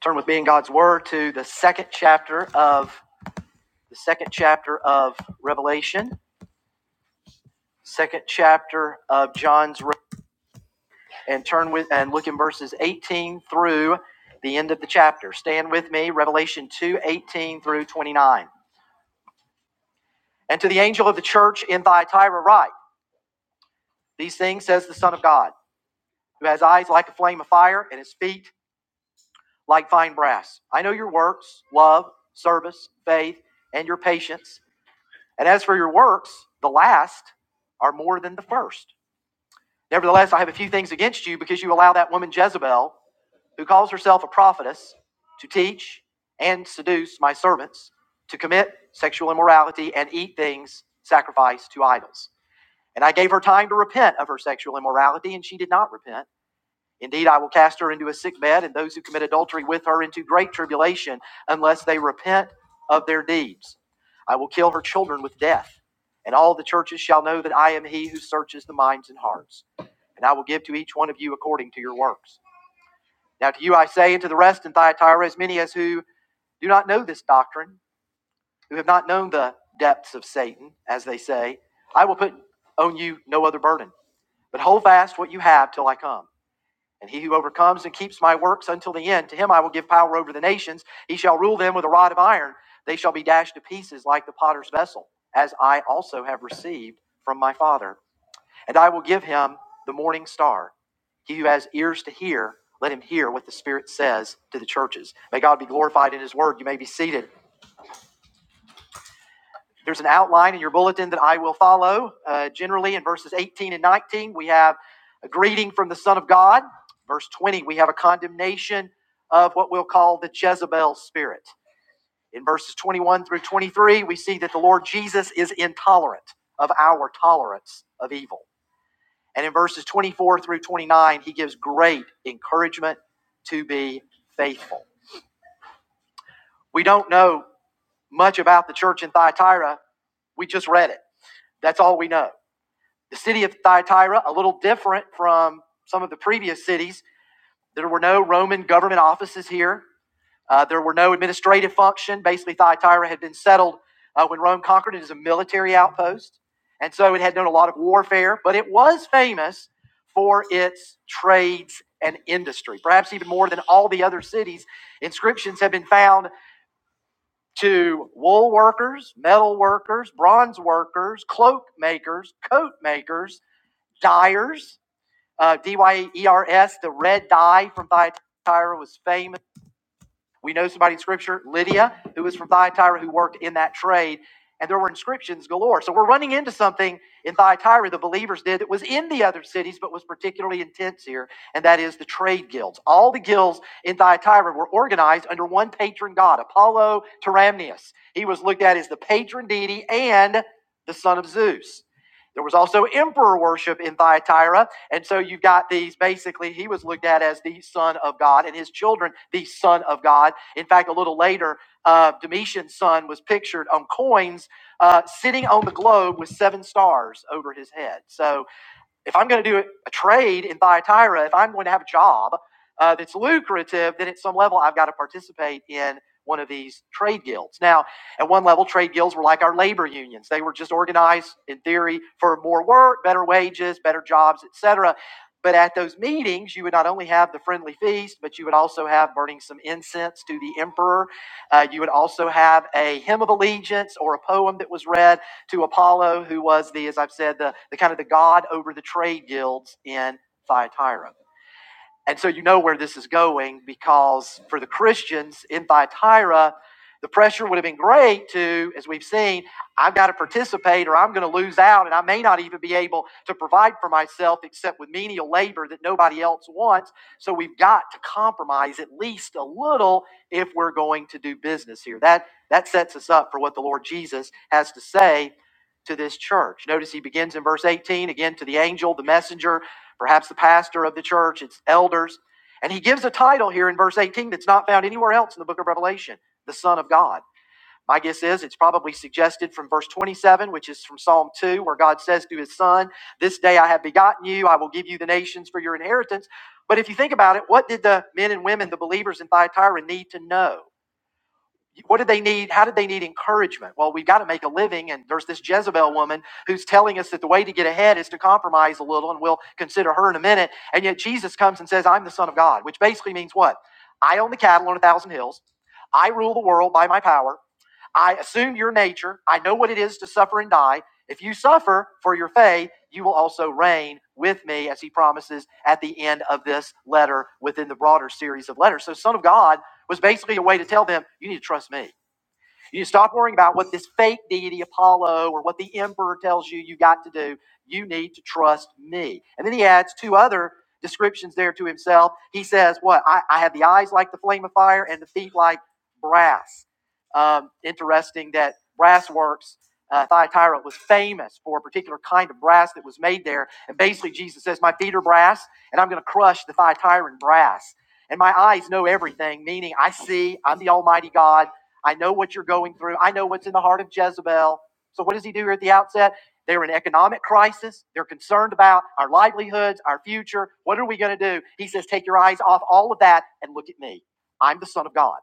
turn with me in God's Word to the second chapter of the second chapter of Revelation, second chapter of John's, and turn with and look in verses 18 through the end of the chapter. Stand with me, Revelation 2 18 through 29. And to the angel of the church in Thyatira write, These things says the Son of God, who has eyes like a flame of fire and his feet like fine brass. I know your works, love, service, faith, and your patience And as for your works, the last are more than the first. Nevertheless, I have a few things against you because you allow that woman Jezebel, who calls herself a prophetess, to teach and seduce my servants to commit sexual immorality and eat things sacrificed to idols. And I gave her time to repent of her sexual immorality, and she did not repent. Indeed, I will cast her into a sick bed, and those who commit adultery with her into great tribulation, unless they repent of their deeds. I will kill her children with death, and all the churches shall know that I am he who searches the minds and hearts. And I will give to each one of you according to your works. Now to you I say, and to the rest in Thyatira, as many as who do not know this doctrine, who have not known the depths of Satan, as they say, I will put on you no other burden, but hold fast what you have till I come. And he who overcomes and keeps my works until the end, to him I will give power over the nations. He shall rule them with a rod of iron. They shall be dashed to pieces like the potter's vessel, as I also have received from my Father. And I will give him the morning star. He who has ears to hear, let him hear what the Spirit says to the churches. May God be glorified in his word. You may be seated. There's an outline in your bulletin that I will follow. Uh, generally, in verses 18 and 19, we have a greeting from the Son of God. Verse 20, we have a condemnation of what we'll call the Jezebel spirit. In verses 21 through 23, we see that the Lord Jesus is intolerant of our tolerance of evil. And in verses 24 through 29, he gives great encouragement to be faithful. We don't know much about the church in Thyatira. We just read it. That's all we know. The city of Thyatira, a little different from some of the previous cities. There were no Roman government offices here. Uh, there were no administrative function. Basically, Thyatira had been settled uh, when Rome conquered it as a military outpost. And so it had known a lot of warfare, but it was famous for its trades and industry, perhaps even more than all the other cities. Inscriptions have been found to wool workers, metal workers, bronze workers, cloak makers, coat makers, dyers. Uh, D Y E R S, the red dye from Thyatira was famous. We know somebody in Scripture, Lydia, who was from Thyatira, who worked in that trade, and there were inscriptions galore. So we're running into something in Thyatira the believers did that was in the other cities, but was particularly intense here, and that is the trade guilds. All the guilds in Thyatira were organized under one patron god, Apollo Tyramnius. He was looked at as the patron deity and the son of Zeus. There was also emperor worship in Thyatira. And so you've got these basically, he was looked at as the son of God and his children, the son of God. In fact, a little later, uh, Domitian's son was pictured on coins uh, sitting on the globe with seven stars over his head. So if I'm going to do a trade in Thyatira, if I'm going to have a job uh, that's lucrative, then at some level I've got to participate in one of these trade guilds. Now, at one level, trade guilds were like our labor unions. They were just organized in theory for more work, better wages, better jobs, etc. But at those meetings, you would not only have the friendly feast, but you would also have burning some incense to the emperor. Uh, you would also have a hymn of allegiance or a poem that was read to Apollo, who was the, as I've said, the, the kind of the god over the trade guilds in Thyatira. And so you know where this is going because for the Christians in Thyatira, the pressure would have been great to, as we've seen, I've got to participate or I'm going to lose out and I may not even be able to provide for myself except with menial labor that nobody else wants. So we've got to compromise at least a little if we're going to do business here. That, that sets us up for what the Lord Jesus has to say to this church. Notice he begins in verse 18 again to the angel, the messenger perhaps the pastor of the church, its elders. And he gives a title here in verse 18 that's not found anywhere else in the book of Revelation the Son of God. My guess is it's probably suggested from verse 27, which is from Psalm 2, where God says to his son, This day I have begotten you, I will give you the nations for your inheritance. But if you think about it, what did the men and women, the believers in Thyatira, need to know? What did they need? How did they need encouragement? Well, we've got to make a living, and there's this Jezebel woman who's telling us that the way to get ahead is to compromise a little, and we'll consider her in a minute. And yet Jesus comes and says, I'm the Son of God, which basically means what? I own the cattle on a thousand hills. I rule the world by my power. I assume your nature. I know what it is to suffer and die. If you suffer for your faith, you will also reign with me, as he promises at the end of this letter within the broader series of letters. So, Son of God was basically a way to tell them, you need to trust me. You stop worrying about what this fake deity Apollo or what the emperor tells you you got to do. You need to trust me. And then he adds two other descriptions there to himself. He says, What? I, I have the eyes like the flame of fire and the feet like brass. Um, interesting that brass works. Uh, Thyatira was famous for a particular kind of brass that was made there. And basically, Jesus says, My feet are brass, and I'm going to crush the Thyatiran brass. And my eyes know everything, meaning I see, I'm the Almighty God. I know what you're going through. I know what's in the heart of Jezebel. So, what does he do here at the outset? They're in economic crisis. They're concerned about our livelihoods, our future. What are we going to do? He says, Take your eyes off all of that and look at me. I'm the Son of God.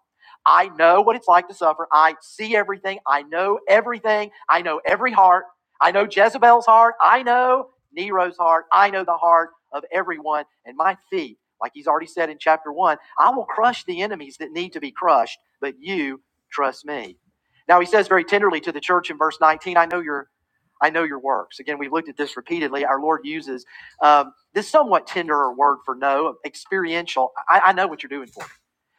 I know what it's like to suffer. I see everything. I know everything. I know every heart. I know Jezebel's heart. I know Nero's heart. I know the heart of everyone. And my feet, like he's already said in chapter one, I will crush the enemies that need to be crushed, but you Trust me. Now he says very tenderly to the church in verse 19, I know your I know your works. Again, we've looked at this repeatedly. Our Lord uses um, this somewhat tenderer word for know, experiential. I, I know what you're doing for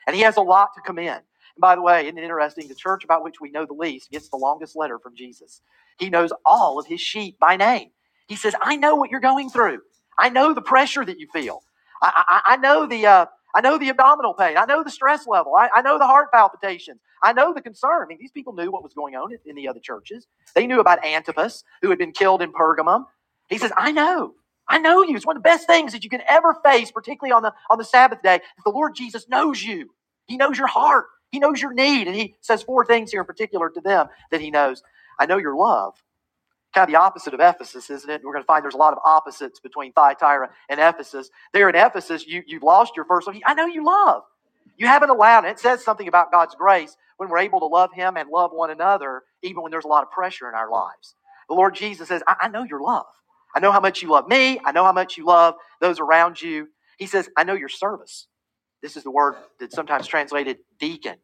and he has a lot to commend. And by the way, isn't it interesting? The church about which we know the least gets the longest letter from Jesus. He knows all of his sheep by name. He says, I know what you're going through. I know the pressure that you feel. I, I, I know the. Uh, I know the abdominal pain. I know the stress level. I, I know the heart palpitations. I know the concern. I mean, these people knew what was going on in, in the other churches. They knew about Antipas, who had been killed in Pergamum. He says, I know. I know you. It's one of the best things that you can ever face, particularly on the, on the Sabbath day. is The Lord Jesus knows you. He knows your heart. He knows your need. And he says four things here in particular to them that he knows. I know your love. Kind of the opposite of Ephesus, isn't it? We're going to find there's a lot of opposites between Thyatira and Ephesus. There in Ephesus, you, you've lost your first love. I know you love. You haven't allowed it. It says something about God's grace when we're able to love Him and love one another, even when there's a lot of pressure in our lives. The Lord Jesus says, I, I know your love. I know how much you love me. I know how much you love those around you. He says, I know your service. This is the word that's sometimes translated deacon.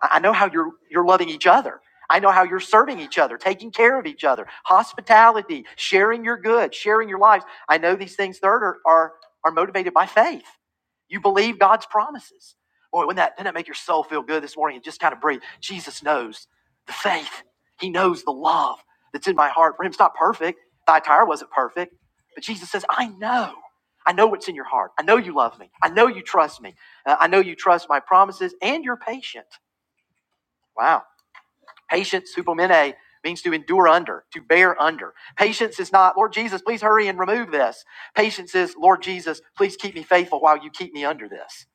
I know how you're you're loving each other. I know how you're serving each other, taking care of each other, hospitality, sharing your goods, sharing your lives. I know these things third are are, are motivated by faith. You believe God's promises. Boy, wouldn't that, doesn't that make your soul feel good this morning and just kind of breathe? Jesus knows the faith. He knows the love that's in my heart for him. It's not perfect. Thyatira wasn't perfect. But Jesus says, I know. I know what's in your heart. I know you love me. I know you trust me. Uh, I know you trust my promises and you're patient. Wow. Patience, hupomene, means to endure under, to bear under. Patience is not, Lord Jesus, please hurry and remove this. Patience is, Lord Jesus, please keep me faithful while you keep me under this.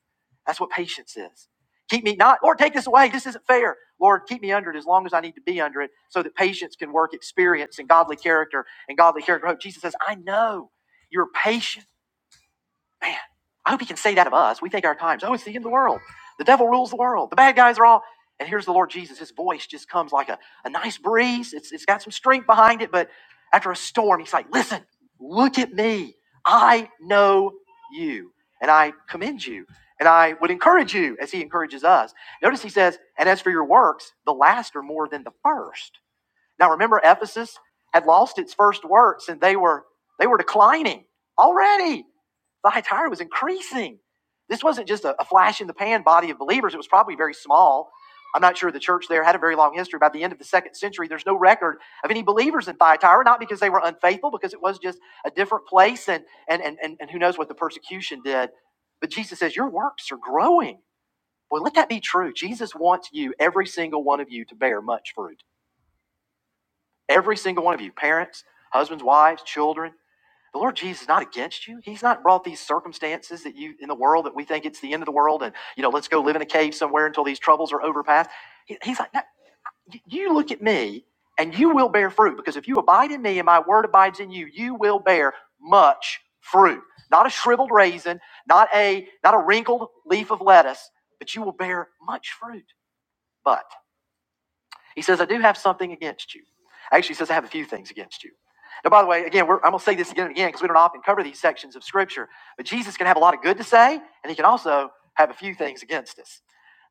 That's what patience is. Keep me not, Lord, take this away. This isn't fair. Lord, keep me under it as long as I need to be under it so that patience can work experience and godly character and godly character. hope. Jesus says, I know you're patient. Man, I hope he can say that of us. We take our times. Oh, it's the end of the world. The devil rules the world. The bad guys are all. And here's the Lord Jesus. His voice just comes like a, a nice breeze. It's, it's got some strength behind it, but after a storm, he's like, listen, look at me. I know you, and I commend you, and I would encourage you as he encourages us. Notice he says, and as for your works, the last are more than the first. Now remember Ephesus had lost its first works and they were they were declining already. Thyatira was increasing. This wasn't just a, a flash in the pan body of believers. It was probably very small. I'm not sure the church there had a very long history. By the end of the second century, there's no record of any believers in Thyatira, not because they were unfaithful, because it was just a different place and and and, and, who knows what the persecution did. But Jesus says, Your works are growing. Boy, let that be true. Jesus wants you, every single one of you, to bear much fruit. Every single one of you, parents, husbands, wives, children, the Lord Jesus is not against you. He's not brought these circumstances that you in the world that we think it's the end of the world and, you know, let's go live in a cave somewhere until these troubles are overpassed. He- He's like, no, you look at me and you will bear fruit because if you abide in me and my word abides in you, you will bear much fruit. Not a shriveled raisin, not a not a wrinkled leaf of lettuce, but you will bear much fruit. But. He says, I do have something against you. Actually, he says, I have a few things against you. Now, by the way, again, we're, I'm going to say this again and again because we don't often cover these sections of Scripture. But Jesus can have a lot of good to say, and he can also have a few things against us.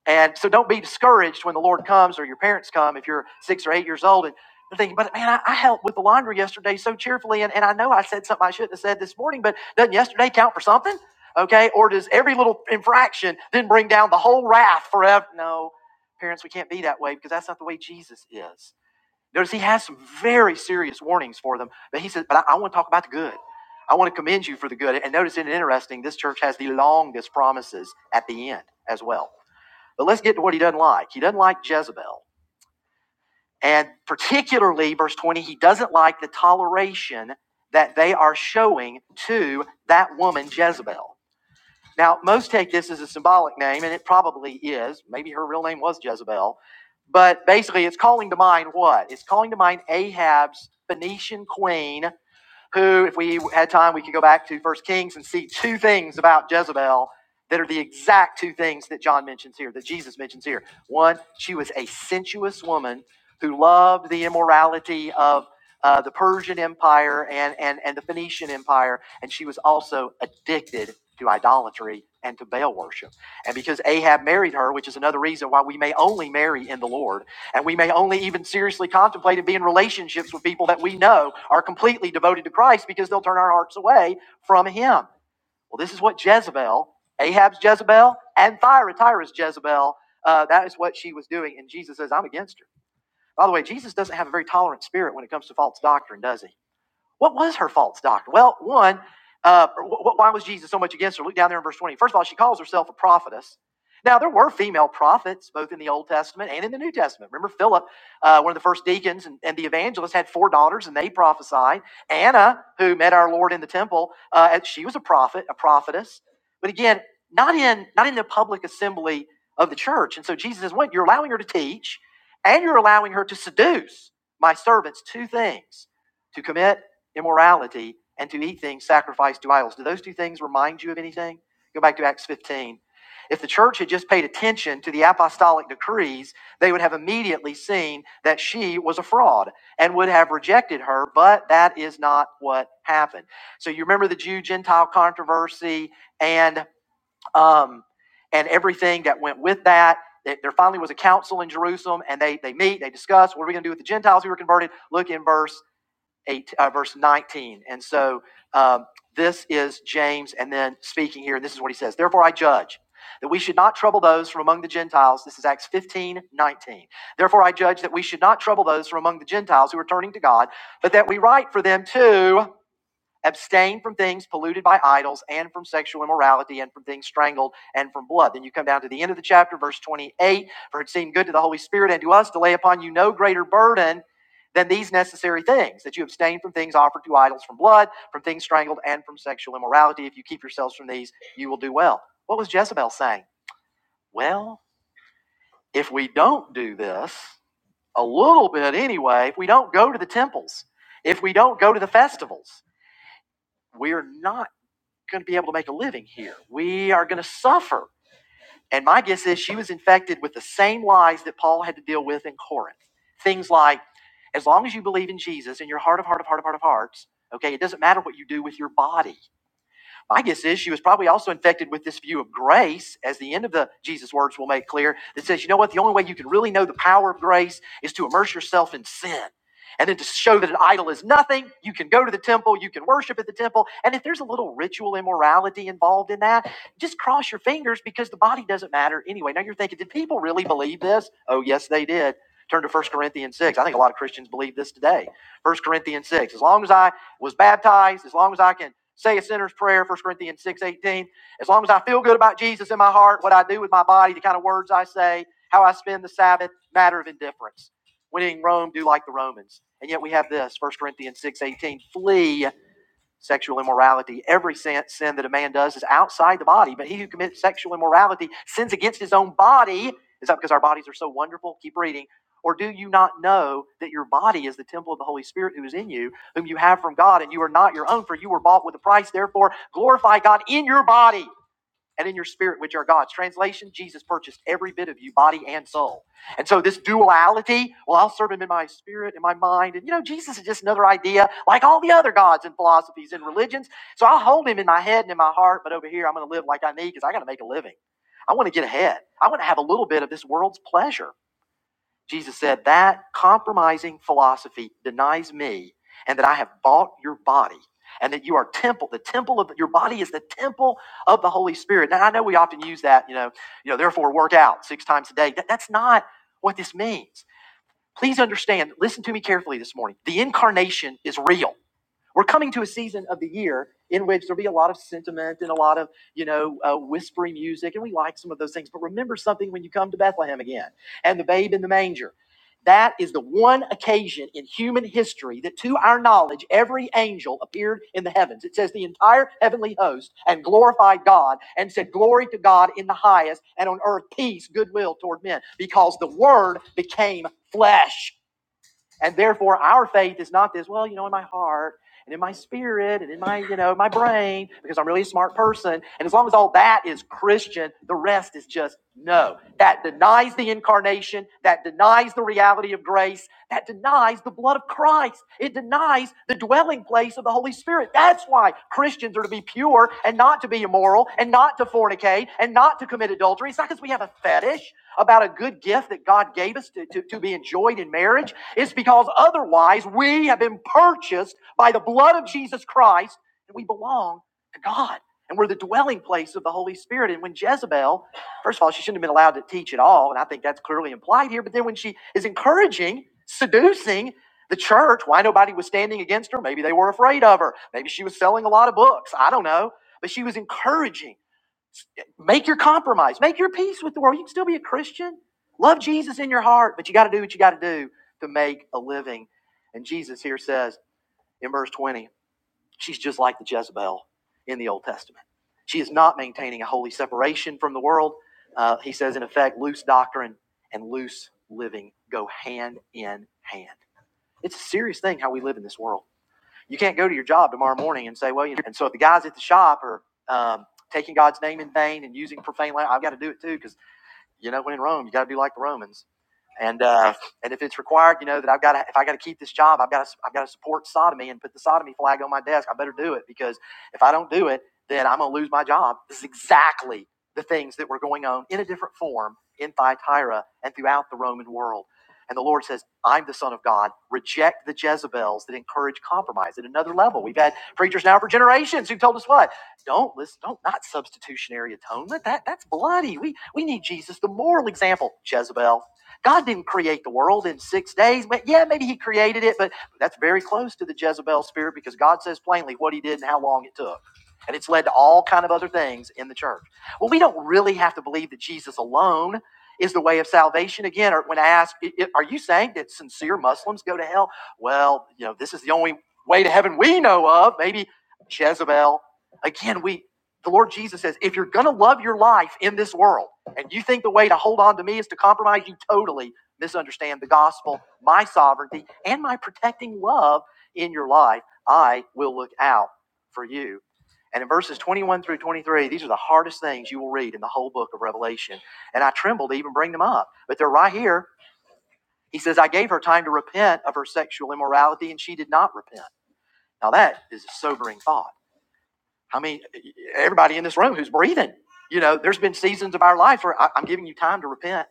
And so don't be discouraged when the Lord comes or your parents come if you're six or eight years old and they're thinking, but man, I, I helped with the laundry yesterday so cheerfully. And, and I know I said something I shouldn't have said this morning, but doesn't yesterday count for something? Okay. Or does every little infraction then bring down the whole wrath forever? No, parents, we can't be that way because that's not the way Jesus is. Notice he has some very serious warnings for them, but he says, but I, I want to talk about the good. I want to commend you for the good. And notice it interesting, this church has the longest promises at the end as well. But let's get to what he doesn't like. He doesn't like Jezebel. And particularly, verse 20, he doesn't like the toleration that they are showing to that woman, Jezebel. Now, most take this as a symbolic name, and it probably is. Maybe her real name was Jezebel. But basically, it's calling to mind what? It's calling to mind Ahab's Phoenician queen who, if we had time, we could go back to First Kings and see two things about Jezebel that are the exact two things that John mentions here, that Jesus mentions here. One, she was a sensuous woman who loved the immorality of uh, the Persian Empire and, and, and the Phoenician Empire, and she was also addicted to idolatry and to Baal worship. And because Ahab married her, which is another reason why we may only marry in the Lord and we may only even seriously contemplate and be in relationships with people that we know are completely devoted to Christ because they'll turn our hearts away from Him. Well, this is what Jezebel, Ahab's Jezebel, and Thyatira's Jezebel, uh, that is what she was doing. And Jesus says, I'm against her. By the way, Jesus doesn't have a very tolerant spirit when it comes to false doctrine, does he? What was her false doctrine? Well, one, uh, why was Jesus so much against her? Look down there in verse 20. First of all, she calls herself a prophetess. Now, there were female prophets both in the Old Testament and in the New Testament. Remember, Philip, uh, one of the first deacons and, and the evangelist, had four daughters and they prophesied. Anna, who met our Lord in the temple, uh, she was a prophet, a prophetess. But again, not in, not in the public assembly of the church. And so Jesus says, What? You're allowing her to teach and you're allowing her to seduce my servants two things to commit immorality, and to eat things sacrificed to idols. Do those two things remind you of anything? Go back to Acts 15. If the church had just paid attention to the apostolic decrees, they would have immediately seen that she was a fraud and would have rejected her, but that is not what happened. So you remember the Jew Gentile controversy and um, and everything that went with that. That There finally was a council in Jerusalem, and they, they meet, they discuss what are we going to do with the Gentiles who were converted. Look in verse eight, uh, verse 19. And so um, this is James, and then speaking here, and this is what he says Therefore, I judge that we should not trouble those from among the Gentiles. This is Acts 15 19. Therefore, I judge that we should not trouble those from among the Gentiles who are turning to God, but that we write for them too abstain from things polluted by idols and from sexual immorality and from things strangled and from blood. Then you come down to the end of the chapter, verse 28 For it seemed good to the Holy Spirit and to us to lay upon you no greater burden than these necessary things that you abstain from things offered to idols, from blood, from things strangled, and from sexual immorality. If you keep yourselves from these, you will do well. What was Jezebel saying? Well, if we don't do this, a little bit anyway, if we don't go to the temples, if we don't go to the festivals, we're not going to be able to make a living here. We are going to suffer. And my guess is she was infected with the same lies that Paul had to deal with in Corinth. Things like, as long as you believe in Jesus in your heart of heart of heart of heart of hearts, okay, it doesn't matter what you do with your body. My guess is she was probably also infected with this view of grace, as the end of the Jesus words will make clear, that says, you know what, the only way you can really know the power of grace is to immerse yourself in sin. And then to show that an idol is nothing, you can go to the temple, you can worship at the temple. And if there's a little ritual immorality involved in that, just cross your fingers because the body doesn't matter anyway. Now you're thinking, did people really believe this? Oh, yes, they did. Turn to First Corinthians 6. I think a lot of Christians believe this today. First Corinthians 6. As long as I was baptized, as long as I can say a sinner's prayer, 1 Corinthians 6 18. as long as I feel good about Jesus in my heart, what I do with my body, the kind of words I say, how I spend the Sabbath, matter of indifference. When in Rome, do like the Romans. And yet we have this, 1 Corinthians 6 18. flee sexual immorality. Every sin, sin that a man does is outside the body, but he who commits sexual immorality sins against his own body. Is that because our bodies are so wonderful? Keep reading. Or do you not know that your body is the temple of the Holy Spirit who is in you, whom you have from God, and you are not your own, for you were bought with a price? Therefore, glorify God in your body and in your spirit, which are God's. Translation Jesus purchased every bit of you, body and soul. And so, this duality well, I'll serve him in my spirit, in my mind. And you know, Jesus is just another idea like all the other gods and philosophies and religions. So, I'll hold him in my head and in my heart, but over here, I'm going to live like I need because I got to make a living. I want to get ahead. I want to have a little bit of this world's pleasure. Jesus said, That compromising philosophy denies me and that I have bought your body and that you are temple the temple of your body is the temple of the holy spirit now i know we often use that you know you know therefore work out six times a day That- that's not what this means please understand listen to me carefully this morning the incarnation is real we're coming to a season of the year in which there'll be a lot of sentiment and a lot of, you know, uh, whispery music, and we like some of those things. But remember something when you come to Bethlehem again and the babe in the manger. That is the one occasion in human history that, to our knowledge, every angel appeared in the heavens. It says the entire heavenly host and glorified God and said, Glory to God in the highest, and on earth peace, goodwill toward men, because the Word became flesh. And therefore, our faith is not this, well, you know, in my heart and in my spirit and in my, you know, my brain, because I'm really a smart person. And as long as all that is Christian, the rest is just no. That denies the incarnation. That denies the reality of grace. That denies the blood of Christ. It denies the dwelling place of the Holy Spirit. That's why Christians are to be pure and not to be immoral and not to fornicate and not to commit adultery. It's not because we have a fetish about a good gift that God gave us to, to, to be enjoyed in marriage. It's because otherwise we have been purchased by the blood of Jesus Christ and we belong to God. And we're the dwelling place of the Holy Spirit. And when Jezebel, first of all, she shouldn't have been allowed to teach at all. And I think that's clearly implied here. But then when she is encouraging, seducing the church, why nobody was standing against her? Maybe they were afraid of her. Maybe she was selling a lot of books. I don't know. But she was encouraging. Make your compromise. Make your peace with the world. You can still be a Christian. Love Jesus in your heart, but you got to do what you got to do to make a living. And Jesus here says in verse 20, she's just like the Jezebel in the Old Testament. She is not maintaining a holy separation from the world. Uh, he says, in effect, loose doctrine and loose living go hand in hand. It's a serious thing how we live in this world. You can't go to your job tomorrow morning and say, well, you know, and so if the guys at the shop are um, taking God's name in vain and using profane language, I've got to do it too because. You know, when in Rome, you got to be like the Romans. And uh, and if it's required, you know that I've got to, if I got to keep this job, I've got to I've got to support sodomy and put the sodomy flag on my desk. I better do it because if I don't do it, then I'm gonna lose my job. This is exactly the things that were going on in a different form in Thyatira and throughout the Roman world. And the Lord says, I'm the Son of God. Reject the Jezebels that encourage compromise at another level. We've had preachers now for generations who've told us what? Don't listen, don't not substitutionary atonement. That that's bloody. We we need Jesus, the moral example, Jezebel. God didn't create the world in six days, but yeah, maybe he created it, but that's very close to the Jezebel spirit because God says plainly what he did and how long it took. And it's led to all kind of other things in the church. Well, we don't really have to believe that Jesus alone is the way of salvation. Again, or when I ask, are you saying that sincere Muslims go to hell? Well, you know, this is the only way to heaven we know of. Maybe Jezebel. Again, we the Lord Jesus says, if you're gonna love your life in this world, and you think the way to hold on to me is to compromise, you totally misunderstand the gospel, my sovereignty, and my protecting love in your life. I will look out for you. And in verses 21 through 23, these are the hardest things you will read in the whole book of Revelation. And I tremble to even bring them up, but they're right here. He says, I gave her time to repent of her sexual immorality, and she did not repent. Now, that is a sobering thought. I mean, e, e, everybody in this room who's breathing, you know, there's been seasons of our life where I, I'm giving you time to repent.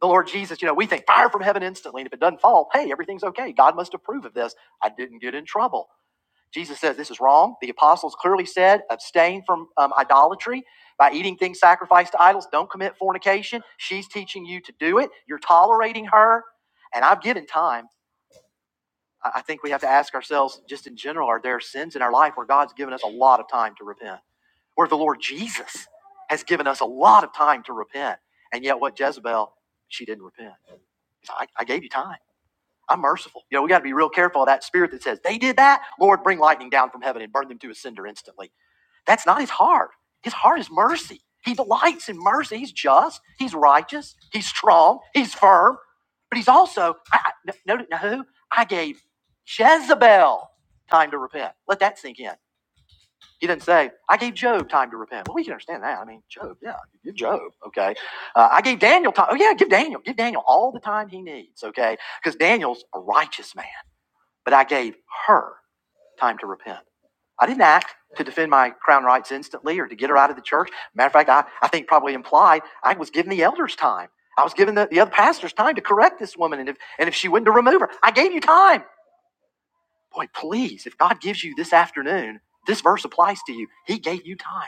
The Lord Jesus, you know, we think fire from heaven instantly. And if it doesn't fall, hey, everything's okay. God must approve of this. I didn't get in trouble. Jesus says this is wrong. The apostles clearly said abstain from um, idolatry by eating things sacrificed to idols. Don't commit fornication. She's teaching you to do it. You're tolerating her. And I've given time. I I think we have to ask ourselves, just in general, are there sins in our life where God's given us a lot of time to repent? where the Lord Jesus has given us a lot of time to repent. And yet, what Jezebel, she didn't repent. said, I, I gave you time. I'm merciful. You know, we got to be real careful of that spirit that says, they did that. Lord, bring lightning down from heaven and burn them to a cinder instantly. That's not his heart. His heart is mercy. He delights in mercy. He's just. He's righteous. He's strong. He's firm. But he's also, I, I, no, no, no, who? I gave Jezebel time to repent. Let that sink in. He didn't say, I gave Job time to repent. Well, we can understand that. I mean, Job, yeah, give Job, okay? Uh, I gave Daniel time. Oh, yeah, give Daniel. Give Daniel all the time he needs, okay? Because Daniel's a righteous man. But I gave her time to repent. I didn't act to defend my crown rights instantly or to get her out of the church. Matter of fact, I, I think probably implied I was giving the elders time. I was giving the, the other pastors time to correct this woman. And if, and if she wouldn't to remove her, I gave you time. Boy, please, if God gives you this afternoon, this verse applies to you. He gave you time.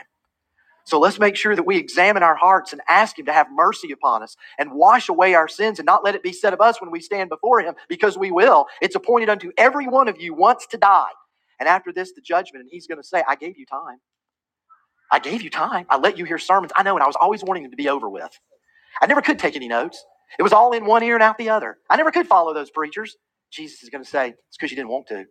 So let's make sure that we examine our hearts and ask Him to have mercy upon us and wash away our sins and not let it be said of us when we stand before Him, because we will. It's appointed unto every one of you once to die. And after this, the judgment. And He's going to say, I gave you time. I gave you time. I let you hear sermons. I know, and I was always wanting them to be over with. I never could take any notes. It was all in one ear and out the other. I never could follow those preachers. Jesus is going to say, It's because you didn't want to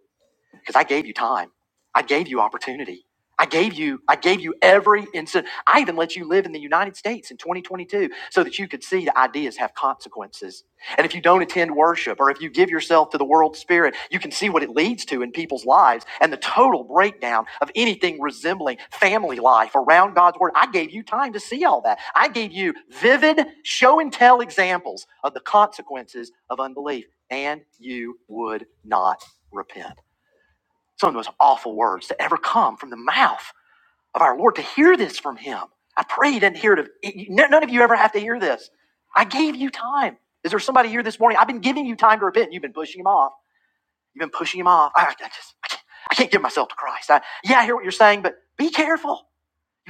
because I gave you time. I gave you opportunity. I gave you I gave you every instant. I even let you live in the United States in 2022 so that you could see that ideas have consequences. And if you don't attend worship or if you give yourself to the world spirit, you can see what it leads to in people's lives and the total breakdown of anything resembling family life around God's word. I gave you time to see all that. I gave you vivid show and tell examples of the consequences of unbelief and you would not repent. Some of the most awful words to ever come from the mouth of our Lord to hear this from Him. I pray you didn't hear it. Of, none of you ever have to hear this. I gave you time. Is there somebody here this morning? I've been giving you time to repent. You've been pushing Him off. You've been pushing Him off. I, I just, I can't, I can't give myself to Christ. I, yeah, I hear what you're saying, but be careful.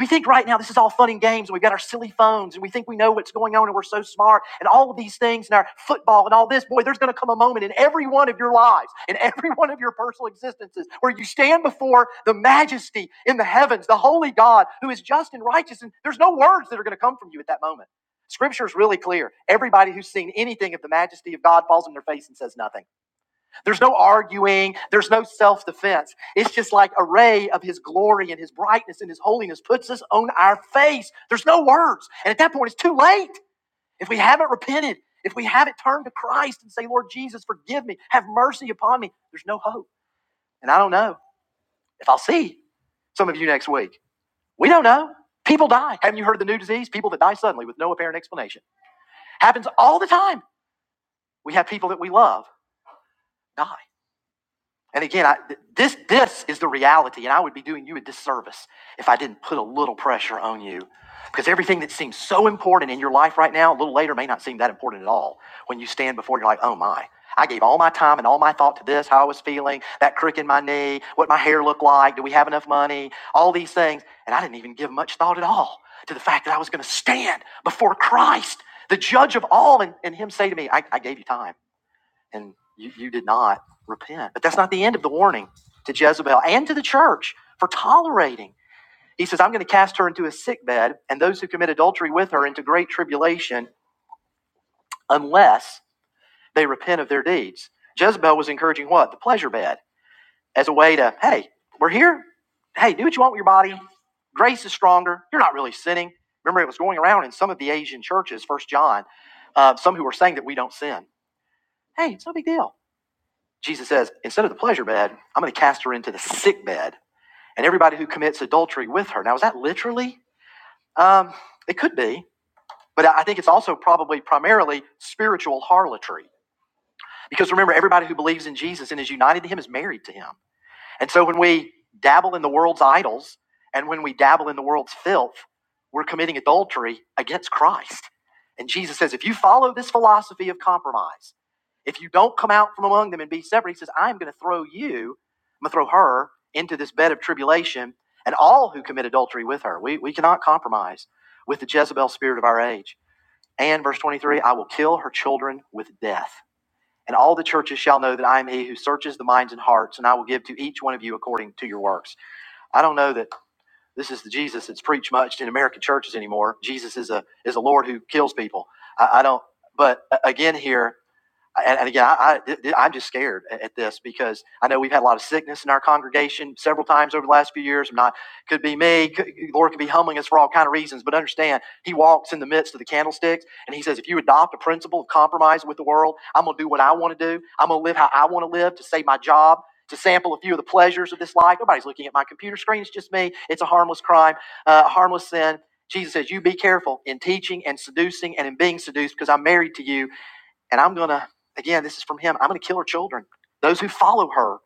We think right now this is all fun and games, and we've got our silly phones, and we think we know what's going on, and we're so smart, and all of these things, and our football, and all this. Boy, there's going to come a moment in every one of your lives, in every one of your personal existences, where you stand before the majesty in the heavens, the holy God who is just and righteous, and there's no words that are going to come from you at that moment. Scripture is really clear. Everybody who's seen anything of the majesty of God falls on their face and says nothing. There's no arguing. There's no self defense. It's just like a ray of his glory and his brightness and his holiness puts us on our face. There's no words. And at that point, it's too late. If we haven't repented, if we haven't turned to Christ and say, Lord Jesus, forgive me, have mercy upon me, there's no hope. And I don't know if I'll see some of you next week. We don't know. People die. Haven't you heard of the new disease? People that die suddenly with no apparent explanation. Happens all the time. We have people that we love die. And again, I, this this is the reality, and I would be doing you a disservice if I didn't put a little pressure on you, because everything that seems so important in your life right now, a little later, may not seem that important at all. When you stand before, you're like, oh my. I gave all my time and all my thought to this, how I was feeling, that crick in my knee, what my hair looked like, do we have enough money, all these things. And I didn't even give much thought at all to the fact that I was going to stand before Christ, the judge of all, and, and Him say to me, I, I gave you time and you, you did not repent. But that's not the end of the warning to Jezebel and to the church for tolerating. He says, I'm going to cast her into a sick bed and those who commit adultery with her into great tribulation unless they repent of their deeds. Jezebel was encouraging what? The pleasure bed as a way to, hey, we're here. Hey, do what you want with your body. Grace is stronger. You're not really sinning. Remember, it was going around in some of the Asian churches, First John, uh, some who were saying that we don't sin. Hey, it's no big deal Jesus says, instead of the pleasure bed, I'm going to cast her into the sick bed and everybody who commits adultery with her. Now, is that literally? Um, it could be, but I I think it's also probably primarily spiritual harlotry. Because remember, everybody who believes in Jesus and is united to him is married to him. And so when we dabble in the world's idols and when we dabble in the world's filth, we're committing adultery against Christ. And Jesus says, if you follow this philosophy of compromise, if you don't come out from among them and be separate, he says, I'm going to throw you, I'm going to throw her into this bed of tribulation and all who commit adultery with her. We, we cannot compromise with the Jezebel spirit of our age. And verse 23, I will kill her children with death. And all the churches shall know that I am he who searches the minds and hearts, and I will give to each one of you according to your works. I don't know that this is the Jesus that's preached much in American churches anymore. Jesus is a is a Lord who kills people. I, I don't. But uh, again, here and, and again, I, I, I'm just scared at this because I know we've had a lot of sickness in our congregation several times over the last few years. I'm not, could be me. Could, Lord could be humbling us for all kind of reasons. But understand, He walks in the midst of the candlesticks, and He says, if you adopt a principle of compromise with the world, I'm going to do what I want to do. I'm going to live how I want to live to save my job, to sample a few of the pleasures of this life. Nobody's looking at my computer screen. It's just me. It's a harmless crime, uh, a harmless sin. Jesus says, You be careful in teaching and seducing and in being seduced because I'm married to you and I'm going to, again, this is from him, I'm going to kill her children, those who follow her,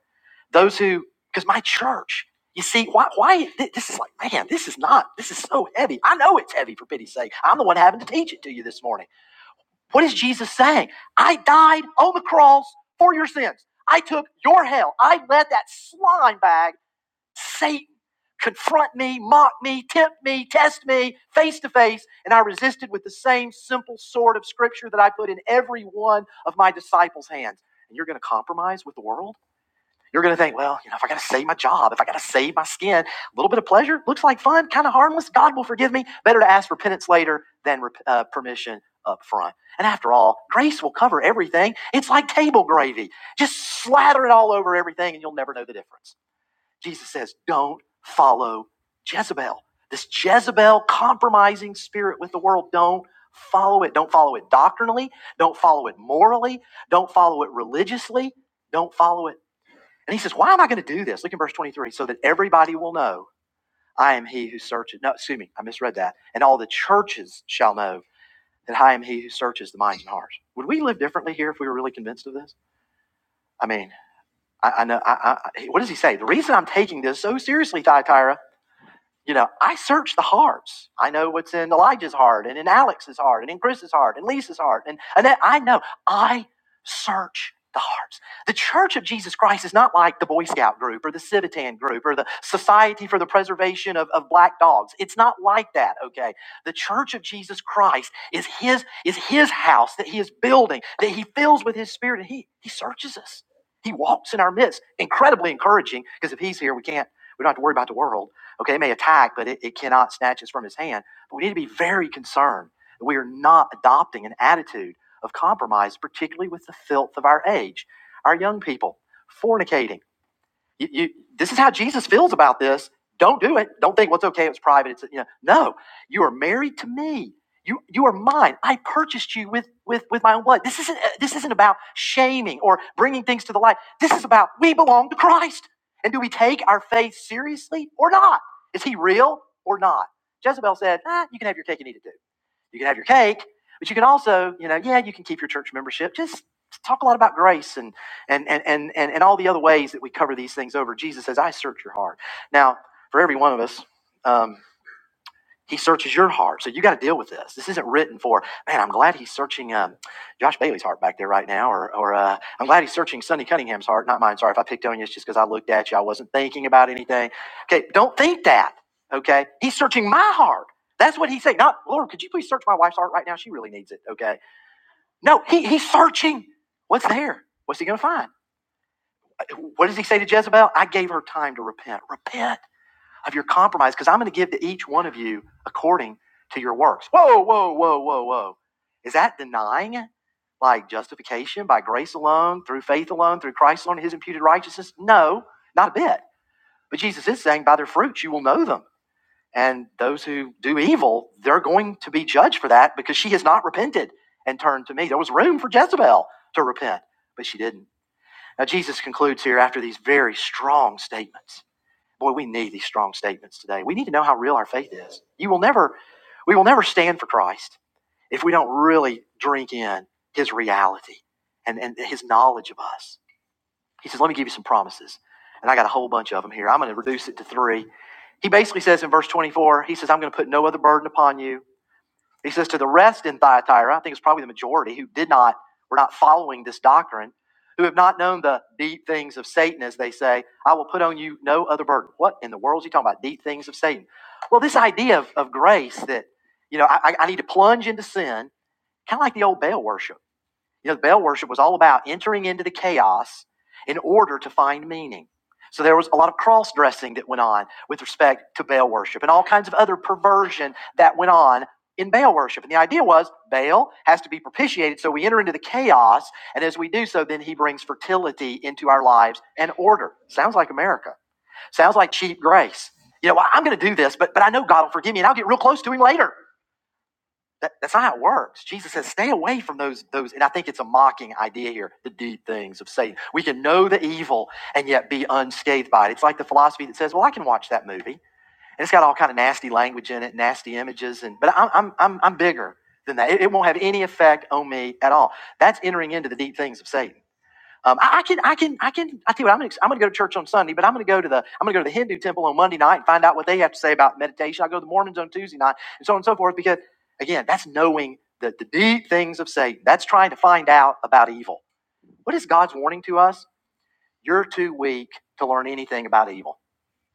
those who, because my church, you see, why, why, this is like, man, this is not, this is so heavy. I know it's heavy, for pity's sake. I'm the one having to teach it to you this morning. What is Jesus saying? I died on the cross for your sins. I took your hell. I led that slime bag Satan confront me, mock me, tempt me, test me face to face. And I resisted with the same simple sword of scripture that I put in every one of my disciples' hands. And you're going to compromise with the world? You're going to think, well, you know, if I got to save my job, if I got to save my skin, a little bit of pleasure looks like fun, kind of harmless. God will forgive me. Better to ask repentance later than uh, permission up front. And after all, grace will cover everything. It's like table gravy. Just slather it all over everything and you'll never know the difference. Jesus says, don't follow Jezebel. This Jezebel compromising spirit with the world, don't follow it. Don't follow it doctrinally. Don't follow it morally. Don't follow it religiously. Don't follow it. And he says, why am I going to do this? Look in verse 23 so that everybody will know I am he who searches. No, excuse me, I misread that. And all the churches shall know that I am he who searches the minds and hearts. Would we live differently here if we were really convinced of this? I mean, I, I know. I, I, I- what does he say? The reason I'm taking this so seriously, Thyatira, You know, I search the hearts. I know what's in Elijah's heart and in Alex's heart and in Chris's heart and Lisa's heart. And Annette, I know I search the hearts. The Church of Jesus Christ is not like the Boy Scout group or the Civitan group or the Society for the Preservation of, of Black Dogs. It's not like that, okay? The Church of Jesus Christ is his is his house that he is building, that he fills with his spirit, and he he searches us. He walks in our midst. Incredibly encouraging, because if he's here, we can't, we don't have to worry about the world. Okay, it may attack, but it, it cannot snatch us from his hand. But we need to be very concerned that we are not adopting an attitude of compromise, particularly with the filth of our age. Our young people fornicating you, you, this is how Jesus feels about this. Don't do it. Don't think what's okay. It's private. It's you know. No, you are married to me. You you are mine. I purchased you with with with my own blood. This isn't uh, this isn't about shaming or bringing things to the light. This is about we belong to Christ. And do we take our faith seriously or not? Is he real or not? Jezebel said, ah, "You can have your cake and eat it too." You can have your cake, but you can also, you know, yeah, you can keep your church membership. Just talk a lot about grace and and and and and, all the other ways that we cover these things over. Jesus says, "I search your heart." Now, for every one of us. um, he searches your heart. So you got to deal with this. This isn't written for, man, I'm glad he's searching um, Josh Bailey's heart back there right now. Or, or uh, I'm glad he's searching Sonny Cunningham's heart, not mine. Sorry if I picked on you. It's just because I looked at you. I wasn't thinking about anything. Okay, don't think that. Okay, he's searching my heart. That's what he's saying. Not, Lord, could you please search my wife's heart right now? She really needs it. Okay. No, he, he's searching. What's there? What's he going to find? Uh, What does he say to Jezebel? I gave her time to repent. Repent of your compromise because I'm going to give to each one of you according to your works. Whoa, whoa, whoa, whoa, whoa. Is that denying like justification by grace alone, through faith alone, through Christ alone, his imputed righteousness? No, not a bit. But Jesus is saying, by their fruits you will know them. And those who do evil, they're going to be judged for that because she has not repented and turned to me. There was room for Jezebel to repent, but she didn't. Now, Jesus concludes here after these very strong statements. Boy, we need these strong statements today. We need to know how real our faith is. You will never, we will never stand for Christ if we don't really drink in his reality and, and his knowledge of us. He says, Let me give you some promises. And I got a whole bunch of them here. I'm going to reduce it to three. He basically says in verse 24, he says, I'm going to put no other burden upon you. He says to the rest in Thyatira, I think it's probably the majority who did not, were not following this doctrine, who have not known the deep things of Satan, as they say, I will put on you no other burden. What in the world is he talking about? Deep things of Satan. Well, this idea of, of grace that, you know, I, I need to plunge into sin, kind of like the old Baal worship you know, Baal worship was all about entering into the chaos in order to find meaning. So there was a lot of cross dressing that went on with respect to Baal worship and all kinds of other perversion that went on in Baal worship. And the idea was Baal has to be propitiated, so we enter into the chaos. And as we do so, then he brings fertility into our lives and order. Sounds like America. Sounds like cheap grace. You know, well, I'm going to do this, but, but I know God will forgive me and I'll get real close to him later. That, that's not how it works. Jesus says, stay away from those, those, and I think it's a mocking idea here, the deep things of Satan. We can know the evil and yet be unscathed by it. It's like the philosophy that says, well, I can watch that movie. And it's got all kind of nasty language in it, nasty images, and but I'm I'm I'm, I'm bigger than that. It, it won't have any effect on me at all. That's entering into the deep things of Satan. Um, I, I can, I can, I can. I tell you what, I'm gonna, I'm gonna go to church on Sunday, but I'm gonna go to the, I'm gonna go to the Hindu temple on Monday night and find out what they have to say about meditation. I will go to the Mormons on Tuesday night, and so on and so forth. Because again, that's knowing the, the deep things of Satan. That's trying to find out about evil. What is God's warning to us? You're too weak to learn anything about evil.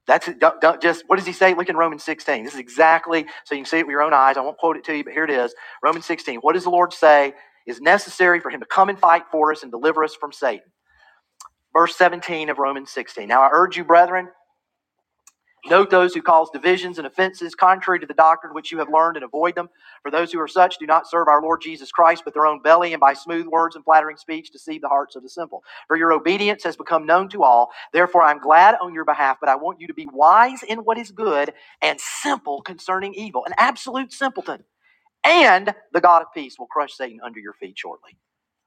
That's it. Don't, don't just. What does he say? Look in Romans 16. This is exactly so you can see it with your own eyes. I won't quote it to you, but here it is. Romans 16. What does the Lord say is necessary for Him to come and fight for us and deliver us from Satan? verse 17 of Romans 16. Now I urge you, brethren, note those who cause divisions and offenses contrary to the doctrine which you have learned and avoid them. For those who are such do not serve our Lord Jesus Christ, but their own belly, and by smooth words and flattering speech deceive the hearts of the simple. For your obedience has become known to all. Therefore I'm glad on your behalf, but I want you to be wise in what is good and simple concerning evil, an absolute simpleton. And the God of peace will crush Satan under your feet shortly.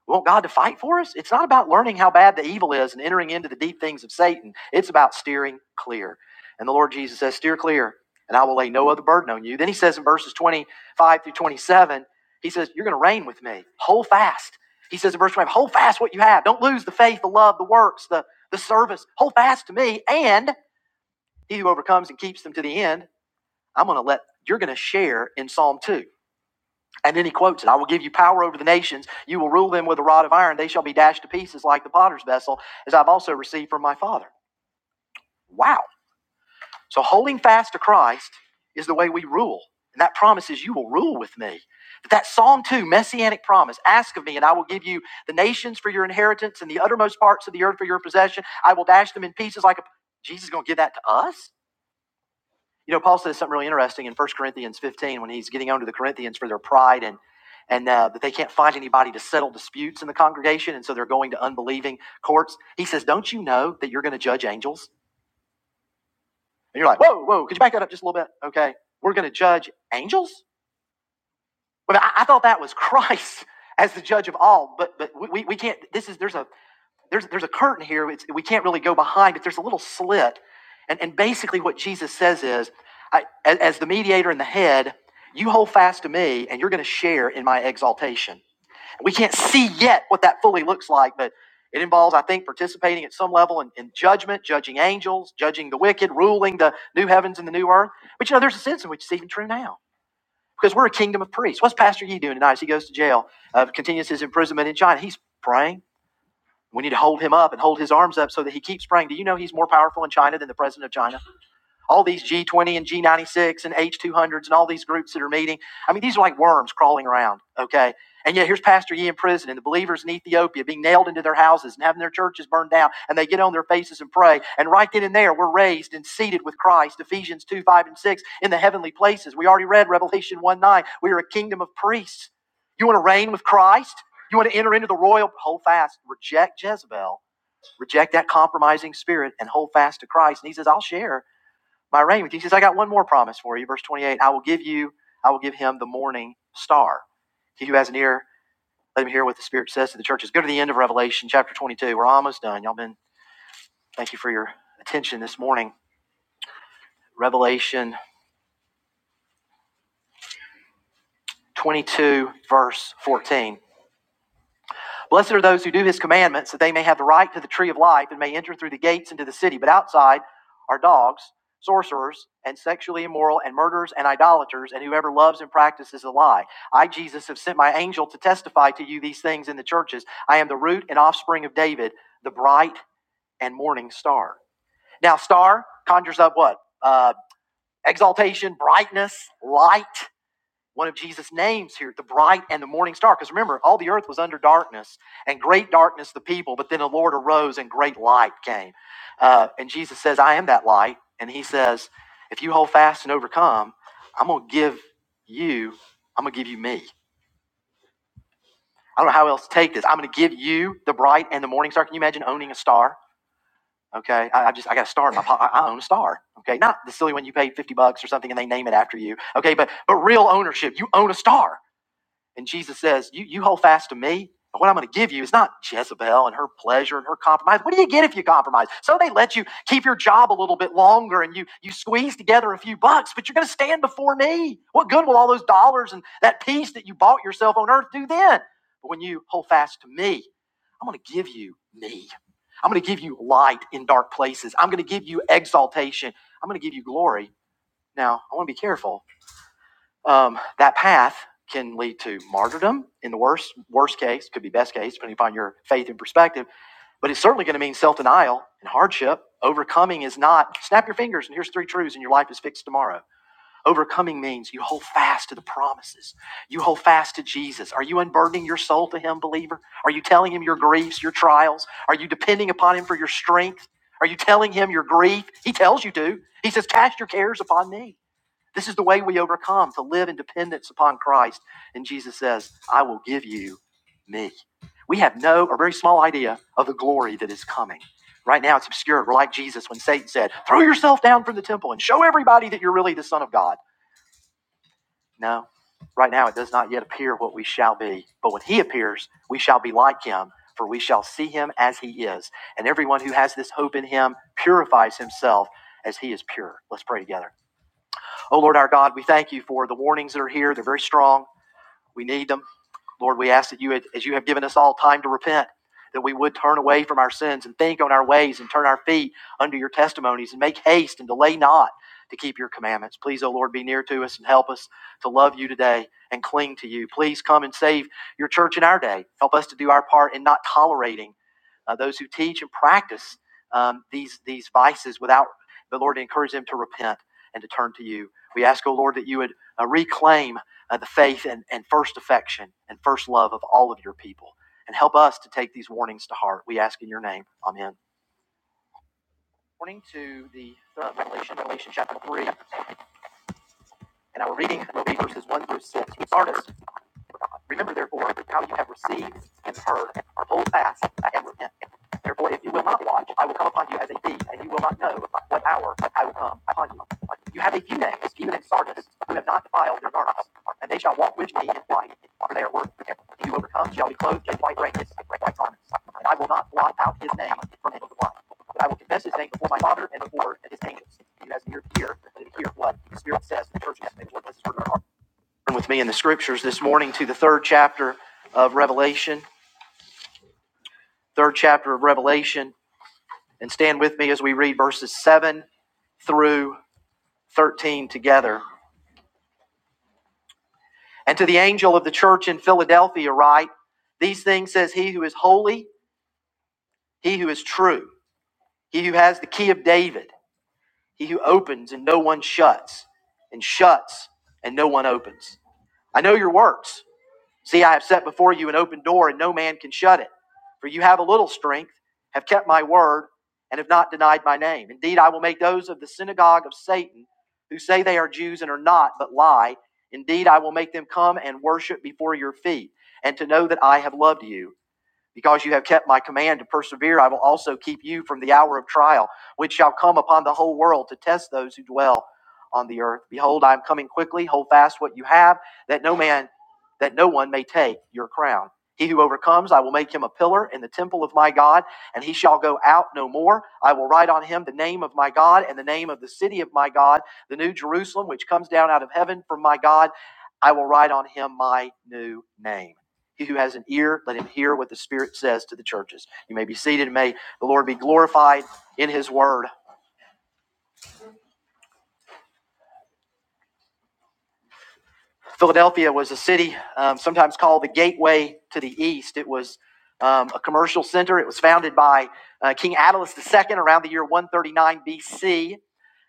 We want God to fight for us. It's not about learning how bad the evil is and entering into the deep things of Satan. It's about steering clear. And the Lord Jesus says, Steer clear, and I will lay no other burden on you. Then he says in verses 25 through 27, he says, You're going to reign with me. Hold fast. He says in verse 25, Hold fast what you have. Don't lose the faith, the love, the works, the, the service. Hold fast to me. And he who overcomes and keeps them to the end, I'm going to let, you're going to share in Psalm 2. And then he quotes it I will give you power over the nations. You will rule them with a rod of iron. They shall be dashed to pieces like the potter's vessel, as I've also received from my Father. Wow. So holding fast to Christ is the way we rule. And that promises you will rule with me. But that Psalm 2 messianic promise ask of me, and I will give you the nations for your inheritance and the uttermost parts of the earth for your possession. I will dash them in pieces like a. Jesus is going to give that to us? You know, Paul says something really interesting in First Corinthians 15 when he's getting on to the Corinthians for their pride and and uh, that they can't find anybody to settle disputes in the congregation, and so they're going to unbelieving courts. He says, "Don't you know that you're going to judge angels?" And you're like, "Whoa, whoa! Could you back that up just a little bit?" Okay, we're going to judge angels. Well, I, I thought that was Christ as the judge of all, but but we, we can't. This is there's a there's, there's a curtain here. It's, we can't really go behind, but there's a little slit. And, and basically, what Jesus says is, I, as, as the mediator and the head, you hold fast to me, and you're going to share in my exaltation. We can't see yet what that fully looks like, but it involves, I think, participating at some level in, in judgment, judging angels, judging the wicked, ruling the new heavens and the new earth. But you know, there's a sense in which it's even true now. Because we're a kingdom of priests. What's Pastor Yee doing tonight as he goes to jail, uh, continues his imprisonment in China? He's praying. We need to hold him up and hold his arms up so that he keeps praying. Do you know he's more powerful in China than the president of China? all these G20 and G96 and H200s and all these groups that are meeting. I mean, these are like worms crawling around, okay? And yet here's Pastor Yee in prison and the believers in Ethiopia being nailed into their houses and having their churches burned down and they get on their faces and pray. And right then and there, we're raised and seated with Christ, Ephesians 2, 5, and 6 in the heavenly places. We already read Revelation 1, 9. We are a kingdom of priests. You want to reign with Christ? You want to enter into the royal, hold fast, reject Jezebel, reject that compromising spirit and hold fast to Christ. And he says, I'll share my reign with you. He says, I got one more promise for you. Verse 28, I will give you, I will give him the morning star. He who has an ear, let him hear what the Spirit says to the churches. Go to the end of Revelation chapter 22. We're almost done. Y'all been, thank you for your attention this morning. Revelation 22, verse 14. Blessed are those who do his commandments, that they may have the right to the tree of life and may enter through the gates into the city. But outside are dogs, sorcerers, and sexually immoral, and murderers, and idolaters, and whoever loves and practices a lie. I, Jesus, have sent my angel to testify to you these things in the churches. I am the root and offspring of David, the bright and morning star. Now, star conjures up what? Uh, exaltation, brightness, light one of Jesus' names here, the bright and the morning star. Because remember, all the earth was under darkness, and great darkness the people, but then the Lord arose and great light came. Uh, and Jesus says, I am that light. And he says, If you hold fast and overcome, I'm going to give you, I'm going to give you me. I don't know how else to take this. I'm going to give you the bright and the morning star. Can you imagine owning a star? Okay, I, I just I got a star. In my pocket. I own a star. Okay, not the silly one you paid fifty bucks or something and they name it after you. Okay, but but real ownership. You own a star. And Jesus says, You, you hold fast to me. And what I'm going to give you is not Jezebel and her pleasure and her compromise. What do you get if you compromise? So they let you keep your job a little bit longer and you, you squeeze together a few bucks, but you're going to stand before me. What good will all those dollars and that peace that you bought yourself on earth do then? But when you hold fast to me, I'm going to give you me. I'm going to give you light in dark places. I'm going to give you exaltation. I'm going to give you glory. Now, I want to be careful um, that path can lead to martyrdom in the worst worst case, could be best case, depending upon your faith and perspective. But it's certainly going to mean self denial and hardship. Overcoming is not snap your fingers and here's three truths and your life is fixed tomorrow. Overcoming means you hold fast to the promises. You hold fast to Jesus. Are you unburdening your soul to Him, believer? Are you telling Him your griefs, your trials? Are you depending upon Him for your strength? Are you telling Him your grief? He tells you to. He says, Cast your cares upon me. This is the way we overcome to live in dependence upon Christ. And Jesus says, I will give you me. We have no or very small idea of the glory that is coming. Right now, it's obscure. We're like Jesus when Satan said, Throw yourself down from the temple and show everybody that you're really the Son of God. No, right now, it does not yet appear what we shall be. But when he appears, we shall be like him, for we shall see him as he is. And everyone who has this hope in him purifies himself as he is pure. Let's pray together. Oh Lord our God, we thank you for the warnings that are here. They're very strong. We need them. Lord, we ask that you, as you have given us all time to repent, that we would turn away from our sins and think on our ways and turn our feet under your testimonies and make haste and delay not to keep your commandments. Please, O Lord, be near to us and help us to love you today and cling to you. Please come and save your church in our day. Help us to do our part in not tolerating uh, those who teach and practice um, these these vices without but Lord encourage them to repent and to turn to you. We ask, O Lord, that you would uh, reclaim uh, the faith and, and first affection and first love of all of your people. And help us to take these warnings to heart. We ask in your name. Amen. Morning to the third revelation, Revelation chapter 3. And our reading will be verses 1 through 6. We start us Remember therefore how you have received and heard, are hold fast and repent. Therefore, if you will not watch, I will come upon you as a thief, and you will not know what hour I will come upon you. You have a few names, even in Sardis, who have not defiled their garments, and they shall walk with me in white, for they are worth it. He who overcomes shall be clothed in white raiment, white garments, and I will not blot out his name from any of the blood, but I will confess his name before my Father and before his angels. You have has an ear to hear, let him hear what the Spirit says to the churches. May the with me in the scriptures this morning to the third chapter of Revelation, third chapter of Revelation, and stand with me as we read verses 7 through 13 together. And to the angel of the church in Philadelphia, write, These things says he who is holy, he who is true, he who has the key of David, he who opens and no one shuts, and shuts and no one opens. I know your works. See, I have set before you an open door, and no man can shut it. For you have a little strength, have kept my word, and have not denied my name. Indeed, I will make those of the synagogue of Satan who say they are Jews and are not, but lie. Indeed, I will make them come and worship before your feet, and to know that I have loved you. Because you have kept my command to persevere, I will also keep you from the hour of trial, which shall come upon the whole world to test those who dwell on the earth. Behold, I am coming quickly. Hold fast what you have, that no man, that no one may take your crown. He who overcomes, I will make him a pillar in the temple of my God, and he shall go out no more. I will write on him the name of my God and the name of the city of my God, the new Jerusalem, which comes down out of heaven from my God. I will write on him my new name. He who has an ear, let him hear what the Spirit says to the churches. You may be seated. May the Lord be glorified in his word. Philadelphia was a city um, sometimes called the gateway to the east. It was um, a commercial center. It was founded by uh, King Attalus II around the year 139 BC.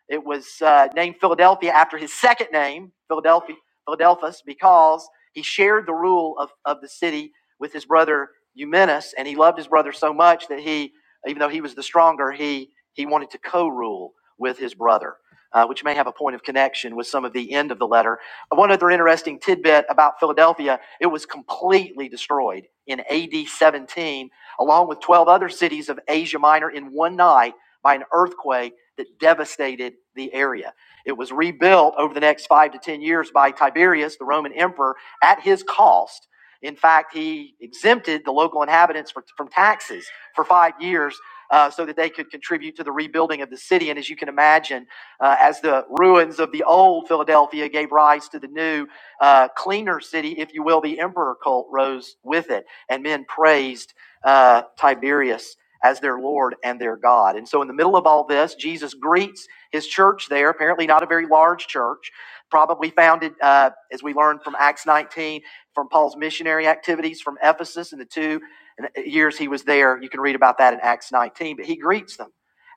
It was uh, named Philadelphia after his second name, Philadelphia, Philadelphus, because he shared the rule of, of the city with his brother Eumenes, and he loved his brother so much that he, even though he was the stronger, he he wanted to co-rule with his brother, uh, which may have a point of connection with some of the end of the letter. One other interesting tidbit about Philadelphia: it was completely destroyed in AD 17, along with 12 other cities of Asia Minor, in one night by an earthquake that devastated the area. It was rebuilt over the next five to 10 years by Tiberius, the Roman emperor, at his cost. In fact, he exempted the local inhabitants for, from taxes for five years uh, so that they could contribute to the rebuilding of the city. And as you can imagine, uh, as the ruins of the old Philadelphia gave rise to the new, uh, cleaner city, if you will, the emperor cult rose with it. And men praised uh, Tiberius as their Lord and their God. And so, in the middle of all this, Jesus greets his church there, apparently not a very large church, probably founded, uh, as we learned from Acts 19, from Paul's missionary activities from Ephesus in the two uh, years he was there. You can read about that in Acts 19. But he greets them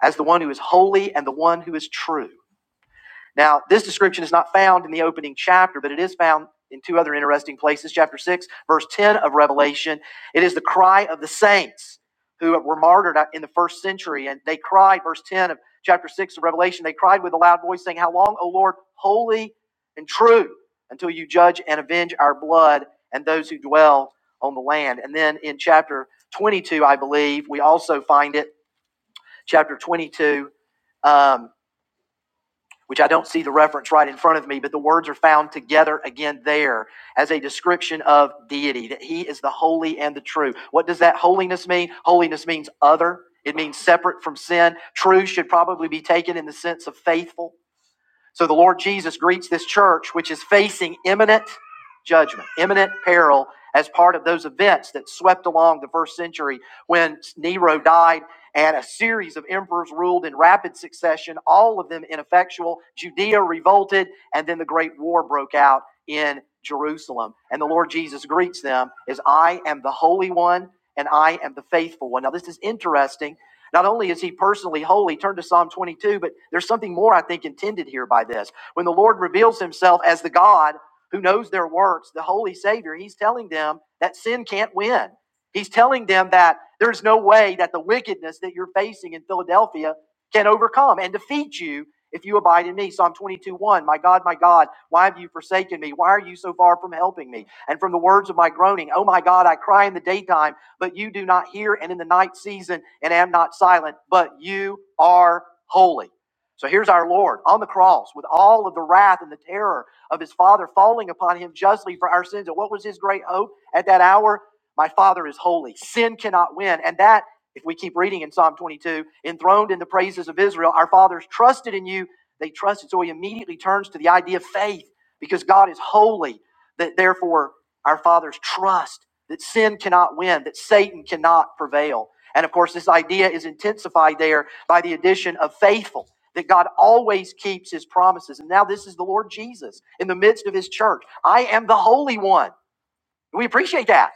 as the one who is holy and the one who is true. Now, this description is not found in the opening chapter, but it is found in two other interesting places. Chapter 6, verse 10 of Revelation. It is the cry of the saints who were martyred in the first century. And they cried, verse 10 of chapter 6 of Revelation, they cried with a loud voice, saying, How long, O Lord, holy and true, until you judge and avenge our blood and those who dwell on the land? And then in chapter 22, I believe, we also find it, chapter 22. um, which I don't see the reference right in front of me, but the words are found together again there as a description of deity, that he is the holy and the true. What does that holiness mean? Holiness means other, it means separate from sin. True should probably be taken in the sense of faithful. So the Lord Jesus greets this church, which is facing imminent judgment, imminent peril, as part of those events that swept along the first century when Nero died and a series of emperors ruled in rapid succession, all of them ineffectual. Judea revolted, and then the Great War broke out in Jerusalem. And the Lord Jesus greets them as I am the Holy One and I am the faithful one. Now, this is interesting not only is he personally holy, turn to Psalm 22, but there's something more I think intended here by this. When the Lord reveals himself as the God who knows their works, the holy Savior, he's telling them that sin can't win. He's telling them that there's no way that the wickedness that you're facing in Philadelphia can overcome and defeat you if you abide in me. Psalm 22 1 My God, my God, why have you forsaken me? Why are you so far from helping me? And from the words of my groaning, Oh my God, I cry in the daytime but you do not hear, and in the night season, and am not silent, but you are holy. So here's our Lord on the cross with all of the wrath and the terror of his Father falling upon him justly for our sins. And what was his great hope at that hour? My Father is holy. Sin cannot win. And that, if we keep reading in Psalm 22, enthroned in the praises of Israel, our fathers trusted in you. They trusted. So he immediately turns to the idea of faith because God is holy, that therefore our fathers trust that sin cannot win, that Satan cannot prevail. And of course, this idea is intensified there by the addition of faithful, that God always keeps his promises. And now this is the Lord Jesus in the midst of his church. I am the Holy One. We appreciate that.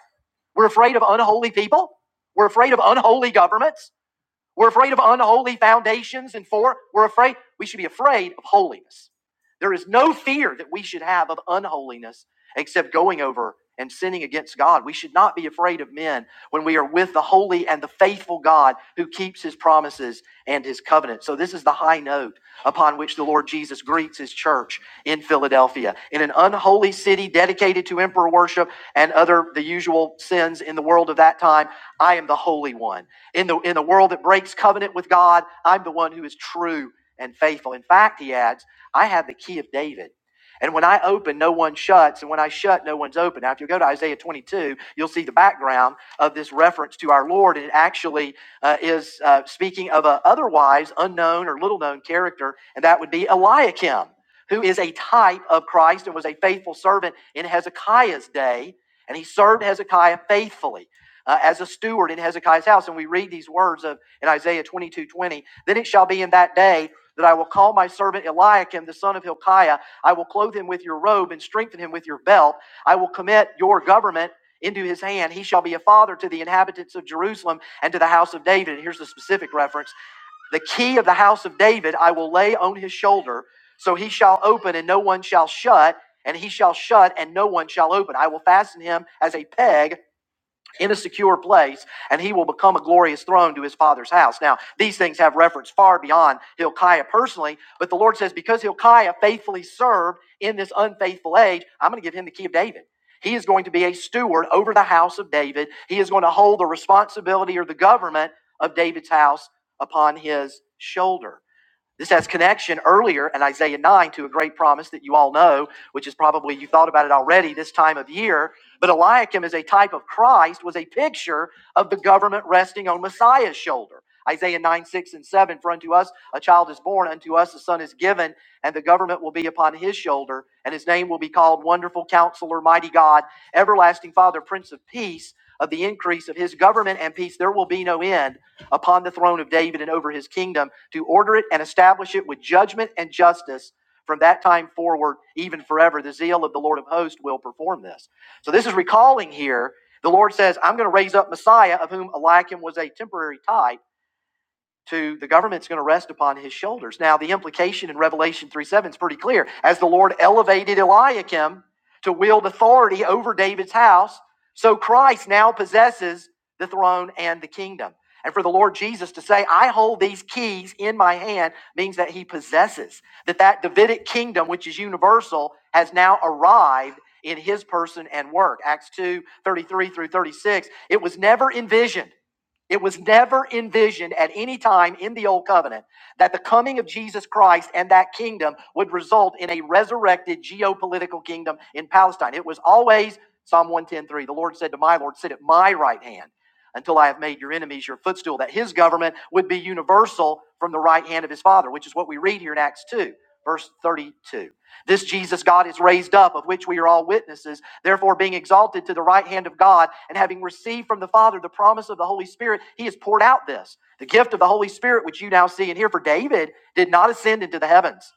We're afraid of unholy people, we're afraid of unholy governments. We're afraid of unholy foundations. And four, we're afraid, we should be afraid of holiness. There is no fear that we should have of unholiness except going over and sinning against God. We should not be afraid of men when we are with the holy and the faithful God who keeps his promises and his covenant. So, this is the high note upon which the Lord Jesus greets his church in Philadelphia. In an unholy city dedicated to emperor worship and other the usual sins in the world of that time, I am the holy one. In the, in the world that breaks covenant with God, I'm the one who is true and faithful. In fact, he adds, I have the key of David. And when I open, no one shuts. And when I shut, no one's open. Now, if you go to Isaiah 22, you'll see the background of this reference to our Lord. And it actually uh, is uh, speaking of an otherwise unknown or little known character, and that would be Eliakim, who is a type of Christ and was a faithful servant in Hezekiah's day. And he served Hezekiah faithfully uh, as a steward in Hezekiah's house. And we read these words of in Isaiah 22 20. Then it shall be in that day that I will call my servant Eliakim, the son of Hilkiah. I will clothe him with your robe and strengthen him with your belt. I will commit your government into his hand. He shall be a father to the inhabitants of Jerusalem and to the house of David. And here's the specific reference the key of the house of David I will lay on his shoulder. So he shall open and no one shall shut, and he shall shut and no one shall open. I will fasten him as a peg in a secure place, and he will become a glorious throne to his father's house. Now, these things have reference far beyond Hilkiah personally, but the Lord says, because Hilkiah faithfully served in this unfaithful age, I'm going to give him the key of David. He is going to be a steward over the house of David. He is going to hold the responsibility or the government of David's house upon his shoulder. This has connection earlier in Isaiah 9 to a great promise that you all know, which is probably you thought about it already this time of year. But Eliakim is a type of Christ, was a picture of the government resting on Messiah's shoulder. Isaiah 9, 6, and 7 For unto us a child is born, unto us a son is given, and the government will be upon his shoulder, and his name will be called Wonderful Counselor, Mighty God, Everlasting Father, Prince of Peace. Of the increase of his government and peace, there will be no end upon the throne of David and over his kingdom to order it and establish it with judgment and justice from that time forward, even forever. The zeal of the Lord of hosts will perform this. So this is recalling here. The Lord says, I'm going to raise up Messiah, of whom Eliakim was a temporary type to the government's going to rest upon his shoulders. Now, the implication in Revelation 3 7 is pretty clear. As the Lord elevated Eliakim to wield authority over David's house, so Christ now possesses the throne and the kingdom. And for the Lord Jesus to say, I hold these keys in my hand, means that he possesses, that that Davidic kingdom, which is universal, has now arrived in his person and work. Acts two thirty three through 36. It was never envisioned it was never envisioned at any time in the Old Covenant that the coming of Jesus Christ and that kingdom would result in a resurrected geopolitical kingdom in Palestine. It was always Psalm 110:3. The Lord said to my Lord, Sit at my right hand until I have made your enemies your footstool, that his government would be universal from the right hand of his Father, which is what we read here in Acts 2, verse 32. This Jesus God is raised up, of which we are all witnesses. Therefore, being exalted to the right hand of God and having received from the Father the promise of the Holy Spirit, he has poured out this, the gift of the Holy Spirit, which you now see and hear. For David did not ascend into the heavens.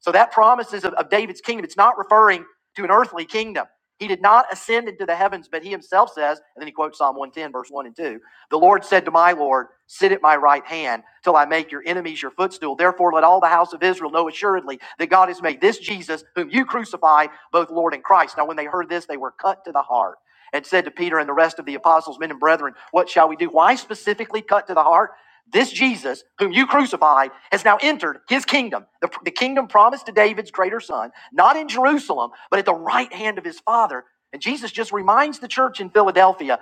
So that promises of, of David's kingdom, it's not referring to an earthly kingdom. He did not ascend into the heavens, but he himself says, and then he quotes Psalm 110, verse 1 and 2. The Lord said to my Lord, Sit at my right hand till I make your enemies your footstool. Therefore, let all the house of Israel know assuredly that God has made this Jesus, whom you crucified, both Lord and Christ. Now, when they heard this, they were cut to the heart and said to Peter and the rest of the apostles, men and brethren, What shall we do? Why specifically cut to the heart? This Jesus, whom you crucified, has now entered his kingdom, the, the kingdom promised to David's greater son, not in Jerusalem, but at the right hand of his Father. And Jesus just reminds the church in Philadelphia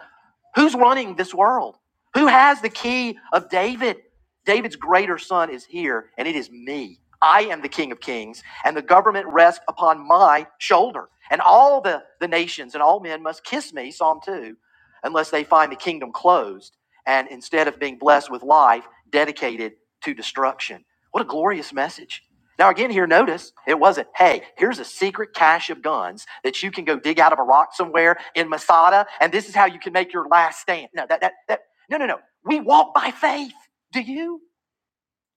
Who's running this world? Who has the key of David? David's greater son is here, and it is me. I am the King of Kings, and the government rests upon my shoulder. And all the, the nations and all men must kiss me, Psalm 2, unless they find the kingdom closed, and instead of being blessed with life, dedicated to destruction. What a glorious message. Now, again, here, notice it wasn't, hey, here's a secret cache of guns that you can go dig out of a rock somewhere in Masada, and this is how you can make your last stand. No, that, that, that, no, no, no. We walk by faith. Do you?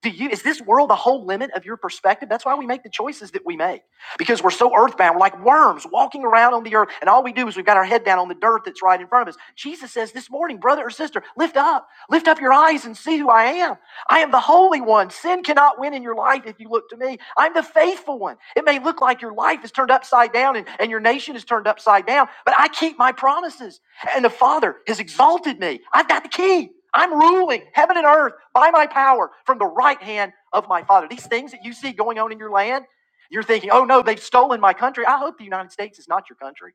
Do you is this world the whole limit of your perspective? That's why we make the choices that we make. Because we're so earthbound. We're like worms walking around on the earth, and all we do is we've got our head down on the dirt that's right in front of us. Jesus says this morning, brother or sister, lift up, lift up your eyes and see who I am. I am the holy one. Sin cannot win in your life if you look to me. I'm the faithful one. It may look like your life is turned upside down and, and your nation is turned upside down, but I keep my promises and the Father has exalted me. I've got the key. I'm ruling heaven and earth by my power from the right hand of my Father. These things that you see going on in your land, you're thinking, oh no, they've stolen my country. I hope the United States is not your country.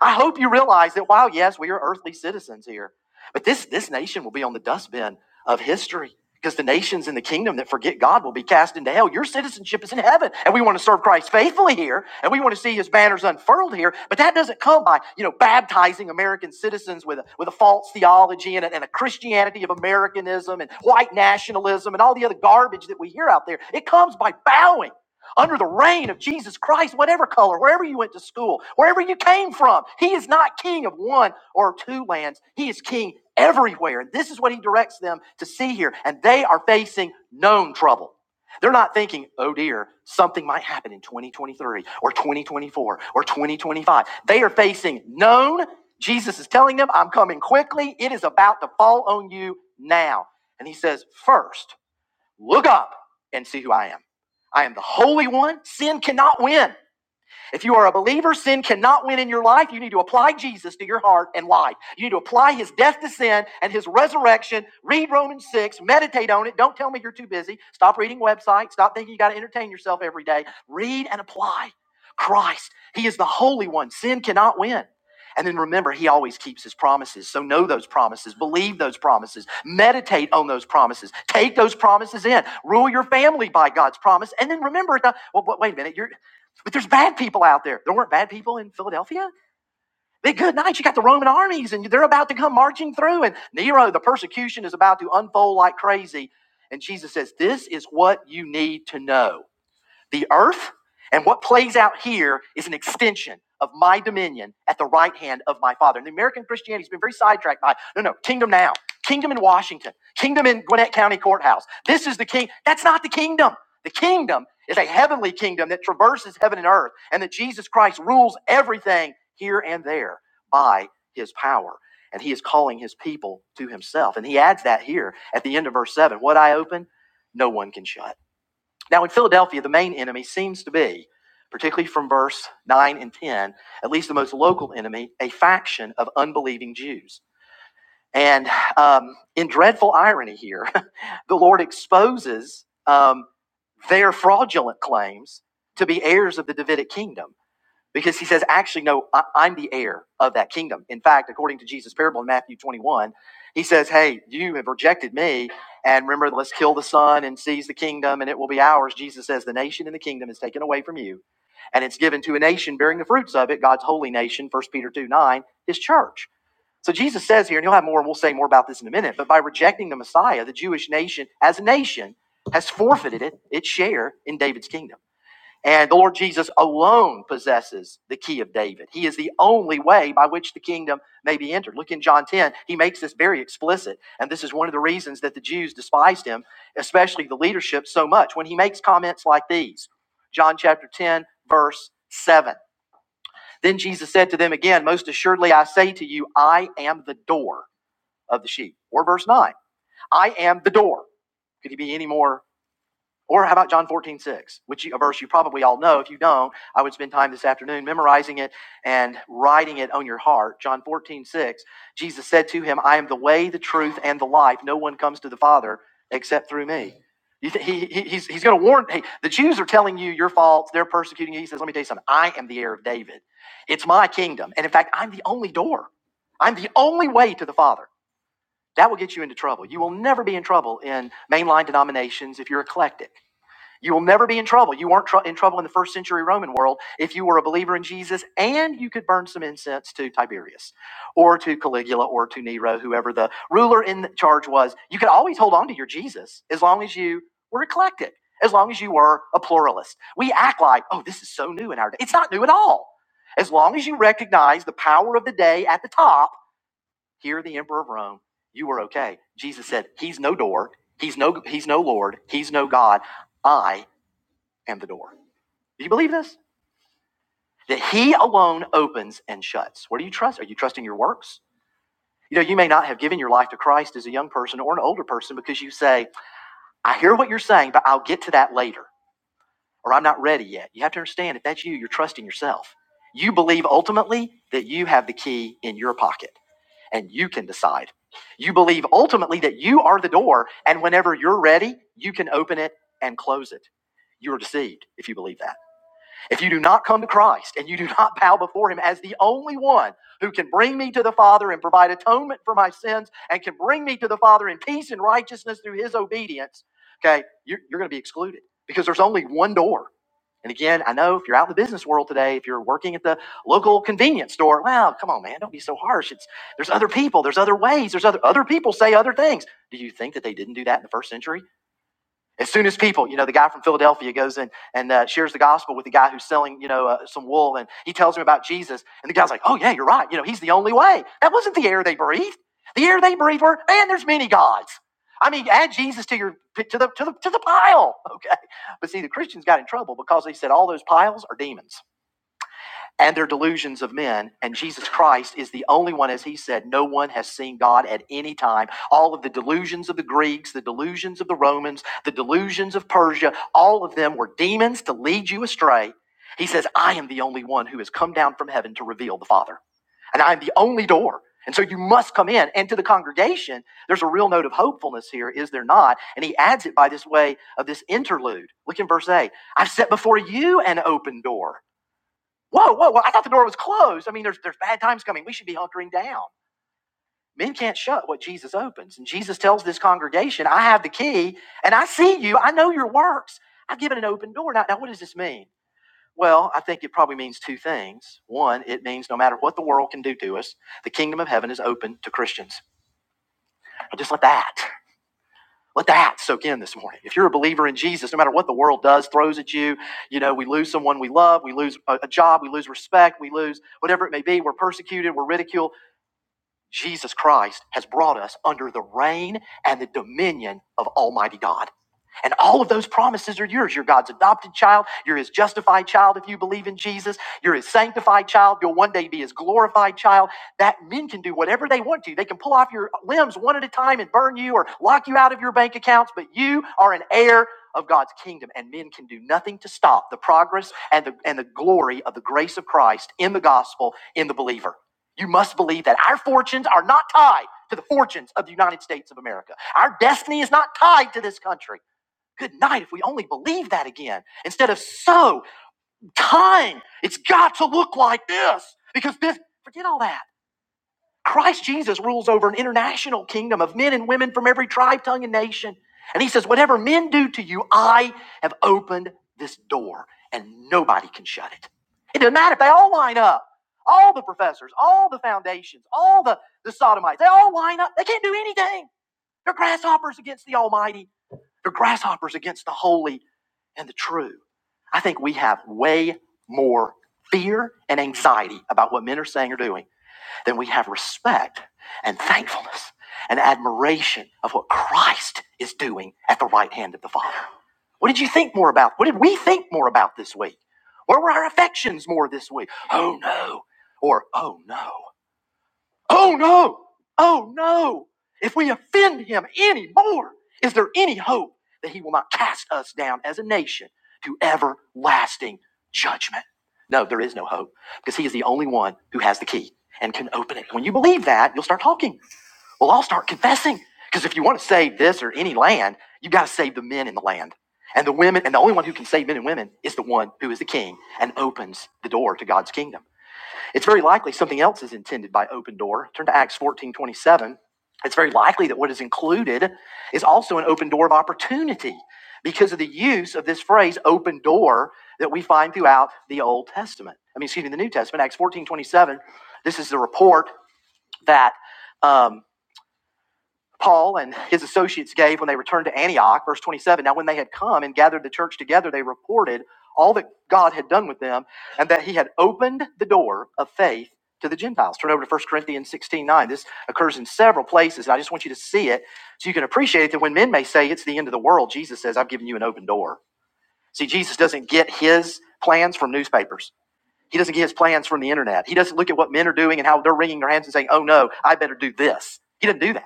I hope you realize that while, yes, we are earthly citizens here, but this, this nation will be on the dustbin of history because the nations in the kingdom that forget God will be cast into hell. Your citizenship is in heaven, and we want to serve Christ faithfully here, and we want to see his banners unfurled here, but that doesn't come by, you know, baptizing American citizens with a, with a false theology and a, and a Christianity of Americanism and white nationalism and all the other garbage that we hear out there. It comes by bowing under the reign of Jesus Christ, whatever color, wherever you went to school, wherever you came from. He is not king of one or two lands. He is king everywhere. And this is what he directs them to see here. And they are facing known trouble. They're not thinking, oh dear, something might happen in 2023 or 2024 or 2025. They are facing known. Jesus is telling them, I'm coming quickly. It is about to fall on you now. And he says, first, Look up and see who I am. I am the Holy One. Sin cannot win. If you are a believer, sin cannot win in your life. You need to apply Jesus to your heart and life. You need to apply his death to sin and his resurrection. Read Romans 6, meditate on it. Don't tell me you're too busy. Stop reading websites. Stop thinking you got to entertain yourself every day. Read and apply Christ. He is the Holy One. Sin cannot win. And then remember, he always keeps his promises. So know those promises, believe those promises, meditate on those promises, take those promises in, rule your family by God's promise. And then remember, well, wait a minute, you're, but there's bad people out there. There weren't bad people in Philadelphia. They good night. You got the Roman armies and they're about to come marching through. And Nero, the persecution is about to unfold like crazy. And Jesus says, This is what you need to know the earth. And what plays out here is an extension of my dominion at the right hand of my Father. And the American Christianity has been very sidetracked by no, no, kingdom now, kingdom in Washington, kingdom in Gwinnett County Courthouse. This is the king. That's not the kingdom. The kingdom is a heavenly kingdom that traverses heaven and earth, and that Jesus Christ rules everything here and there by his power. And he is calling his people to himself. And he adds that here at the end of verse 7 What I open, no one can shut now, in Philadelphia, the main enemy seems to be, particularly from verse 9 and 10, at least the most local enemy, a faction of unbelieving Jews. And um, in dreadful irony here, the Lord exposes um, their fraudulent claims to be heirs of the Davidic kingdom because he says, actually, no, I, I'm the heir of that kingdom. In fact, according to Jesus' parable in Matthew 21, he says, hey, you have rejected me. And remember, let's kill the son and seize the kingdom, and it will be ours. Jesus says, the nation and the kingdom is taken away from you, and it's given to a nation bearing the fruits of it, God's holy nation, First Peter 2 9, his church. So Jesus says here, and you'll have more, and we'll say more about this in a minute, but by rejecting the Messiah, the Jewish nation as a nation has forfeited it, its share in David's kingdom. And the Lord Jesus alone possesses the key of David. He is the only way by which the kingdom may be entered. Look in John 10, he makes this very explicit. And this is one of the reasons that the Jews despised him, especially the leadership, so much when he makes comments like these John chapter 10, verse 7. Then Jesus said to them again, Most assuredly I say to you, I am the door of the sheep. Or verse 9, I am the door. Could he be any more or how about John 14:6, which a verse you probably all know. If you don't, I would spend time this afternoon memorizing it and writing it on your heart. John 14:6, Jesus said to him, I am the way, the truth, and the life. No one comes to the Father except through me. You thi- he, he- he's he's going to warn, hey, the Jews are telling you your faults. They're persecuting you. He says, let me tell you something. I am the heir of David. It's my kingdom. And in fact, I'm the only door. I'm the only way to the Father. That will get you into trouble. You will never be in trouble in mainline denominations if you're eclectic you will never be in trouble. You weren't tr- in trouble in the first century Roman world if you were a believer in Jesus and you could burn some incense to Tiberius or to Caligula or to Nero, whoever the ruler in charge was. You could always hold on to your Jesus as long as you were eclectic, as long as you were a pluralist. We act like, oh, this is so new in our day. It's not new at all. As long as you recognize the power of the day at the top, here the emperor of Rome, you were okay. Jesus said, he's no door, he's no he's no lord, he's no god. I am the door. Do you believe this? That he alone opens and shuts. What do you trust? Are you trusting your works? You know, you may not have given your life to Christ as a young person or an older person because you say, I hear what you're saying, but I'll get to that later, or I'm not ready yet. You have to understand if that's you, you're trusting yourself. You believe ultimately that you have the key in your pocket and you can decide. You believe ultimately that you are the door, and whenever you're ready, you can open it and close it. You are deceived if you believe that. If you do not come to Christ and you do not bow before him as the only one who can bring me to the Father and provide atonement for my sins and can bring me to the Father in peace and righteousness through his obedience, okay, you're, you're going to be excluded because there's only one door. And again, I know if you're out in the business world today, if you're working at the local convenience store, wow, come on, man, don't be so harsh. It's there's other people, there's other ways, there's other other people say other things. Do you think that they didn't do that in the first century? As soon as people, you know, the guy from Philadelphia goes in and uh, shares the gospel with the guy who's selling, you know, uh, some wool, and he tells him about Jesus, and the guy's like, "Oh yeah, you're right. You know, he's the only way." That wasn't the air they breathed. The air they breathed were, "Man, there's many gods." I mean, add Jesus to your to the to the to the pile, okay? But see, the Christians got in trouble because they said all those piles are demons and their delusions of men. And Jesus Christ is the only one, as he said, no one has seen God at any time. All of the delusions of the Greeks, the delusions of the Romans, the delusions of Persia, all of them were demons to lead you astray. He says, I am the only one who has come down from heaven to reveal the Father, and I am the only door. And so you must come in. And to the congregation, there's a real note of hopefulness here, is there not? And he adds it by this way of this interlude. Look in verse 8 I've set before you an open door Whoa, whoa, whoa. I thought the door was closed. I mean, there's, there's bad times coming. We should be hunkering down. Men can't shut what Jesus opens. And Jesus tells this congregation, I have the key and I see you. I know your works. I've given an open door. Now, now what does this mean? Well, I think it probably means two things. One, it means no matter what the world can do to us, the kingdom of heaven is open to Christians. Just like that. Let that soak in this morning. If you're a believer in Jesus, no matter what the world does, throws at you, you know, we lose someone we love, we lose a, job, we lose respect, we lose whatever it may be, we're persecuted, we're ridiculed. Jesus Christ has brought us under the reign and the dominion of Almighty God. And all of those promises are yours. You're God's adopted child. You're his justified child if you believe in Jesus. You're his sanctified child. You'll one day be his glorified child. That men can do whatever they want to. They can pull off your limbs one at a time and burn you or lock you out of your bank accounts, but you are an heir of God's kingdom, and men can do nothing to stop the progress and the, and the glory of the grace of Christ in the gospel in the believer. You must believe that our fortunes are not tied to the fortunes of the United States of America. Our destiny is not tied to this country. Good night if we only believe that again. Instead of so, time, it's got to look like this. Because this, forget all that. Christ Jesus rules over an international kingdom of men and women from every tribe, tongue, and nation. And he says, Whatever men do to you, I have opened this door, and nobody can shut it. It doesn't matter if they all line up. All the professors, all the foundations, all the, the sodomites, they all line up. They can't do anything. They're grasshoppers against the Almighty. They're grasshoppers against the holy and the true. I think we have way more fear and anxiety about what men are saying or doing than we have respect and thankfulness and admiration of what Christ is doing at the right hand of the Father. What did you think more about? What did we think more about this week? Where were our affections more this week? Oh no. Or oh no. Oh no! Oh no! If we offend him any more, is there any hope that he will not cast us down as a nation to everlasting judgment? No, there is no hope because he is the only one who has the key and can open it. When you believe that, you'll start talking. We'll all start confessing because if you want to save this or any land, you got to save the men in the land. And the women, and the only one who can save men and women is the one who is the king and opens the door to God's kingdom. It's very likely something else is intended by open door. Turn to Acts 14 27. It's very likely that what is included is also an open door of opportunity because of the use of this phrase open door that we find throughout the Old Testament. I mean, excuse me, the New Testament, Acts 14 27. This is the report that. um, Paul and his associates gave when they returned to Antioch. Verse 27 Now, when they had come and gathered the church together, they reported all that God had done with them and that he had opened the door of faith to the Gentiles. Turn over to 1 Corinthians 16:9. This occurs in several places, and I just want you to see it so you can appreciate it, that when men may say it's the end of the world, Jesus says, I've given you an open door. See, Jesus doesn't get his plans from newspapers. He doesn't get his plans from the internet. He doesn't look at what men are doing and how they're wringing their hands and saying, oh no, I better do this. He doesn't do that.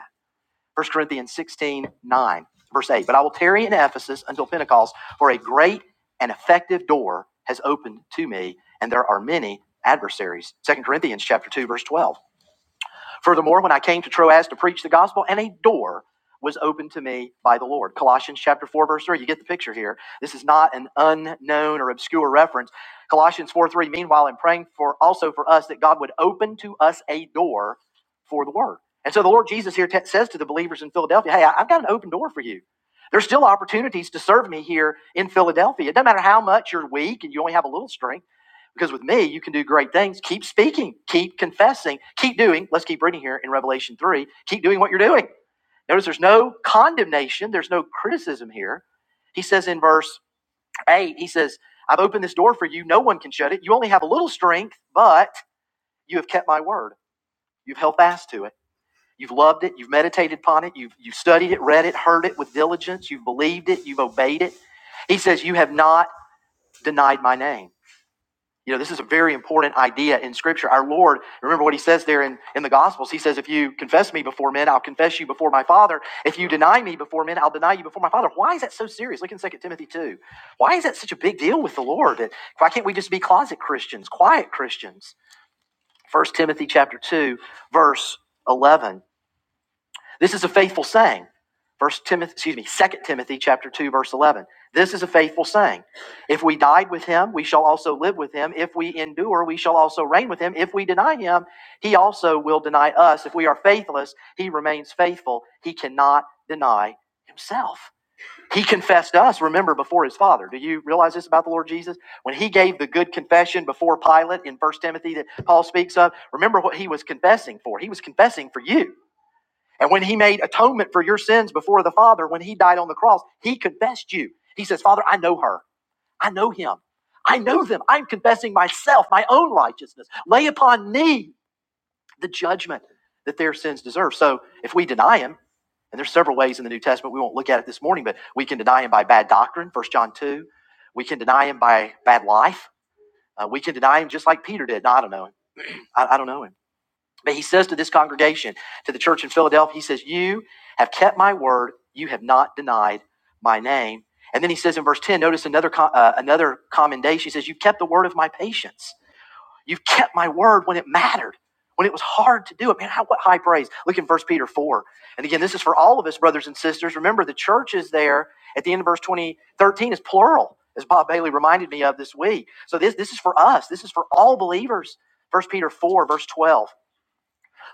First Corinthians 16 9 verse 8. But I will tarry in Ephesus until Pentecost, for a great and effective door has opened to me, and there are many adversaries. Second Corinthians chapter 2, verse 12. Furthermore, when I came to Troas to preach the gospel, and a door was opened to me by the Lord. Colossians chapter 4, verse 3. You get the picture here. This is not an unknown or obscure reference. Colossians 4 3, meanwhile, I'm praying for also for us that God would open to us a door for the word. And so the Lord Jesus here t- says to the believers in Philadelphia, Hey, I- I've got an open door for you. There's still opportunities to serve me here in Philadelphia. It doesn't matter how much you're weak and you only have a little strength. Because with me, you can do great things. Keep speaking, keep confessing, keep doing. Let's keep reading here in Revelation 3. Keep doing what you're doing. Notice there's no condemnation, there's no criticism here. He says in verse 8, he says, I've opened this door for you. No one can shut it. You only have a little strength, but you have kept my word. You've held fast to it. You've loved it. You've meditated upon it. You've, you've studied it, read it, heard it with diligence. You've believed it. You've obeyed it. He says, You have not denied my name. You know, this is a very important idea in Scripture. Our Lord, remember what He says there in, in the Gospels. He says, If you confess me before men, I'll confess you before my Father. If you deny me before men, I'll deny you before my Father. Why is that so serious? Look in Second Timothy 2. Why is that such a big deal with the Lord? That- Why can't we just be closet Christians, quiet Christians? First Timothy chapter 2, verse 11. This is a faithful saying. First Timothy, excuse me, Second Timothy chapter 2, verse 11. This is a faithful saying. If we died with him, we shall also live with him. If we endure, we shall also reign with him. If we deny him, he also will deny us. If we are faithless, he remains faithful. He cannot deny himself. He confessed us, remember, before his father. Do you realize this about the Lord Jesus? When he gave the good confession before Pilate in First Timothy that Paul speaks of, remember what he was confessing for. He was confessing for you. And when he made atonement for your sins before the Father, when he died on the cross, he confessed you. He says, Father, I know her. I know him. I know them. I'm confessing myself, my own righteousness. Lay upon me the judgment that their sins deserve. So if we deny him, and there's several ways in the New Testament, we won't look at it this morning, but we can deny him by bad doctrine, First John 2. We can deny him by bad life. Uh, we can deny him just like Peter did. No, I don't know him. I, I don't know him. But he says to this congregation, to the church in Philadelphia, he says, You have kept my word. You have not denied my name. And then he says in verse 10, notice another, uh, another commendation. He says, You've kept the word of my patience. You've kept my word when it mattered, when it was hard to do it. Man, how, what high praise. Look in First Peter 4. And again, this is for all of us, brothers and sisters. Remember, the church is there at the end of verse 20 13 is plural, as Bob Bailey reminded me of this week. So this, this is for us, this is for all believers. First Peter 4, verse 12.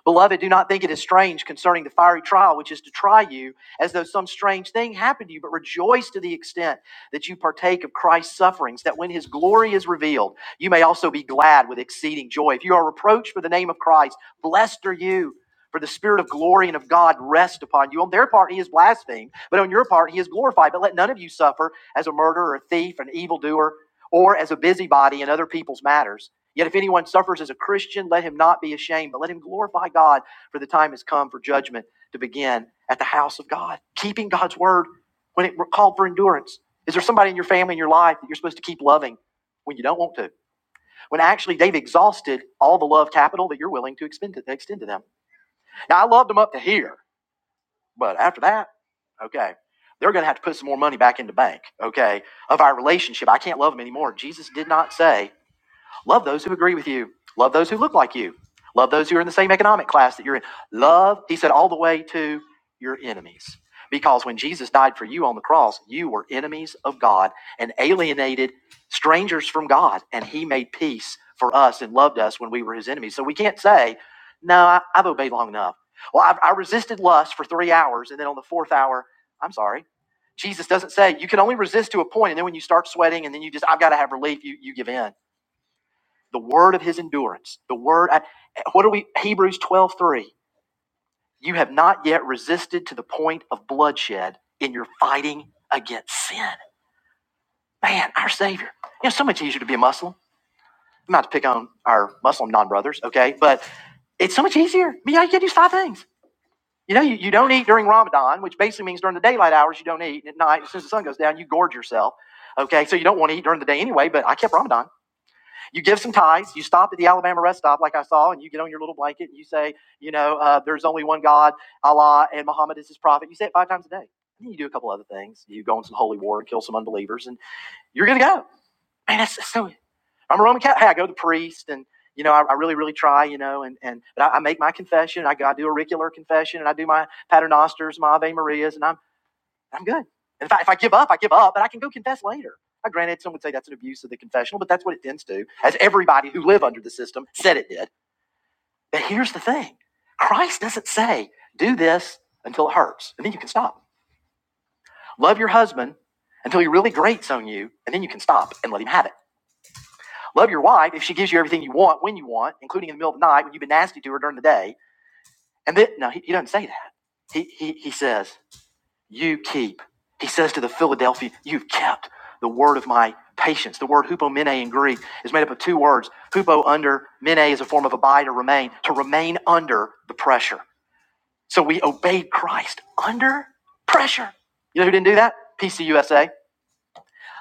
Beloved, do not think it is strange concerning the fiery trial which is to try you, as though some strange thing happened to you, but rejoice to the extent that you partake of Christ's sufferings, that when his glory is revealed, you may also be glad with exceeding joy. If you are reproached for the name of Christ, blessed are you. For the Spirit of glory and of God rest upon you. On their part, He is blasphemed, but on your part, He is glorified. But let none of you suffer as a murderer, a thief, an evildoer, or as a busybody in other people's matters. Yet if anyone suffers as a Christian, let him not be ashamed, but let him glorify God, for the time has come for judgment to begin at the house of God. Keeping God's word when it called for endurance. Is there somebody in your family, in your life that you're supposed to keep loving when you don't want to? When actually they've exhausted all the love capital that you're willing to expend to extend to them. Now, I loved them up to here, but after that, okay, they're going to have to put some more money back in the bank, okay, of our relationship. I can't love them anymore. Jesus did not say Love those who agree with you. Love those who look like you. Love those who are in the same economic class that you're in. Love, he said, all the way to your enemies. Because when Jesus died for you on the cross, you were enemies of God and alienated strangers from God. And he made peace for us and loved us when we were his enemies. So we can't say, no, I, I've obeyed long enough. Well, I've, I resisted lust for three hours. And then on the fourth hour, I'm sorry. Jesus doesn't say you can only resist to a point, and then when you start sweating, and then you just I've got to have relief, you you give in the word of his endurance, the word at what are we Hebrews 12 3. You have not yet resisted to the point of bloodshed in your fighting against sin. Man, our Savior. You know, it's so much easier to be a Muslim. I'm not to pick on our Muslim non brothers, okay? But it's so much easier. I mean, yeah, you can do five things. You know, you, you don't eat during Ramadan, which basically means during the daylight hours you don't eat. At night, as soon as the sun goes down, you gorge yourself. Okay, so you don't want to eat during the day anyway, but I kept Ramadan. You give some ties. You stop at the Alabama rest stop, like I saw, and you get on your little blanket and you say, you know, uh, there's only one God, Allah, and Muhammad is his prophet. You say it five times a day. And then you do a couple other things. You go on some holy war and kill some unbelievers, and you're going to go. Man, that's, that's so. I'm a Roman Catholic. Hey, I go to the priest, and you know, I, I really, really try, you know, and and but I, I make my confession. I, go- I do auricular confession, and I do my paternosters, my Ave Marias, and I'm I'm good. In fact, if I give up, I give up, but I can go confess later. Now, granted, some would say that's an abuse of the confessional, but that's what it tends to, as everybody who live under the system said it did. But here's the thing Christ doesn't say, do this until it hurts, and then you can stop. Love your husband until he really grates on you, and then you can stop and let him have it. Love your wife if she gives you everything you want when you want, including in the middle of the night when you've been nasty to her during the day. And then, no, he, he doesn't say that. He, he, he says, You keep, he says to the Philadelphia, you've kept the word of my patience. The word hupomene in Greek is made up of two words. Hupo under, mene is a form of abide or remain, to remain under the pressure. So we obeyed Christ under pressure. You know who didn't do that? PCUSA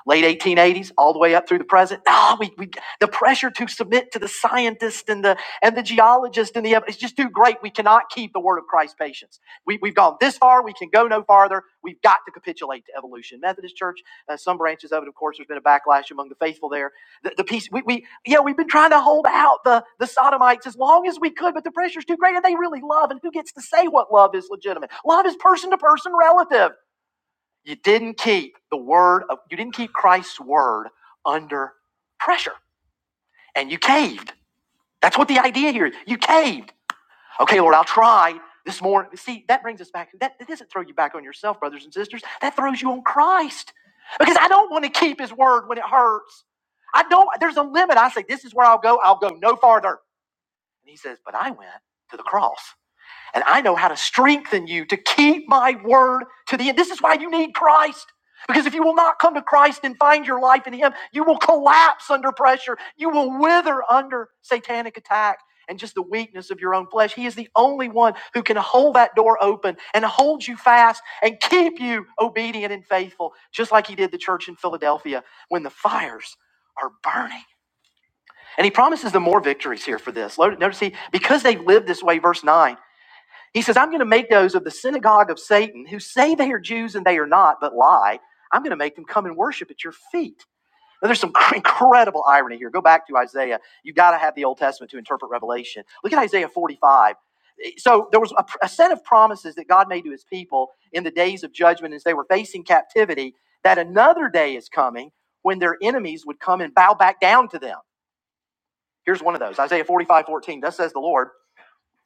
late 1880s all the way up through the present no we, we the pressure to submit to the scientist and the and the geologist and the it's just too great we cannot keep the word of christ patience we, we've gone this far we can go no farther we've got to capitulate to evolution methodist church uh, some branches of it of course there's been a backlash among the faithful there the, the peace we, we yeah we've been trying to hold out the the sodomites as long as we could but the pressure's too great and they really love and who gets to say what love is legitimate love is person to person relative you didn't keep the word of, you didn't keep Christ's word under pressure and you caved. That's what the idea here is. You caved. Okay, Lord, I'll try this morning. See, that brings us back. That, that doesn't throw you back on yourself, brothers and sisters. That throws you on Christ because I don't want to keep his word when it hurts. I don't, there's a limit. I say, this is where I'll go. I'll go no farther. And he says, but I went to the cross. And I know how to strengthen you to keep my word to the end. This is why you need Christ. Because if you will not come to Christ and find your life in Him, you will collapse under pressure. You will wither under satanic attack and just the weakness of your own flesh. He is the only one who can hold that door open and hold you fast and keep you obedient and faithful, just like He did the church in Philadelphia when the fires are burning. And He promises them more victories here for this. Notice He, because they lived this way, verse 9. He says, I'm going to make those of the synagogue of Satan who say they are Jews and they are not, but lie. I'm going to make them come and worship at your feet. Now, there's some incredible irony here. Go back to Isaiah. You've got to have the Old Testament to interpret Revelation. Look at Isaiah 45. So there was a, a set of promises that God made to his people in the days of judgment as they were facing captivity that another day is coming when their enemies would come and bow back down to them. Here's one of those Isaiah 45:14. 14. Thus says the Lord.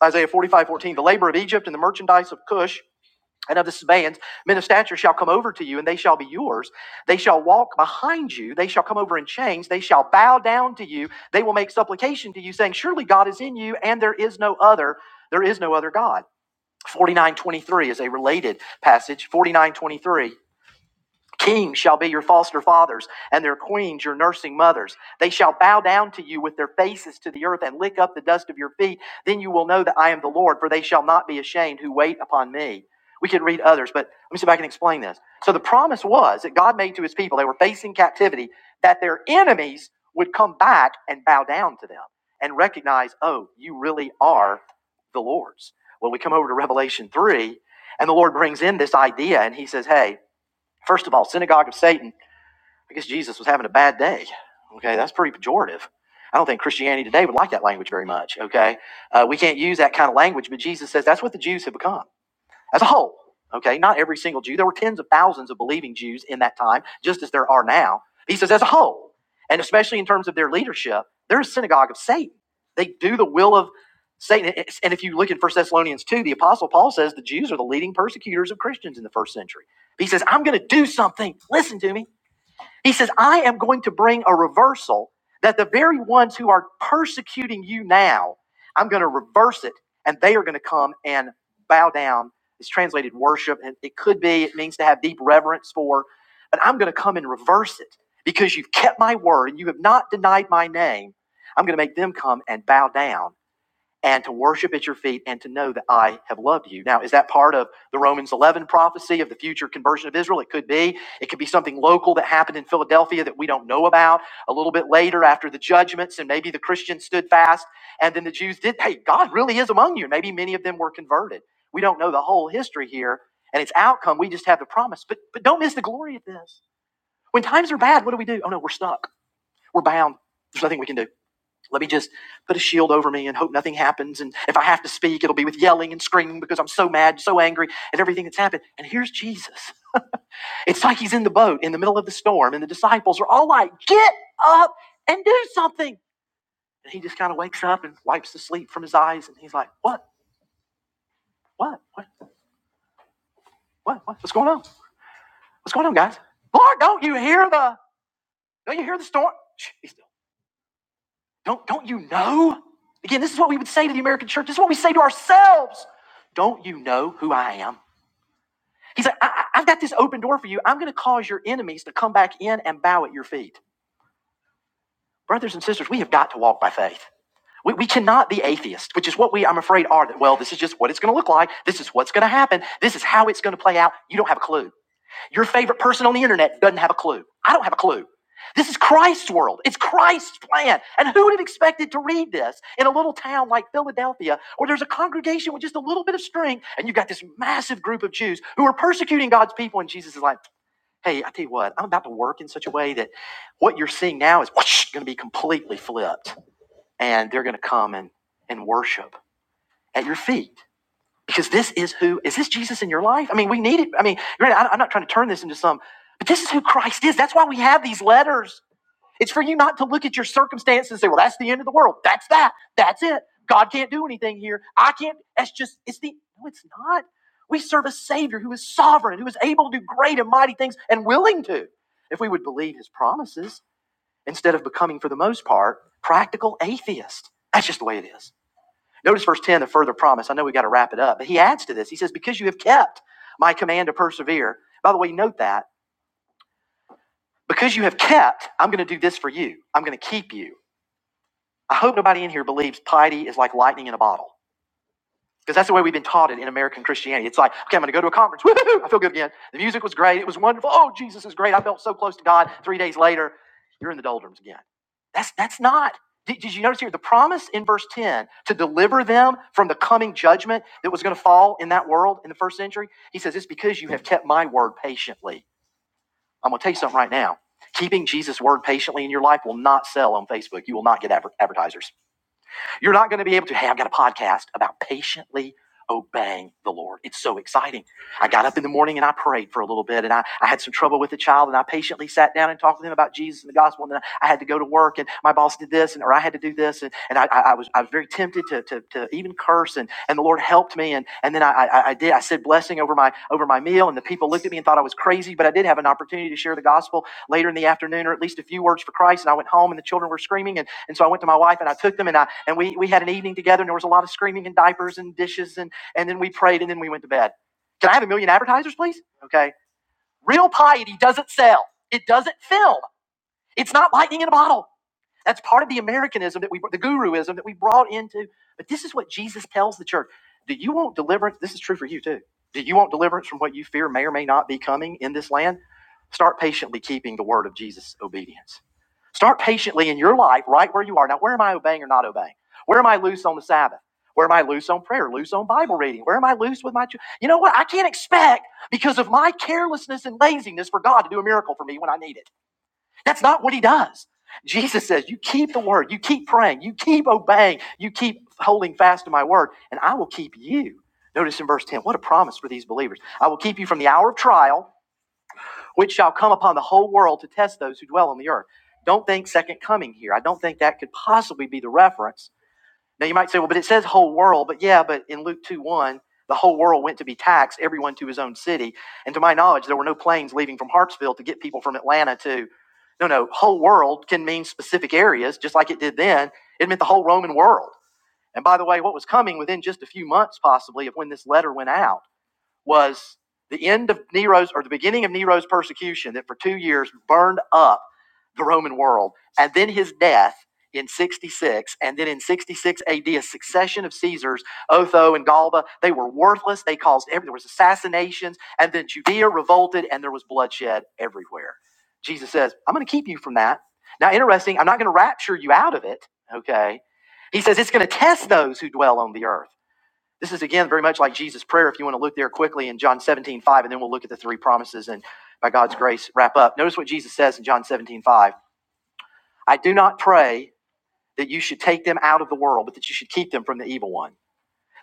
Isaiah 45:14. The labor of Egypt and the merchandise of Cush and of the Sabaeans, men of stature shall come over to you, and they shall be yours. They shall walk behind you. They shall come over in chains. They shall bow down to you. They will make supplication to you, saying, Surely God is in you, and there is no other. There is no other God. 49.23 is a related passage. 49.23. Kings shall be your foster fathers, and their queens your nursing mothers. They shall bow down to you with their faces to the earth and lick up the dust of your feet. Then you will know that I am the Lord, for they shall not be ashamed who wait upon me. We can read others, but let me see if I can explain this. So the promise was that God made to his people, they were facing captivity, that their enemies would come back and bow down to them and recognize, oh, you really are the Lord's. Well, we come over to Revelation 3, and the Lord brings in this idea, and he says, hey, First of all, synagogue of Satan. I guess Jesus was having a bad day. Okay, that's pretty pejorative. I don't think Christianity today would like that language very much. Okay, uh, we can't use that kind of language, but Jesus says that's what the Jews have become as a whole. Okay, not every single Jew. There were tens of thousands of believing Jews in that time, just as there are now. He says, as a whole, and especially in terms of their leadership, they're a synagogue of Satan. They do the will of Satan. And if you look in First Thessalonians 2, the Apostle Paul says the Jews are the leading persecutors of Christians in the first century. He says, I'm going to do something. Listen to me. He says, I am going to bring a reversal that the very ones who are persecuting you now, I'm going to reverse it, and they are going to come and bow down. It's translated worship, and it could be, it means to have deep reverence for, but I'm going to come and reverse it because you've kept my word and you have not denied my name. I'm going to make them come and bow down and to worship at your feet and to know that I have loved you. Now, is that part of the Romans 11 prophecy of the future conversion of Israel? It could be. It could be something local that happened in Philadelphia that we don't know about a little bit later after the judgments, and maybe the Christians stood fast, and then the Jews did. Hey, God really is among you. Maybe many of them were converted. We don't know the whole history here and its outcome. We just have the promise. But, but don't miss the glory of this. When times are bad, what do we do? Oh, no, we're stuck. We're bound. There's nothing we can do. Let me just put a shield over me and hope nothing happens. And if I have to speak, it'll be with yelling and screaming because I'm so mad, so angry at everything that's happened. And here's Jesus. It's like he's in the boat in the middle of the storm, and the disciples are all like, Get up and do something. And he just kind of wakes up and wipes the sleep from his eyes. And he's like, What? What? What? What? what? What's going on? What's going on, guys? Lord, don't you hear the don't you hear the storm? Don't don't you know? Again, this is what we would say to the American church. This is what we say to ourselves. Don't you know who I am? He's like, I, I- I've got this open door for you. I'm going to cause your enemies to come back in and bow at your feet. Brothers and sisters, we have got to walk by faith. We, we cannot be atheists, which is what we, I'm afraid, are. That, well, this is just what it's going to look like. This is what's going to happen. This is how it's going to play out. You don't have a clue. Your favorite person on the internet doesn't have a clue. I don't have a clue. This is Christ's world. It's Christ's plan. And who would have expected to read this in a little town like Philadelphia, where there's a congregation with just a little bit of strength, and you've got this massive group of Jews who are persecuting God's people, and Jesus is like, Hey, I tell you what, I'm about to work in such a way that what you're seeing now is whoosh, going to be completely flipped, and they're going to come and, and worship at your feet. Because this is who, is this Jesus in your life? I mean, we need it. I mean, I'm not trying to turn this into some, but this is who Christ is. That's why we have these letters. It's for you not to look at your circumstances and say, well, that's the end of the world. That's that. That's it. God can't do anything here. I can't. That's just, it's the, no, it's not. We serve a Savior who is sovereign, who is able to do great and mighty things and willing to if we would believe his promises instead of becoming, for the most part, practical atheists. That's just the way it is. Notice verse 10, a further promise. I know we got to wrap it up, but he adds to this. He says, Because you have kept my command to persevere. By the way, note that. Because you have kept, I'm going to do this for you. I'm going to keep you. I hope nobody in here believes piety is like lightning in a bottle. Because that's the way we've been taught it in American Christianity. It's like, okay, I'm going to go to a conference. Woohoo! I feel good again. The music was great. It was wonderful. Oh, Jesus is great. I felt so close to God. Three days later, you're in the doldrums again. That's that's not. Did, did you notice here the promise in verse 10 to deliver them from the coming judgment that was going to fall in that world in the first century? He says, It's because you have kept my word patiently. I'm going to tell you something right now. Keeping Jesus' word patiently in your life will not sell on Facebook. You will not get adver- advertisers you're not going to be able to, hey, I've got a podcast about patiently obeying the Lord. It's so exciting. I got up in the morning and I prayed for a little bit and I, I had some trouble with a child and I patiently sat down and talked to them about Jesus and the gospel. And then I had to go to work and my boss did this and, or I had to do this. And, and I, I, was, I was very tempted to, to, to even curse and, and the Lord helped me. And, and then I, I, I did, I said blessing over my, over my meal and the people looked at me and thought I was crazy, but I did have an opportunity to share the gospel later in the afternoon or at least a few words for Christ. And I went home and the children were screaming and and so I went to my wife and I took them and I and we we had an evening together and there was a lot of screaming and diapers and dishes and and then we prayed and then we went to bed. Can I have a million advertisers, please? Okay. Real piety doesn't sell. It doesn't film. It's not lightning in a bottle. That's part of the Americanism that we, the guruism that we brought into. But this is what Jesus tells the church. Do you want deliverance? This is true for you too. Do you want deliverance from what you fear may or may not be coming in this land? Start patiently keeping the word of Jesus' obedience. Start patiently in your life right where you are. Now, where am I obeying or not obeying? Where am I loose on the Sabbath? Where am I loose on prayer? Loose on Bible reading? Where am I loose with my children? You know what? I can't expect because of my carelessness and laziness for God to do a miracle for me when I need it. That's not what he does. Jesus says, You keep the word, you keep praying, you keep obeying, you keep holding fast to my word, and I will keep you. Notice in verse 10, what a promise for these believers. I will keep you from the hour of trial, which shall come upon the whole world to test those who dwell on the earth. Don't think second coming here. I don't think that could possibly be the reference now you might say, well, but it says whole world, but yeah, but in Luke 2 1, the whole world went to be taxed, everyone to his own city. And to my knowledge, there were no planes leaving from Hartsville to get people from Atlanta to. No, no, whole world can mean specific areas, just like it did then. It meant the whole Roman world. And by the way, what was coming within just a few months, possibly, of when this letter went out was the end of Nero's or the beginning of Nero's persecution that for two years burned up the Roman world, and then his death in 66, and then in 66 AD, a succession of Caesars, Otho and Galba, they were worthless. They caused every, there was assassinations, and then Judea revolted, and there was bloodshed everywhere. Jesus says, "I'm going to keep you from that." Now, interesting, I'm not going to rapture you out of it. Okay, he says it's going to test those who dwell on the earth. This is again very much like Jesus' prayer. If you want to look there quickly in John 17:5, and then we'll look at the three promises and by God's grace wrap up. Notice what Jesus says in John 17:5. I do not pray that you should take them out of the world, but that you should keep them from the evil one.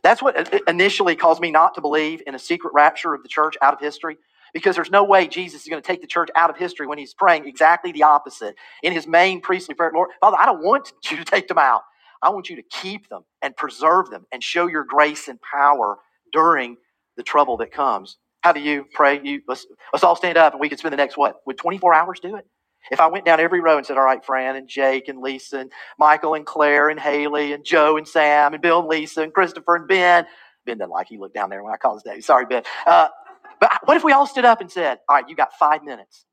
That's what initially caused me not to believe in a secret rapture of the church out of history, because there's no way Jesus is going to take the church out of history when he's praying exactly the opposite in his main priestly prayer Lord, Father, I don't want you to take them out. I want you to keep them and preserve them and show your grace and power during the trouble that comes. How do you pray? You let's, let's all stand up and we can spend the next what? Would 24 hours do it? If I went down every row and said, All right, Fran and Jake and Lisa and Michael and Claire and Haley and Joe and Sam and Bill and Lisa and Christopher and Ben. Ben didn't like he looked down there when I called his name. Sorry, Ben. Uh, but what if we all stood up and said, All right, you got five minutes.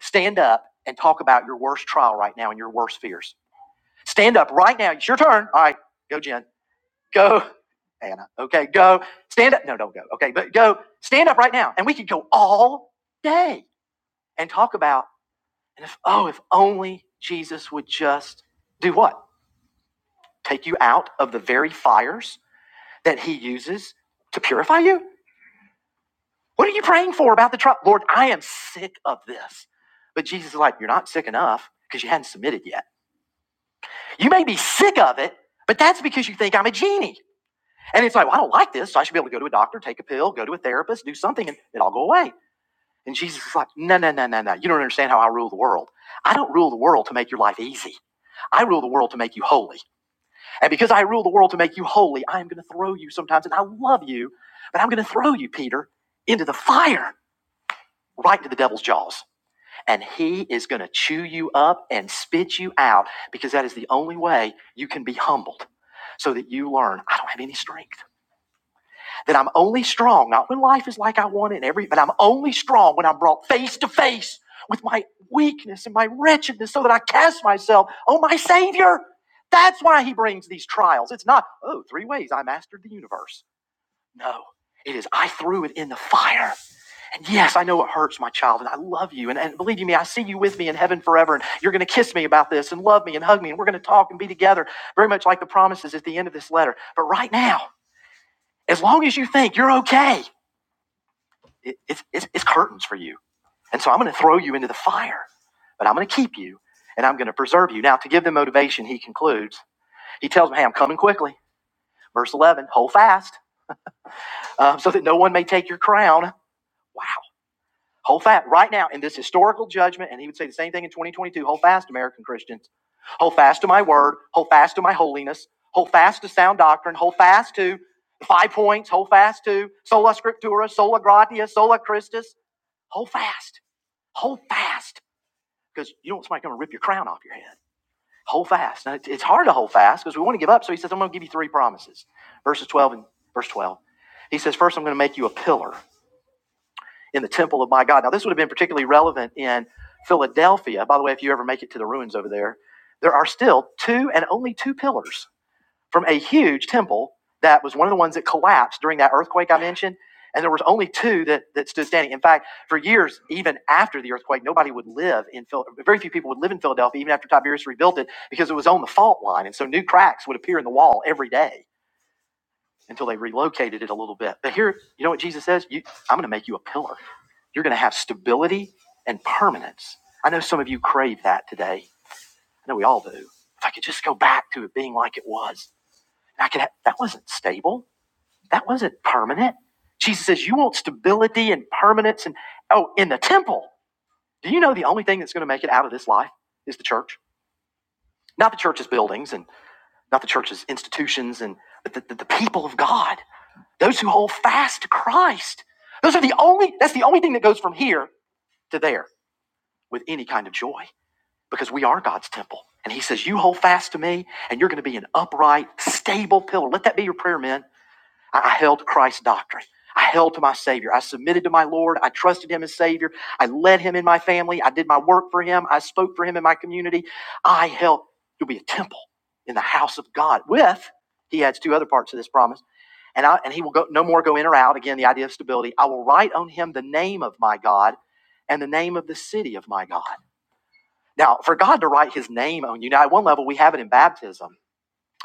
Stand up and talk about your worst trial right now and your worst fears. Stand up right now. It's your turn. All right, go, Jen. Go, Anna. Okay, go. Stand up. No, don't go. Okay, but go. Stand up right now. And we could go all day and talk about, and if, oh, if only Jesus would just do what? take you out of the very fires that he uses to purify you? What are you praying for about the trial? Lord, I am sick of this. But Jesus is like, You're not sick enough because you hadn't submitted yet. You may be sick of it, but that's because you think I'm a genie. And it's like, well, I don't like this, so I should be able to go to a doctor, take a pill, go to a therapist, do something, and it'll all go away. And Jesus is like, No, no, no, no, no. You don't understand how I rule the world. I don't rule the world to make your life easy. I rule the world to make you holy. And because I rule the world to make you holy, I am going to throw you sometimes, and I love you, but I'm going to throw you, Peter, into the fire, right into the devil's jaws. And he is going to chew you up and spit you out because that is the only way you can be humbled so that you learn I don't have any strength that I'm only strong, not when life is like I want it and every, but I'm only strong when I'm brought face to face with my weakness and my wretchedness so that I cast myself on my Savior. That's why he brings these trials. It's not, oh, three ways I mastered the universe. No, it is, I threw it in the fire. And yes, I know it hurts, my child, and I love you. And, and believe you me, I see you with me in heaven forever. And you're going to kiss me about this and love me and hug me. And we're going to talk and be together, very much like the promises at the end of this letter. But right now, as long as you think you're okay, it, it's, it's, it's curtains for you. And so I'm going to throw you into the fire, but I'm going to keep you and I'm going to preserve you. Now, to give them motivation, he concludes, he tells them, hey, I'm coming quickly. Verse 11, hold fast um, so that no one may take your crown. Wow. Hold fast right now in this historical judgment. And he would say the same thing in 2022 hold fast, American Christians. Hold fast to my word. Hold fast to my holiness. Hold fast to sound doctrine. Hold fast to the five points. Hold fast to sola scriptura, sola gratia, sola Christus. Hold fast. Hold fast, because you don't want somebody coming to rip your crown off your head. Hold fast. Now, it's hard to hold fast because we want to give up. So he says, I'm going to give you three promises. Verses 12 and verse 12. He says, First, I'm going to make you a pillar in the temple of my God. Now, this would have been particularly relevant in Philadelphia. By the way, if you ever make it to the ruins over there, there are still two and only two pillars from a huge temple that was one of the ones that collapsed during that earthquake I mentioned. And there was only two that, that stood standing. In fact, for years, even after the earthquake, nobody would live in Phil. Very few people would live in Philadelphia, even after Tiberius rebuilt it, because it was on the fault line. And so new cracks would appear in the wall every day until they relocated it a little bit. But here, you know what Jesus says? You, I'm going to make you a pillar. You're going to have stability and permanence. I know some of you crave that today. I know we all do. If I could just go back to it being like it was. I could have, that wasn't stable. That wasn't permanent. Jesus says, You want stability and permanence and oh, in the temple. Do you know the only thing that's going to make it out of this life is the church? Not the church's buildings and not the church's institutions and but the, the, the people of God, those who hold fast to Christ. Those are the only that's the only thing that goes from here to there with any kind of joy. Because we are God's temple. And he says, You hold fast to me, and you're going to be an upright, stable pillar. Let that be your prayer, men I, held to Christ's doctrine. I held to my Savior. I submitted to my Lord. I trusted Him as Savior. I led Him in my family. I did my work for Him. I spoke for Him in my community. I held to be a temple in the house of God with, He adds two other parts to this promise, and, I, and He will go, no more go in or out. Again, the idea of stability. I will write on Him the name of my God and the name of the city of my God. Now, for God to write His name on you, now at one level, we have it in baptism.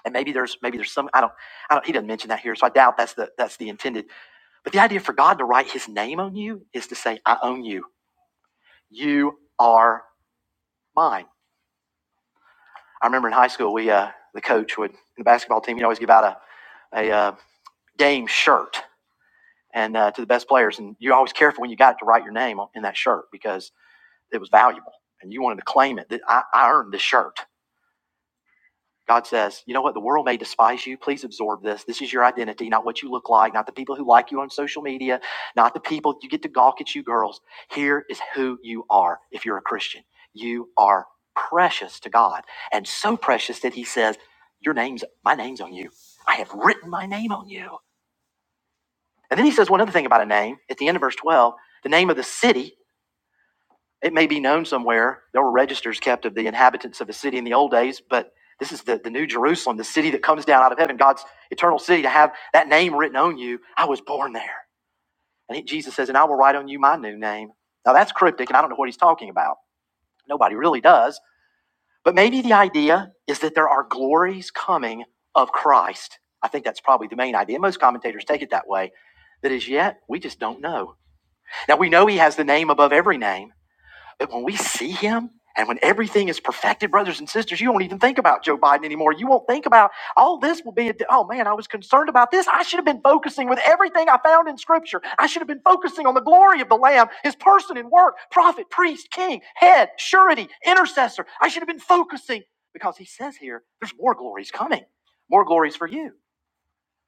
And maybe there's maybe there's some I don't I don't he doesn't mention that here, so I doubt that's the that's the intended but the idea for God to write his name on you is to say, I own you. You are mine. I remember in high school, we, uh, the coach would, in the basketball team, you'd always give out a, a uh, game shirt and uh, to the best players. And you're always careful when you got it to write your name in that shirt because it was valuable and you wanted to claim it that I, I earned this shirt. God says, you know what? The world may despise you. Please absorb this. This is your identity, not what you look like, not the people who like you on social media, not the people you get to gawk at you girls. Here is who you are if you're a Christian. You are precious to God and so precious that he says, your name's, my name's on you. I have written my name on you. And then he says one other thing about a name at the end of verse 12, the name of the city it may be known somewhere. There were registers kept of the inhabitants of a city in the old days, but this is the, the new Jerusalem, the city that comes down out of heaven, God's eternal city, to have that name written on you. I was born there. And he, Jesus says, and I will write on you my new name. Now that's cryptic, and I don't know what he's talking about. Nobody really does. But maybe the idea is that there are glories coming of Christ. I think that's probably the main idea. Most commentators take it that way. That as yet, we just don't know. Now we know he has the name above every name that when we see him and when everything is perfected, brothers and sisters, you don't even think about Joe Biden anymore. You won't think about all this will be, a, oh man, I was concerned about this. I should have been focusing with everything I found in scripture. I should have been focusing on the glory of the Lamb, his person and work, prophet, priest, king, head, surety, intercessor. I should have been focusing because he says here, there's more glories coming, more glories for you.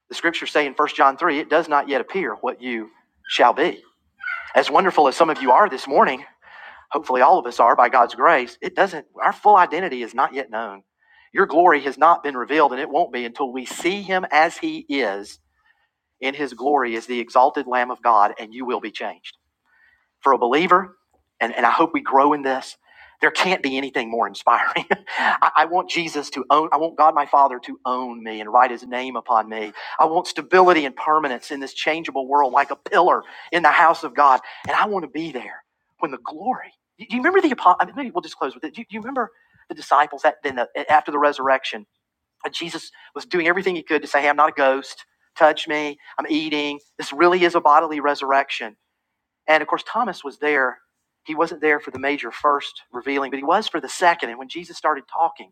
The scriptures say in First John 3, it does not yet appear what you shall be. As wonderful as some of you are this morning, hopefully all of us are by God's grace, it doesn't, our full identity is not yet known. Your glory has not been revealed, and it won't be until we see him as he is in his glory as the exalted Lamb of God, and you will be changed for a believer, and, and I hope we grow in this, there can't be anything more inspiring. I, I want Jesus to own, I want God my Father to own me and write his name upon me. I want stability and permanence in this changeable world like a pillar in the house of God. And I want to be there when the glory. Do you, you remember the apostle? I mean, maybe we'll just close with it. Do you, do you remember the disciples that then the, after the resurrection, Jesus was doing everything he could to say, Hey, I'm not a ghost. Touch me. I'm eating. This really is a bodily resurrection. And of course, Thomas was there. He wasn't there for the major first revealing, but he was for the second. And when Jesus started talking,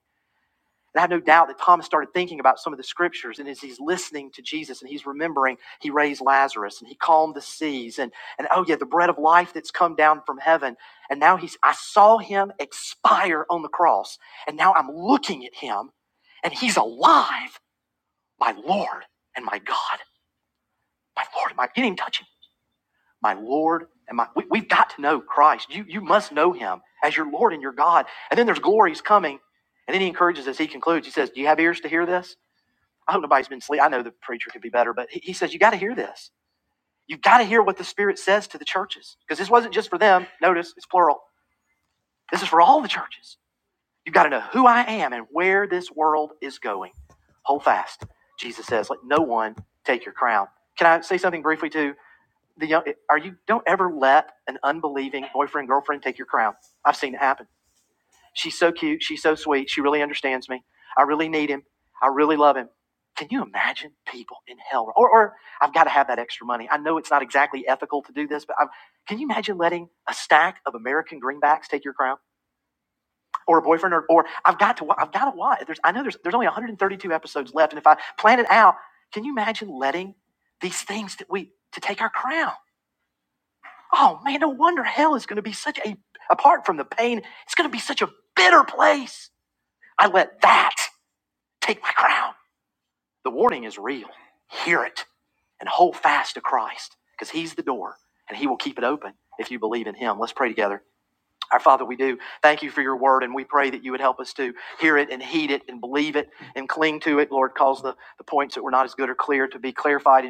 and I have no doubt that Thomas started thinking about some of the scriptures. And as he's listening to Jesus and he's remembering, he raised Lazarus and he calmed the seas. And, and oh, yeah, the bread of life that's come down from heaven. And now he's, I saw him expire on the cross. And now I'm looking at him and he's alive. My Lord and my God. My Lord and my, he didn't even touch him my Lord and my. We, we've got to know Christ. You, you must know him as your Lord and your God. And then there's glories coming. And then he encourages us. He concludes. He says, Do you have ears to hear this? I hope nobody's been asleep. I know the preacher could be better, but he, he says, You got to hear this. You've got to hear what the Spirit says to the churches. Because this wasn't just for them. Notice it's plural. This is for all the churches. You've got to know who I am and where this world is going. Hold fast. Jesus says, Let no one take your crown. Can I say something briefly too? the young, are you don't ever let an unbelieving boyfriend girlfriend take your crown. I've seen it happen. She's so cute. She's so sweet. She really understands me. I really need him. I really love him. Can you imagine people in hell? Or, or I've got to have that extra money. I know it's not exactly ethical to do this, but I've, can you imagine letting a stack of American greenbacks take your crown, or a boyfriend, or, or I've got to, I've got to watch. There's, I know there's, there's only 132 episodes left, and if I plan it out, can you imagine letting these things that we to take our crown? Oh man, no wonder hell is going to be such a, apart from the pain, it's going to be such a bitter place. I let that take my crown. The warning is real. Hear it and hold fast to Christ because He's the door and He will keep it open if you believe in Him. Let's pray together. Our Father, we do thank you for your word, and we pray that you would help us to hear it and heed it and believe it and cling to it. Lord, cause the, the points that were not as good or clear to be clarified and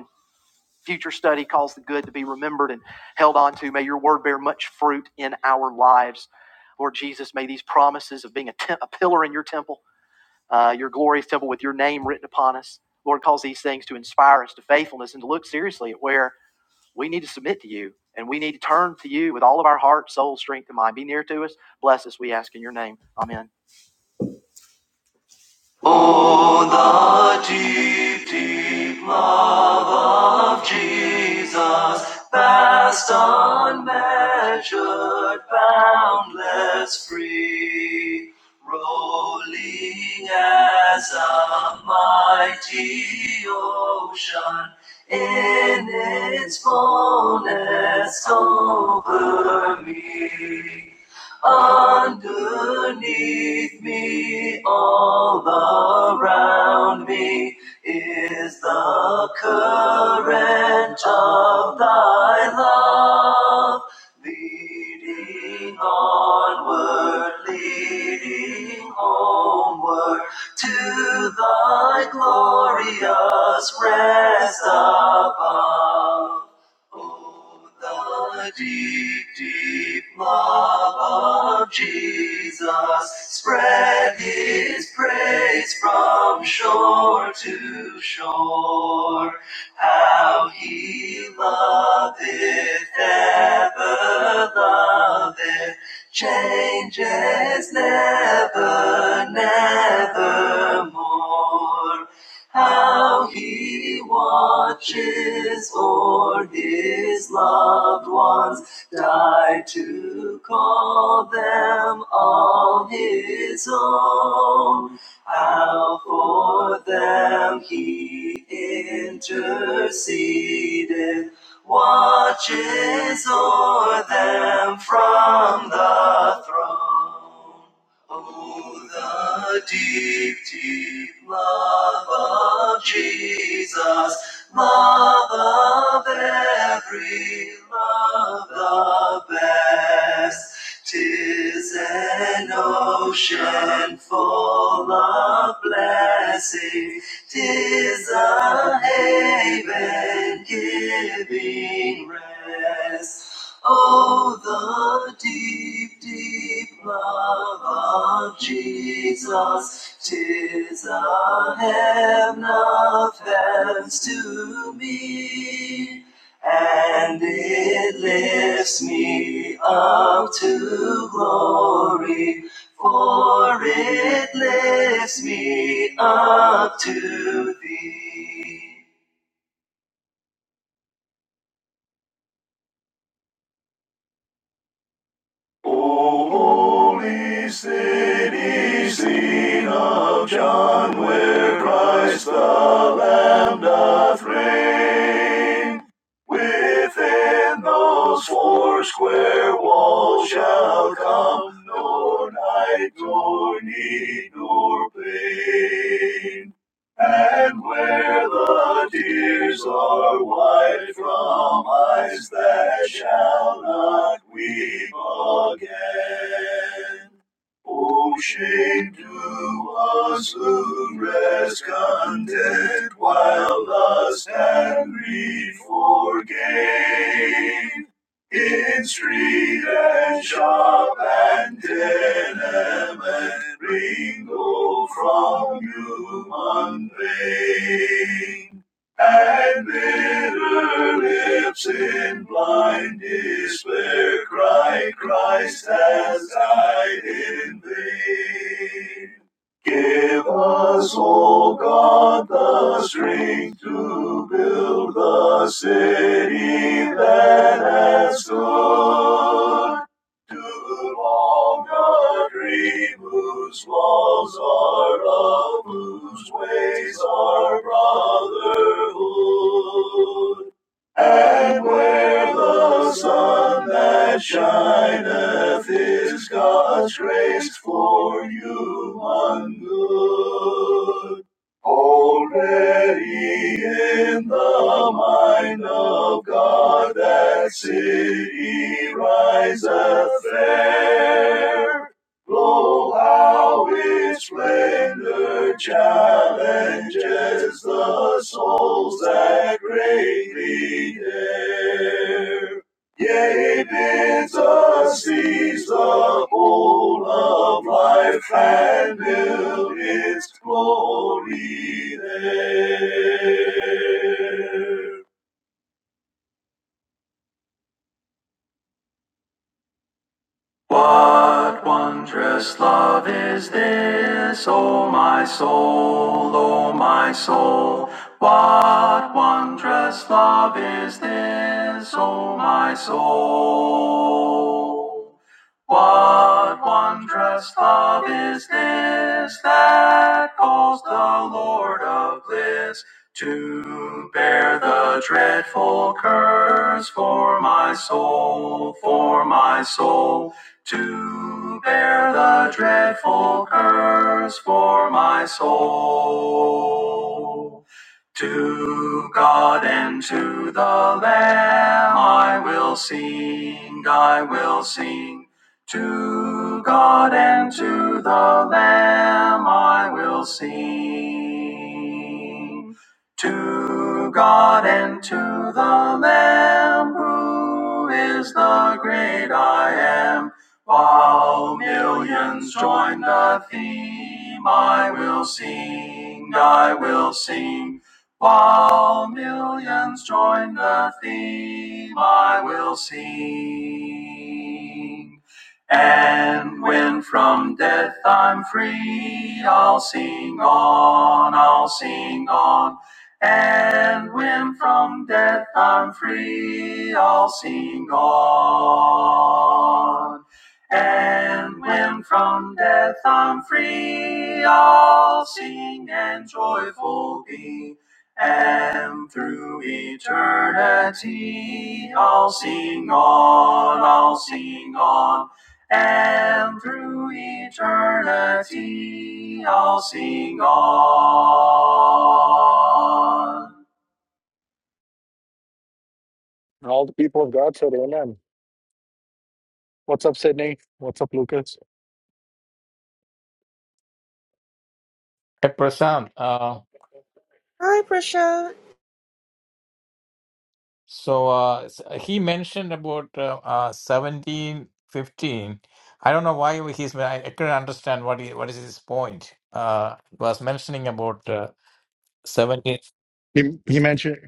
future study calls the good to be remembered and held on to. May your word bear much fruit in our lives. Lord Jesus, may these promises of being a, te- a pillar in your temple, uh, your glorious temple with your name written upon us, Lord, cause these things to inspire us to faithfulness and to look seriously at where we need to submit to you and we need to turn to you with all of our heart, soul, strength, and mind. Be near to us. Bless us, we ask in your name. Amen. boundless free, rolling as a mighty ocean in its fullness over me. Underneath me, all around me, is the current of thy love, leading onward, leading homeward to thy glorious rest above. Oh, the deep, deep love of Jesus spread his praise from shore to shore. How he loveth, ever loveth, changes never, nevermore how he watches o'er his loved ones die to call them all his own. How for them he interceded, watches o'er them from the throne. Oh, the deep, deep love of Jesus, love of every love the best. Tis an ocean full of blessing, tis a haven giving rest. Oh, the deep, deep love of Jesus, tis a heaven of heavens to me, and it lifts me up to glory, for it lifts me up to thee. O holy city, seen of John, where Christ the Lamb doth reign. Within those four square walls shall come no night, nor need, nor pain. And where the tears are wiped from eyes that shall not weep again. Oh, shame to us who rest content while lust and greed for gain. In street and shop and tenement ring gold from human vein. And bitter lips in blind despair cry, Christ has died in vain. Give us, O God, the strength to build the city that has stood. No longer dream whose laws, are love, whose ways are brotherhood. And where the sun that shineth is God's grace for human good. Already in the mind of God that city riseth fair. Blow how its splendor, challenges the souls that greatly dare. Yea, bids us seize the whole of life and build its glory there. What wondrous love is this, O my soul, O my soul? What wondrous love is this, O my soul? What wondrous love is this that calls the Lord of bliss to bear the dreadful curse for my soul, for my soul? to bear the dreadful curse for my soul. To God and to the Lamb I will sing, I will sing. To God and to the Lamb I will sing. To God and to the Lamb who is the great I am while millions join the theme, I will sing, I will sing. While millions join the theme, I will sing. And when from death I'm free, I'll sing on, I'll sing on. And when from death I'm free, I'll sing on. And when from death I'm free, I'll sing and joyful be. And through eternity, I'll sing on, I'll sing on. And through eternity, I'll sing on. And all the people of God said, Amen. What's up, Sydney? What's up, Lucas? Hey, Prashant, uh, Hi, Prashant. so uh, s- he mentioned about uh, uh, 17, fifteen. I don't know why he's, I, I couldn't understand what he, what is his point. Uh, was mentioning about uh, 17. He, he mentioned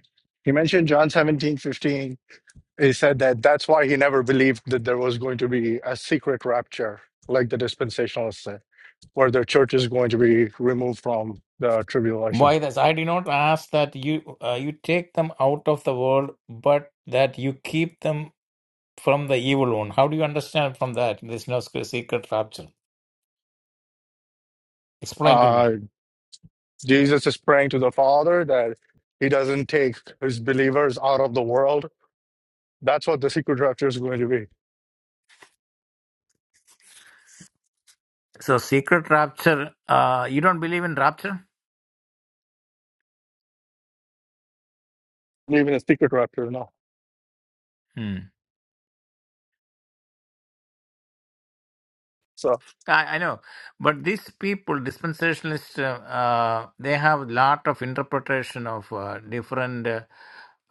he mentioned John seventeen fifteen. He said that that's why he never believed that there was going to be a secret rapture, like the dispensationalists said, where the church is going to be removed from the tribulation. Why this? I did not ask that you uh, you take them out of the world, but that you keep them from the evil one. How do you understand from that? There's no sc- secret rapture. Explain to me. Uh, Jesus is praying to the Father that he doesn't take his believers out of the world. That's what the secret rapture is going to be. So, secret rapture, uh, you don't believe in rapture? Even a secret rapture, no. So. I, I know, but these people, dispensationalists, uh, uh, they have lot of interpretation of uh, different uh,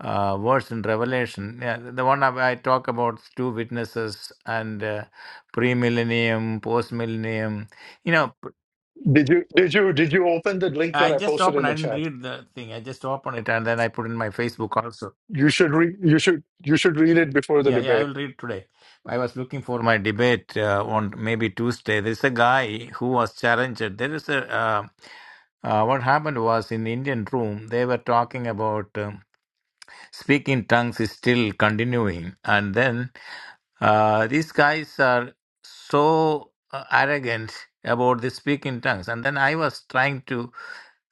uh, words in Revelation. Yeah, the the one I, I talk about two witnesses and uh, pre-millennium, post-millennium. You know, p- Did you did you did you open the link that I I just posted in opened. I the didn't chat? read the thing. I just opened it and then I put in my Facebook also. You should read you should you should read it before the Yeah, yeah, I debate. will read today. I was looking for my debate uh, on maybe Tuesday. There's a guy who was challenged. There is a uh, uh, what happened was in the Indian room they were talking about um, speaking tongues is still continuing, and then uh, these guys are so uh, arrogant about the speaking tongues. And then I was trying to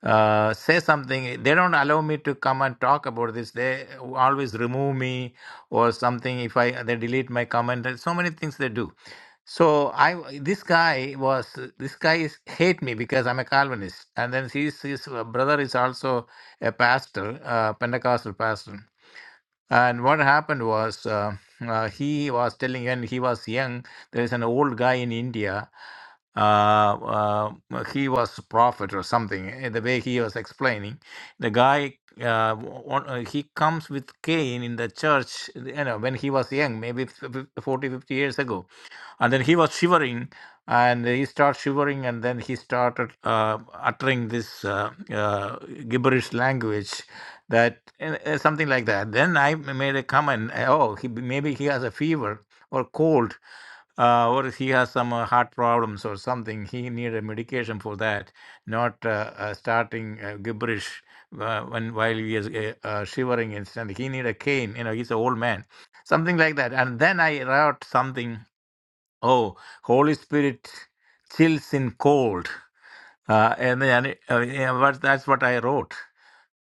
uh, say something. They don't allow me to come and talk about this. They always remove me or something. If I they delete my comment, There's so many things they do. So I this guy was this guy is hate me because I'm a Calvinist, and then his his brother is also a pastor, uh, Pentecostal pastor. And what happened was uh, uh, he was telling, when he was young. There is an old guy in India uh, uh, he was prophet or something. eh, The way he was explaining, the guy uh, wa- wa- uh, he comes with Cain in the church, you know, when he was young, maybe f- f- 40, fifty years ago, and then he was shivering, and he started shivering, and then he started uh, uttering this uh, uh, gibberish language. That eh, eh, something like that. Then I m- made a comment. eh, Oh, he, b- maybe he has a fever or cold uh, or he has some uh, heart problems or something, he need a medication for that, not uh, uh, starting uh, gibberish uh, when while he is uh, uh, shivering and He need a cane, you know, he's an old man, something like that. And then I wrote something, oh, Holy Spirit chills in cold. Uh, and then uh, yeah, but that's what I wrote.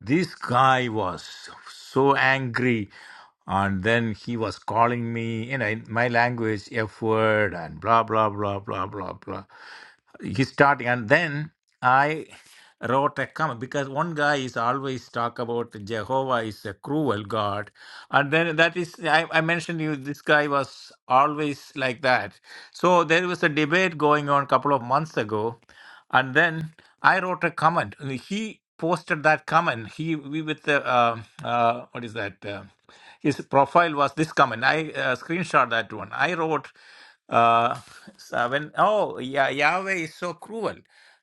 This guy was so angry and then he was calling me you know in my language f word and blah blah blah blah blah blah he's starting and then i wrote a comment because one guy is always talk about jehovah is a cruel god and then that is i, I mentioned you this guy was always like that so there was a debate going on a couple of months ago and then I wrote a comment. and He posted that comment. He we with the uh, uh, what is that? Uh, his profile was this comment. I uh, screenshot that one. I wrote uh, seven. Oh, yeah, Yahweh is so cruel.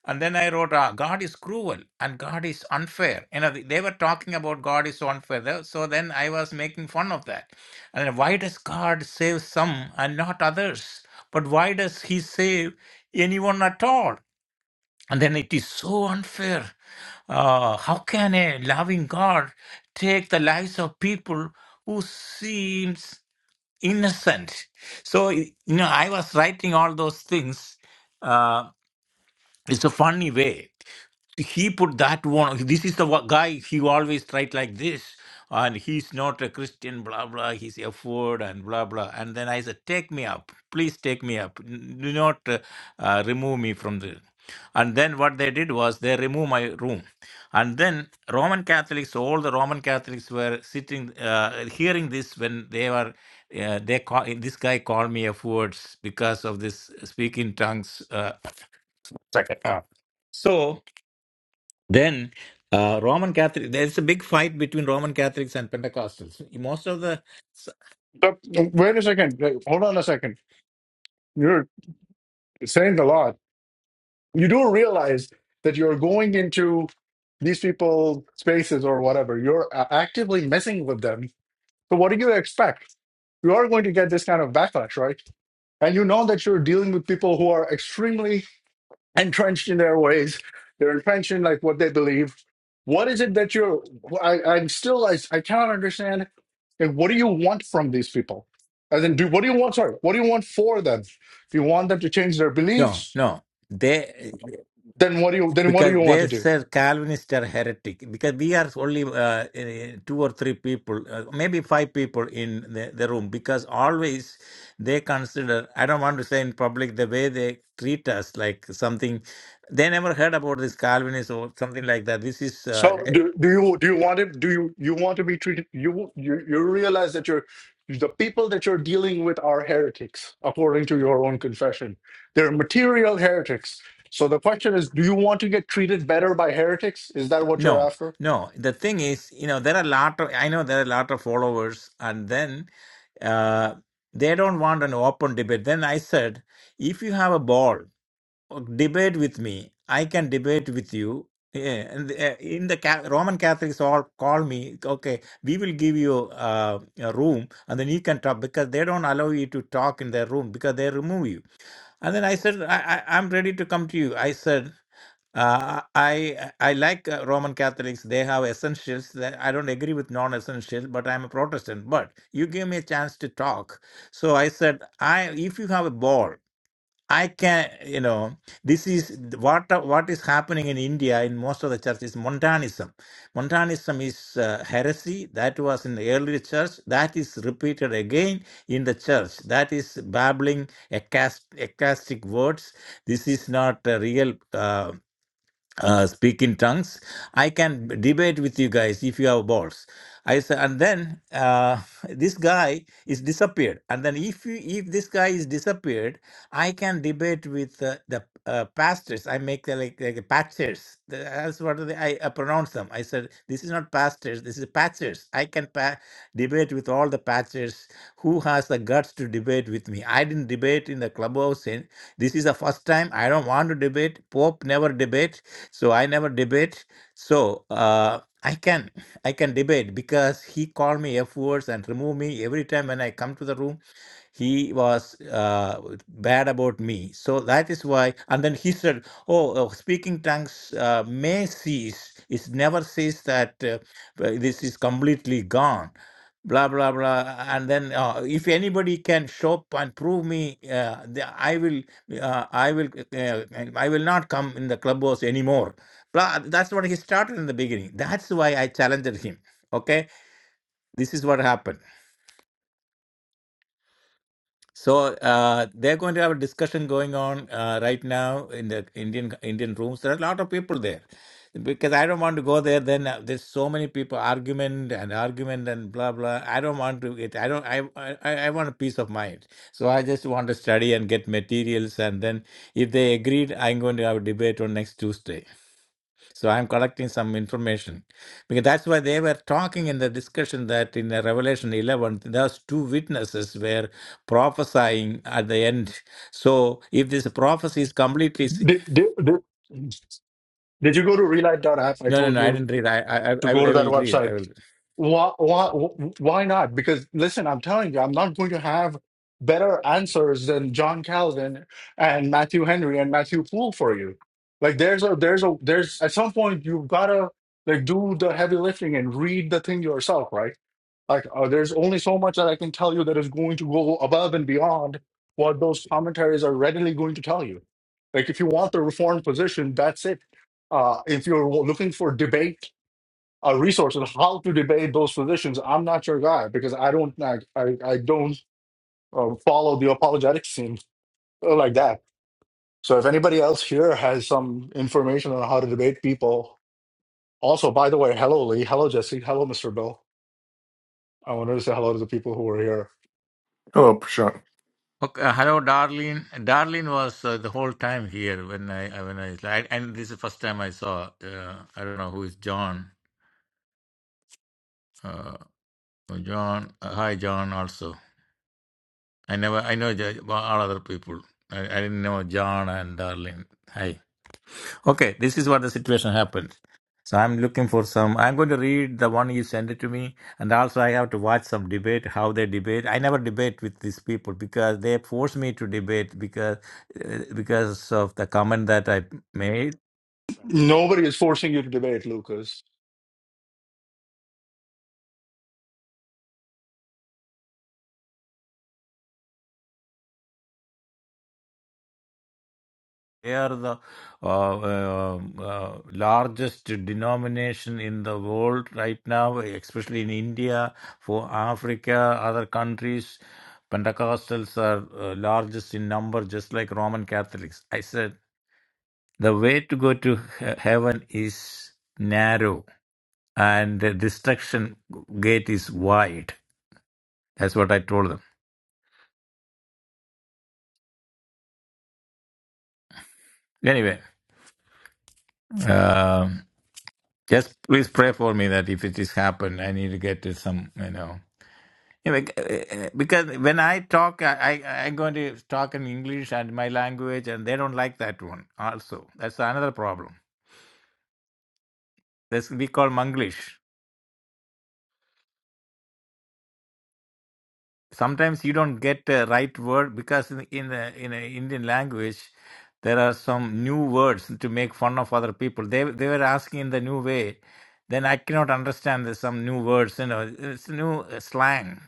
And then I wrote, ah, God is cruel and God is unfair. You know, they were talking about God is so unfair. Tho- So then I was making fun of that. And then, why does God save some and not others? But why does He save anyone at all? And then it is so unfair. Uh, how can a loving God take the lives of people who seems innocent? So you know, I was writing all those things. uh, it's a funny way. He put that one. This is the wa- guy. He always tried like this, and he's not a Christian. Blah blah. He's a Ford and blah blah. And then I said, "Take me up, please take me up. N- Do not uh, uh, remove me from the." And then what they did was they removed my room, and then Roman Catholics, all the Roman Catholics were sitting, uh, hearing this when they were. Uh, they call, this guy called me a words because of this speaking tongues. uh, Second. Ah. So then, uh, Roman Catholic, there's a big fight between Roman Catholics and Pentecostals. Most of the, But wait a second. Hey, Hold on a second. You're saying a lot. You do realize that you're going into these people spaces or whatever. You're a- actively messing with them. So what do you expect? You are going to get this kind of backlash, right? And you know that you're dealing with people who are extremely entrenched in their ways. They're entrenched in like what they believe. What is it that you're? I, I'm still. I, I cannot understand. Like, what do you want from these people? And then, do what do you want? Sorry, what do you want for them? If you want them to change their no, beliefs, no, they, then what do you? Then what do because you want to they do? say Calvinists are heretic, because we are only uh, eh, two or three people, uh, maybe five people in the, the room, because always they consider, I don't want to say in public, the way they treat us like something, they never heard about this Calvinist or something like that. This is, uh, So do, do you do you want to do you, you want to be treated you, you you realize that you're the people that you're dealing with are heretics according to your own confession. They're material heretics. So the question is, do you want to get treated better by heretics? Is that what you're No, after? no. The thing is, you know, there are a lot of, I know there are a lot of followers, and then uh, they don't want an open debate. Then I said, if you have a ball, uh, debate with me. I can debate with you. Yeah, and uh, in the Ca- Roman Catholics all call me, okay, we will give you uh, a room and then you can talk because they don't allow you to talk in their room because they remove you. And then I said, I, I, I'm ready to come to you. I said, uh, I I like uh, Roman Catholics. They have essentials that I don't agree with non essentials but I'm a Protestant. But you give me a chance to talk, so I said, I if you have a ball, I can. You know, this is th- what a- what is happening in India in most of the churches. Montanism, Montanism is uh, heresy that was in the early church. That is repeated again in the church. That is babbling ecast- ecstatic words. This is not a real. Uh, uh, speak in tongues. I can b- debate with you guys if you have balls. I said, and then uh, this guy is disappeared. And then if you, if this guy is disappeared, I can debate with uh, the uh, pastors. I make the, like like the pastors. The- That's what they, I uh, pronounce them. I said, this is not pastors. This is pastors. I can pa- debate with all the pastors who has the guts to debate with me. I didn't debate in the clubhouse this is the first time I don't want to debate. Pope never debate, so I never debate. So uh, I can I can debate because he called me F words and remove me every time when I come to the room. He was uh, bad about me, so that is why. And then he said, "Oh, uh, speaking tongues uh, may cease. It never says that uh, uh, this is completely gone." blah blah blah and then uh, if anybody can show up and prove me uh, the, i will uh, I will uh, uh, I will not come in the clubhouse anymore. Blah, That's what he started in the beginning. That's why I challenged him. Okay, this is what happened. So uh, they're going to have a discussion going on uh, right now in the Indian Indian rooms. There are a lot of people there because I don't want to go there. Then uh, there's so many people argument and argument and blah blah. I don't want to. It. I don't. I, I I I want a peace of mind. So I just want to study and get materials. And then if they agreed, I'm going to have a debate on next Tuesday. So I'm collecting some information because that's why they were talking in the discussion that in the Revelation 11, those two witnesses were prophesying at the end. So if this prophecy is completely, s- Did, did, did, did you go to relight.app? I no, no, told no, I you didn't read. I, I, to I, I go to that will read. website. I will. Why, why, why not? Because listen, I'm telling you, I'm not going to have better answers than John Calvin and Matthew Henry and Matthew Poole for you. Like there's a there's a there's at some point you've gotta like do the heavy lifting and read the thing yourself, right? Like uh, there's only so much that I can tell you that is going to go above and beyond what those commentaries are readily going to tell you. Like if you want the reformed position, that's it. Uh, if you're looking for debate a resource on how to debate those positions. I'm not your guy because I don't I I, I don't uh, follow the apologetic scene uh, like that. So if anybody else here has some information on how to debate people, also by the way, hello Lee, hello Jesse, hello Mr. Bill. I wanted to say hello to the people who are here. Hello, Prashant. Okay. uh, hello, Darlene. Darlene was uh, the whole time here when I, I- when I, I, and this is the first time I saw. Uh, I don't know who is John. Uh, John. Uh, hi, John. Also. I never, I know J- all other people. I, I didn't know John and Darlene. Hi. Okay, this is what the situation happened. So I'm looking for some. I'm going to read the one you sent it to me, and also I have to watch some debate how they debate. I never debate with these people because they force me to debate because uh, because of the comment that I made Nobody is forcing you to debate, Lucas. They are the uh, uh, uh, largest denomination in the world right now, especially in India, for Africa, other countries. Pentecostals are uh, largest in number, just like Roman Catholics. I said the way to go to he- heaven is narrow, and the destruction gate is wide. That's what I told them. Anyway, um, just please pray for me that if it is happen, I need to get to some, you know. Yeah, bec- uh, uh, because when I talk, I, I I'm going to talk in English and my language, and they don't like that one. Also, that's another problem. This we call Manglish. Sometimes you don't get the right word because in in the, in the Indian language, there are some new words to make fun of other people. They they were asking in the new way, then I cannot understand the some new words. You know, it's new slang.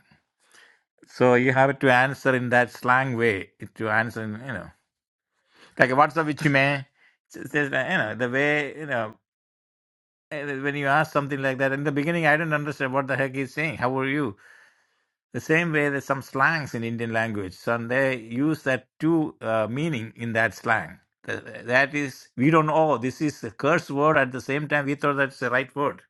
So you have to answer in that slang way to answer. You know. like what's up with you man S- says you know the way you know eh, when you ask something like that in the beginning i didn't understand what the heck he's saying how are you the same way there's some slangs in indian language so they use that two uh, meaning in that slang Th- that is we don't know this is a curse word at the same time we thought that's the right word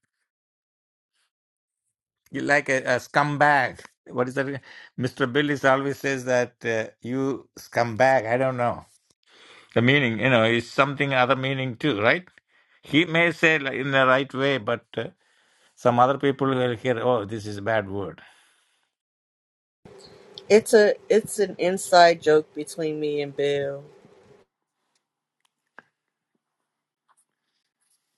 you like a, a scumbag what is that mr bill is always says that uh, you scumbag i don't know The meaning, you know, is something other meaning too, right? He may say like in the right way, but uh, some other people will hear, oh, this is a bad word. It's a it's an inside joke between me and Bill.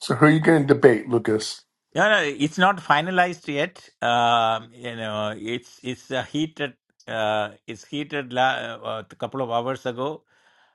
So, who are you going to debate, Lucas? No, no, it's not finalized yet. Um, you know, it's it's a heated. Uh, it's heated la- uh, a couple of hours ago.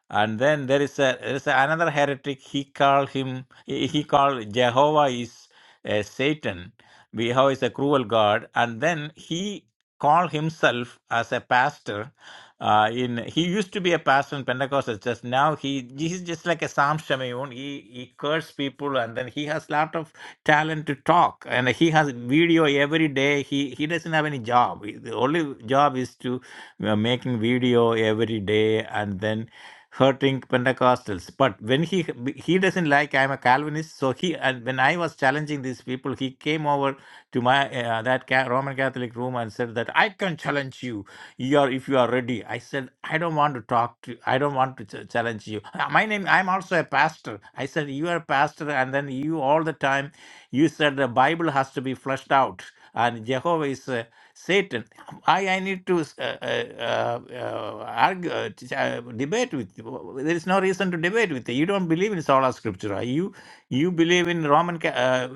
and then there is a there is another heretic he called him he he called jehovah is uh, satan jehovah is a cruel god and then he called himself as a pastor uh, in he used to be a pastor in pentecostal just now he he's just like a Sam shamayun he he curses people and then he has lot of talent to talk and he has video every day he he doesn't have any job the only job is to uh, making video every day and then hurting Pentecostals. But when he he doesn't like I'm a Calvinist, so he and when I was challenging these people, he came over to my uh, that ca- Roman Catholic room and said that I can challenge you. You are if you are ready. I said I don't want to talk to. I don't want to ch- challenge you. Uh, My name. I'm also a pastor. I said you are a pastor, and then you all the time you said the Bible has to be fleshed out, and Jehovah is. Uh, Satan. Why I need to uh, uh, uh, argue, uh, t- uh, debate with you? There is no reason to debate with you. You don't believe in sola scriptura. You you believe in Roman Ca- uh,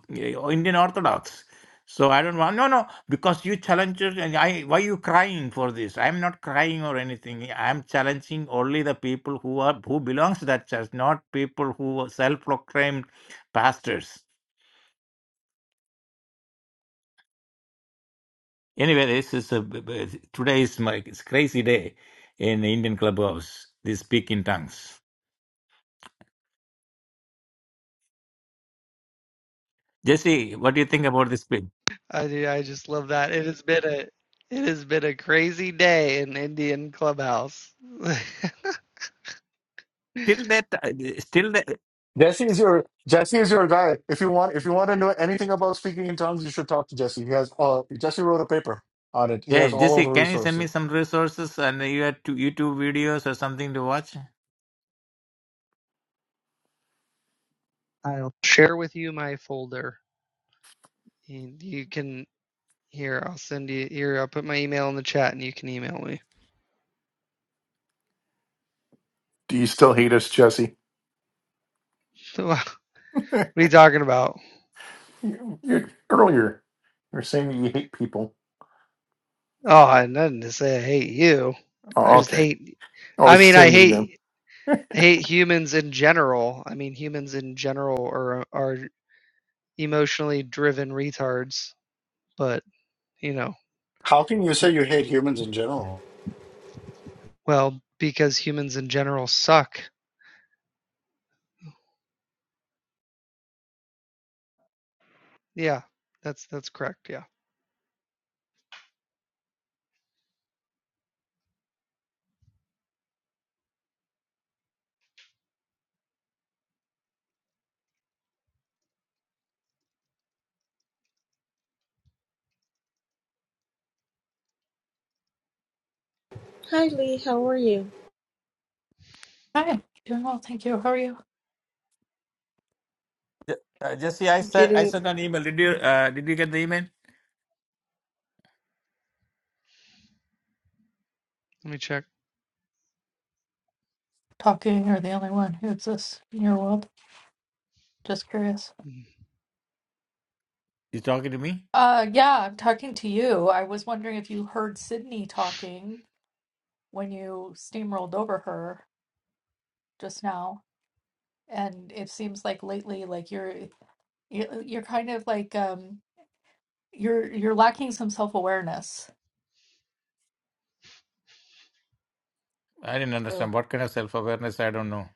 uh, Indian Orthodox. So I don't want no no because you challenge it and I why you crying for this? I'm not crying or anything. I'm challenging only the people who are who belongs to that church, not people who are self-proclaimed pastors. Anyway, this is a today is my it's crazy day in the Indian clubhouse. They speak in tongues. Jesse, what do you think about this film? I do. I just love that. It has been a it has been a crazy day in Indian Clubhouse. Still that, still that. Jesse is your Jesse is your guy. If you want if you want to know anything about speaking in tongues, you should talk to Jesse. He has uh, Jesse wrote a paper on it. He Yeah, has all of Jesse, the can you send resources. me some resources and you had to YouTube videos or something to watch? I'll share with you my folder. And you can here. I'll send you here. I'll put my email in the chat, and you can email me. Do you still hate us, Jesse? what are you talking about? you, you, earlier, you were saying that you hate people. Oh, I had nothing to say. I hate you. I Oh, just okay. hate. I Always mean, I send me them. hate I hate humans in general. I mean, humans in general are are emotionally driven retards. But you know. How can you y- say you hate humans in general? Well, because humans in general suck. Yeah, that's that's correct. Yeah. Hi, Lee. How are you? Hi, doing well, thank you. How are you? Uh, Jesse, I sent I Getting sent an email. Did you uh, did you get the email? Let me check. Talking, you're the only one who exists in your world. Just curious. Mm. You talking to me? Uh, yeah, I'm talking to you. I was wondering if you heard Sydney talking when you steamrolled over her just now. And it seems like lately, like you're you- you're kind of like um you're you're lacking some self-awareness. I didn't understand So what kind of self awareness. I don't know.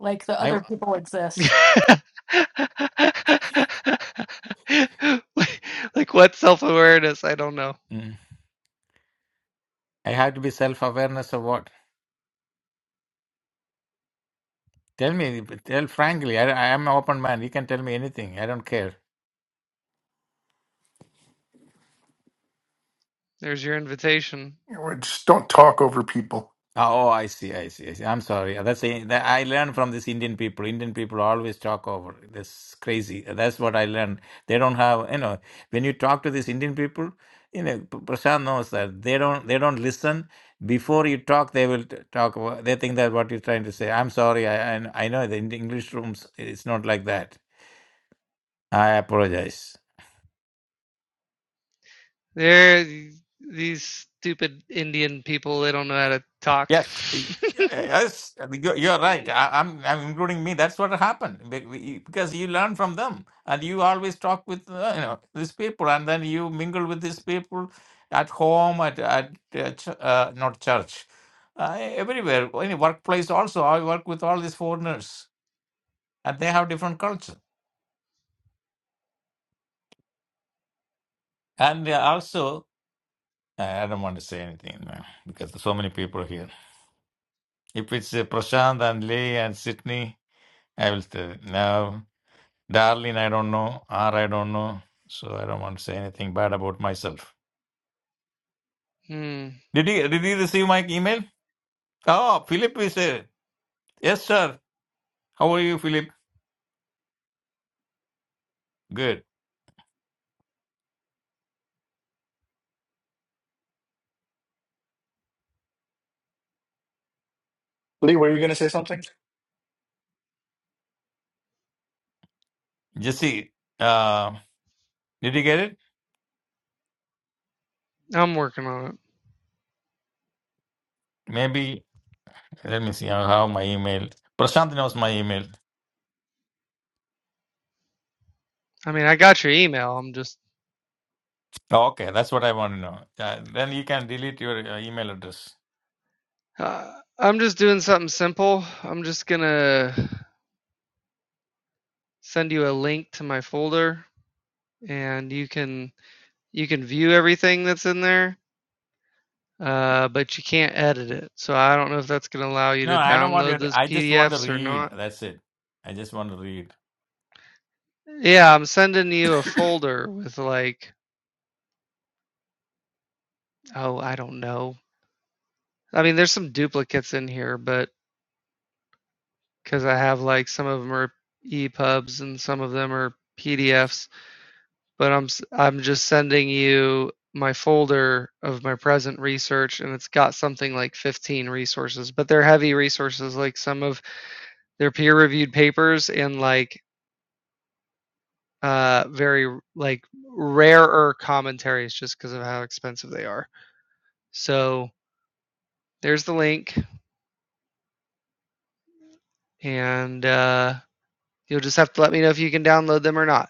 like the I other people exist. like, like what self-awareness? I don't know. mm, I have to be self awareness of what? Tell me. Tell frankly. I I am an open man. You can tell me anything. I don't care. There's your invitation. You know, Just don't talk over people. Oh, oh, I see, I see, I see. I'm sorry. Yeah, That's a, that I learned from this Indian people. Indian people always talk over. That's crazy. That's what I learned. They don't have, you know, when you talk to these Indian people, you know, P- Prashant knows that they don't they don't listen. Before you talk, they will t- talk. about- They think that what you're trying to say. I'm sorry. I I, I know the Indi- English rooms. It's not like that. I apologize. There these stupid Indian people, they don't know how to talk. Yes, y- yes, you're you're right. I, I'm, I'm including me. That's what happened Be- we- because you learn from them, and you always talk with uh, you know these people, and then you mingle with these people at home, at at uh, ch- uh, not church, uh, everywhere, any workplace. Also, I work with all these foreigners, and they have different culture, and uh, also. I don't want to say anything man, because there's so many people here. If it's uh, Prashant and Lee and Sydney, I will say no. Darling, I don't know. R, I don't know. So I don't want to say anything bad about myself. hmm. Did he did he receive my email? Oh, Philip is here. Yes, sir. How are you, Philip? Good. Lee, were you going to say something? Jesse, uh, did you get it? I'm working on it. Maybe. Let me see. I have my email. Prashant knows my email. I mean, I got your email. I'm just Oh, okay, that's what I want to know. Uh, then you can delete your uh, email address. uh, I'm just doing something simple. I'm just going to send you a link to my folder and you can you can view everything that's in there, uh, but you can't edit it. So I don't know if that's going to allow you No, to I don't want download your. those I just want to PDFs or read. not. That's it. I just want to read. Yeah, I'm sending you a folder with like, oh, I don't know. I mean, there's some duplicates in here, but because I have like some of them are EPUBs and some of them are PDFs, but I'm i I'm just sending you my folder of my present research and it's got something like 15 resources but they're heavy resources like some of They're peer-reviewed papers and like uh very like rarer commentaries just because of how expensive they are. So there's the link, and uh, you'll just have to let me know if you can download them or not.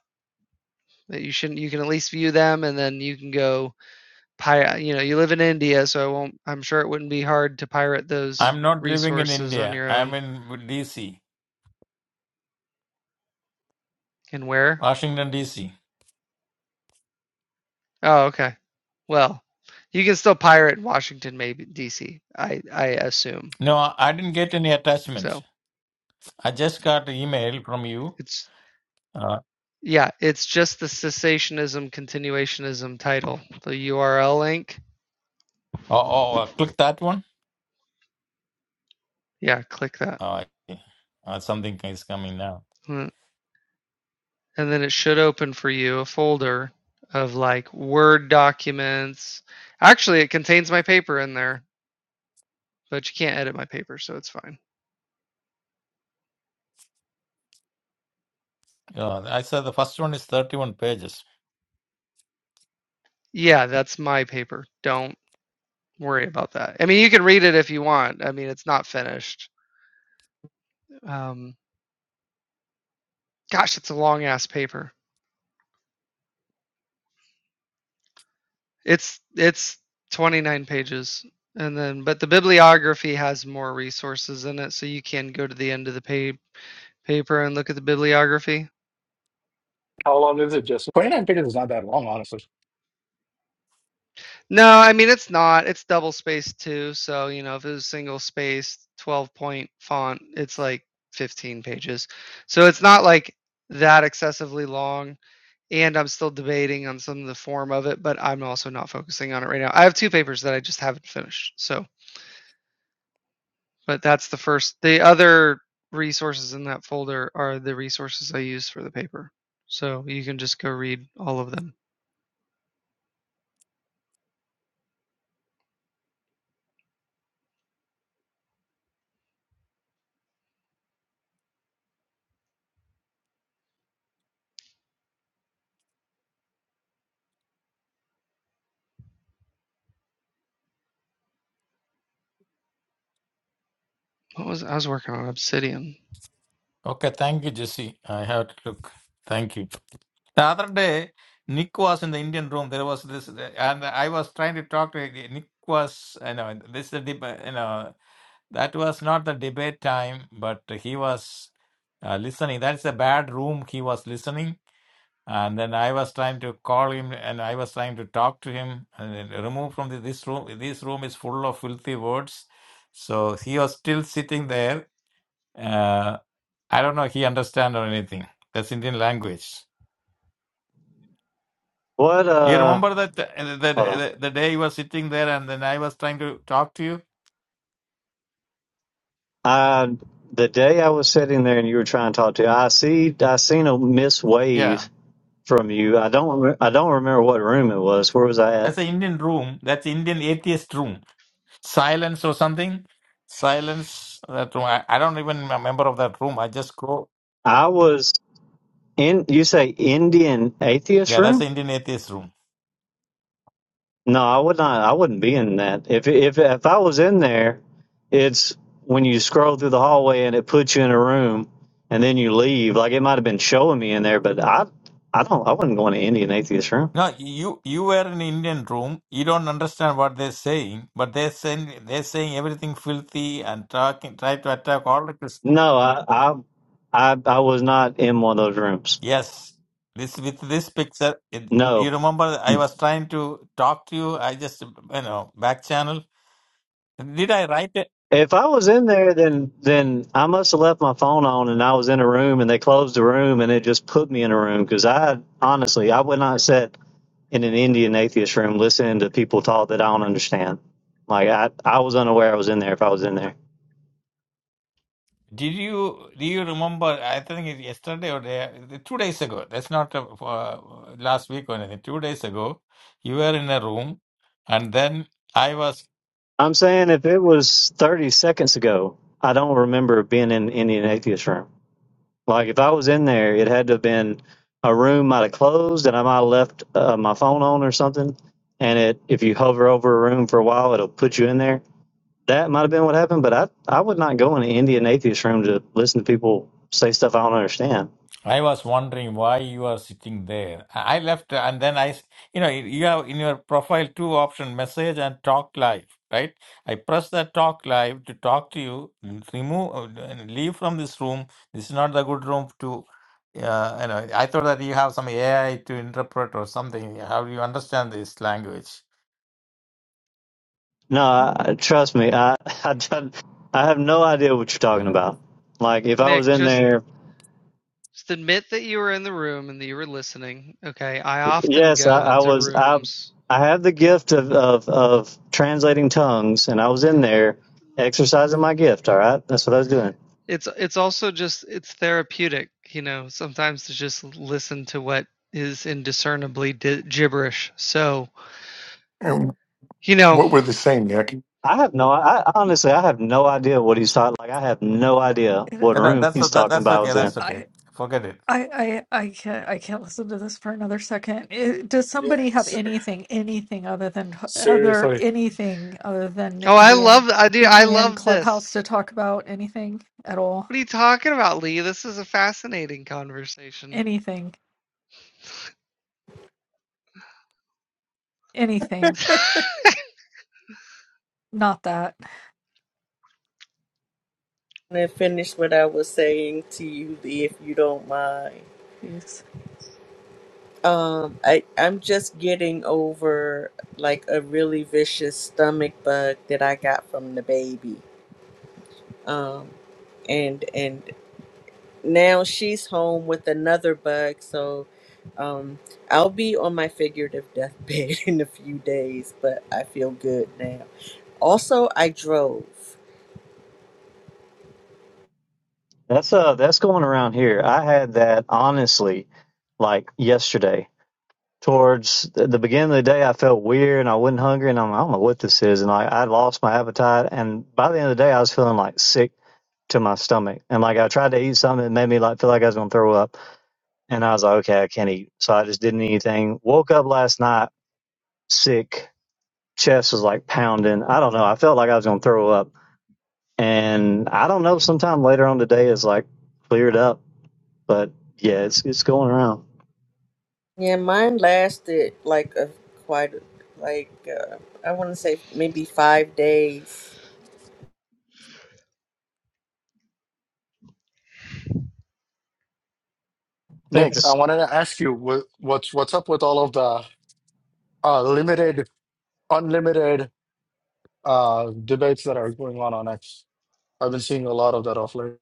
you shouldn't. You can at least view them, and then you can go pirate. You know, you live in India, so I won't. I'm sure it wouldn't be hard to pirate those I'm not living in resources on India. your I'm own. in DC, And where? Washington DC. Oh, okay. Well, you can still pirate Washington, maybe D.C. I I assume. No, I I didn't get any attachment. So I just got an email from you. it's Uh, Yeah, it's just the cessationism continuationism title, the URL link. oh, oh, uh, click that one. Yeah, click that. Oh, I- uh, something is coming now. Mm, And then it should open for you a folder of like Word documents. Actually, it contains my paper in there, but you can't edit my paper, so it's fine. Uh, I said the first one is 31 pages. Yeah, that's my paper. Don't worry about that. I mean, you can read it if you want. I mean, it's not finished. Um, gosh, it's a long ass paper. It's it's 29 pages. And then but the bibliography has more resources in it so you can go to the end of the pa- paper and look at the bibliography. How long is it, Jesse? 29 pages is not that long, honestly. No, I mean it's not. It's double spaced too, so you know if it was single spaced 12 point font, it's like 15 pages. So it's not like that excessively long and I'm still debating on some of the form of it, but I'm also not focusing on it right now. I have two papers that I just haven't finished. So but that's the first. The other resources in that folder are the resources I use for the paper. So you can just go read all of them. What was I was working on Obsidian. Okay, thank you, Jesse. I have to look. Thank you. The other day, Nick was in the Indian room. There was this, and I was trying to talk to Nick. Was you know this is the deb- you know that was not the debate time, but he was uh, listening. That is a bad room. He was listening And then I was trying to call him and I was trying to talk to him and then remove from the, this room. This room is full of filthy words. So he was still sitting there. Uh, I don't know he understand or anything. That's Indian language. What, You uh, remember that uh, that hold on. the, the day you were sitting there and then I was trying to talk to you? I, the day I was sitting there and you were trying to talk to, I see, I seen a missed Yeah. wave from you. I don't, rem- I don't remember what room it was. Where was I at? That's an Indian room. That's Indian atheist room. Silence or something. Silence. That room. I, I don't even remember of that room. I just go. I was in, you say Indian atheist Yeah, that's the room? Indian atheist room. No, I would not, I wouldn't be in that. If, if, if I was in there, it's when you scroll through the hallway and it puts you in a room and then you leave. Like it might have been showing me in there, but I, I don't, I wouldn't go into Indian atheist room. No, you you were in Indian room. You don't understand what they're saying, but they're saying they're saying everything filthy and talking, try to attack all the Christians. No, I, I, I, I was not in one of those rooms. Yes, this with this picture. It, do you No. remember? I was trying to talk to you. I just you know back channel. Did I write it? If I was in there, then then I must have left my phone on, and I was in a room, and they closed the room, and it just put me in a room because I honestly I would not sit in an Indian atheist room listening to people talk that I don't understand. Like I, I was unaware I was in there if I was in there. Did you do you remember? I think it's yesterday or day, two days ago. That's not uh, for last week or anything. Two days ago, you were in a room, and then I was. I'm saying if it was 30 seconds ago, I don't remember being in an Indian atheist room. Like if I was in there, it had to have been a room might have closed and I might have left uh, my phone on or something. And it, if you hover over a room for a while, it'll put you in there. That might have been what happened, but I, I would not go in an Indian atheist room to listen to people say stuff I don't understand. I was wondering why you are sitting there. I I left uh, and then I, s- you know, you have in your profile two option message and talk live, right? I press that talk live to talk to you, l- remove, uh, and leave from this room. This is not the good room to, uh, you know, I thought that you have some AI to interpret or something. How do you understand this language? No, I, trust me, I, I, don't- I have no idea what you're talking Mm. about. Like if I was Nick, in just there just admit that you were in the room and that you were listening. Okay. I often Yes, I, go I into was. I rooms. I have the gift of, of of translating tongues, and I was in there exercising my gift. All right, that's what I was doing. It's it's also just it's therapeutic, you know, sometimes to just listen to what is indiscernibly di- gibberish. So, And you know, what were they saying, Nick? I have no. I I- honestly, I have no idea what he's talking. Like, I have no idea what Yeah, that- room that's, o- he's that, talking that's about. I okay. was in. That's I, okay. Forget it. I, I I can't I can't listen to this for another second. It, does Yeah. somebody have s- anything anything other than other Seriously. anything other than oh, I Indian love I do I Indian love this. clubhouse to talk about anything at all? What are you talking about, Lee? This is a fascinating conversation. Anything anything? Not that. to finish what I was saying to you, Lee, if you don't mind. Jeez. Um, I I'm just getting over like a really vicious stomach bug that I got from the baby. Um, and and now she's home with another bug, so um, I'll be on my figurative deathbed in a few days, but I feel good now. Also, I drove. That's uh, that's going around here. I had that honestly, like yesterday. towards the beginning of the day, I felt weird and I wasn't hungry and I'm, I don't know what this is. And I, I lost my appetite. And by the end of the day, I was feeling like sick to my stomach. And like I tried to eat something, it made me like feel like I was going to throw up. And I was like, okay, I can't eat. So I just didn't eat anything. Woke up last night sick. Chest was like pounding. I don't know. I felt like I was going to throw up. And I don't know. Sometime later on today is like cleared up. But yeah, it's, it's going around. Yeah, mine lasted like a quite like uh, I want to say maybe five days. I think Nick, this. I wanted to ask you what, what's what's up with all of the uh, limited, unlimited uh, debates that are going on on X. I've been seeing a lot of that off late.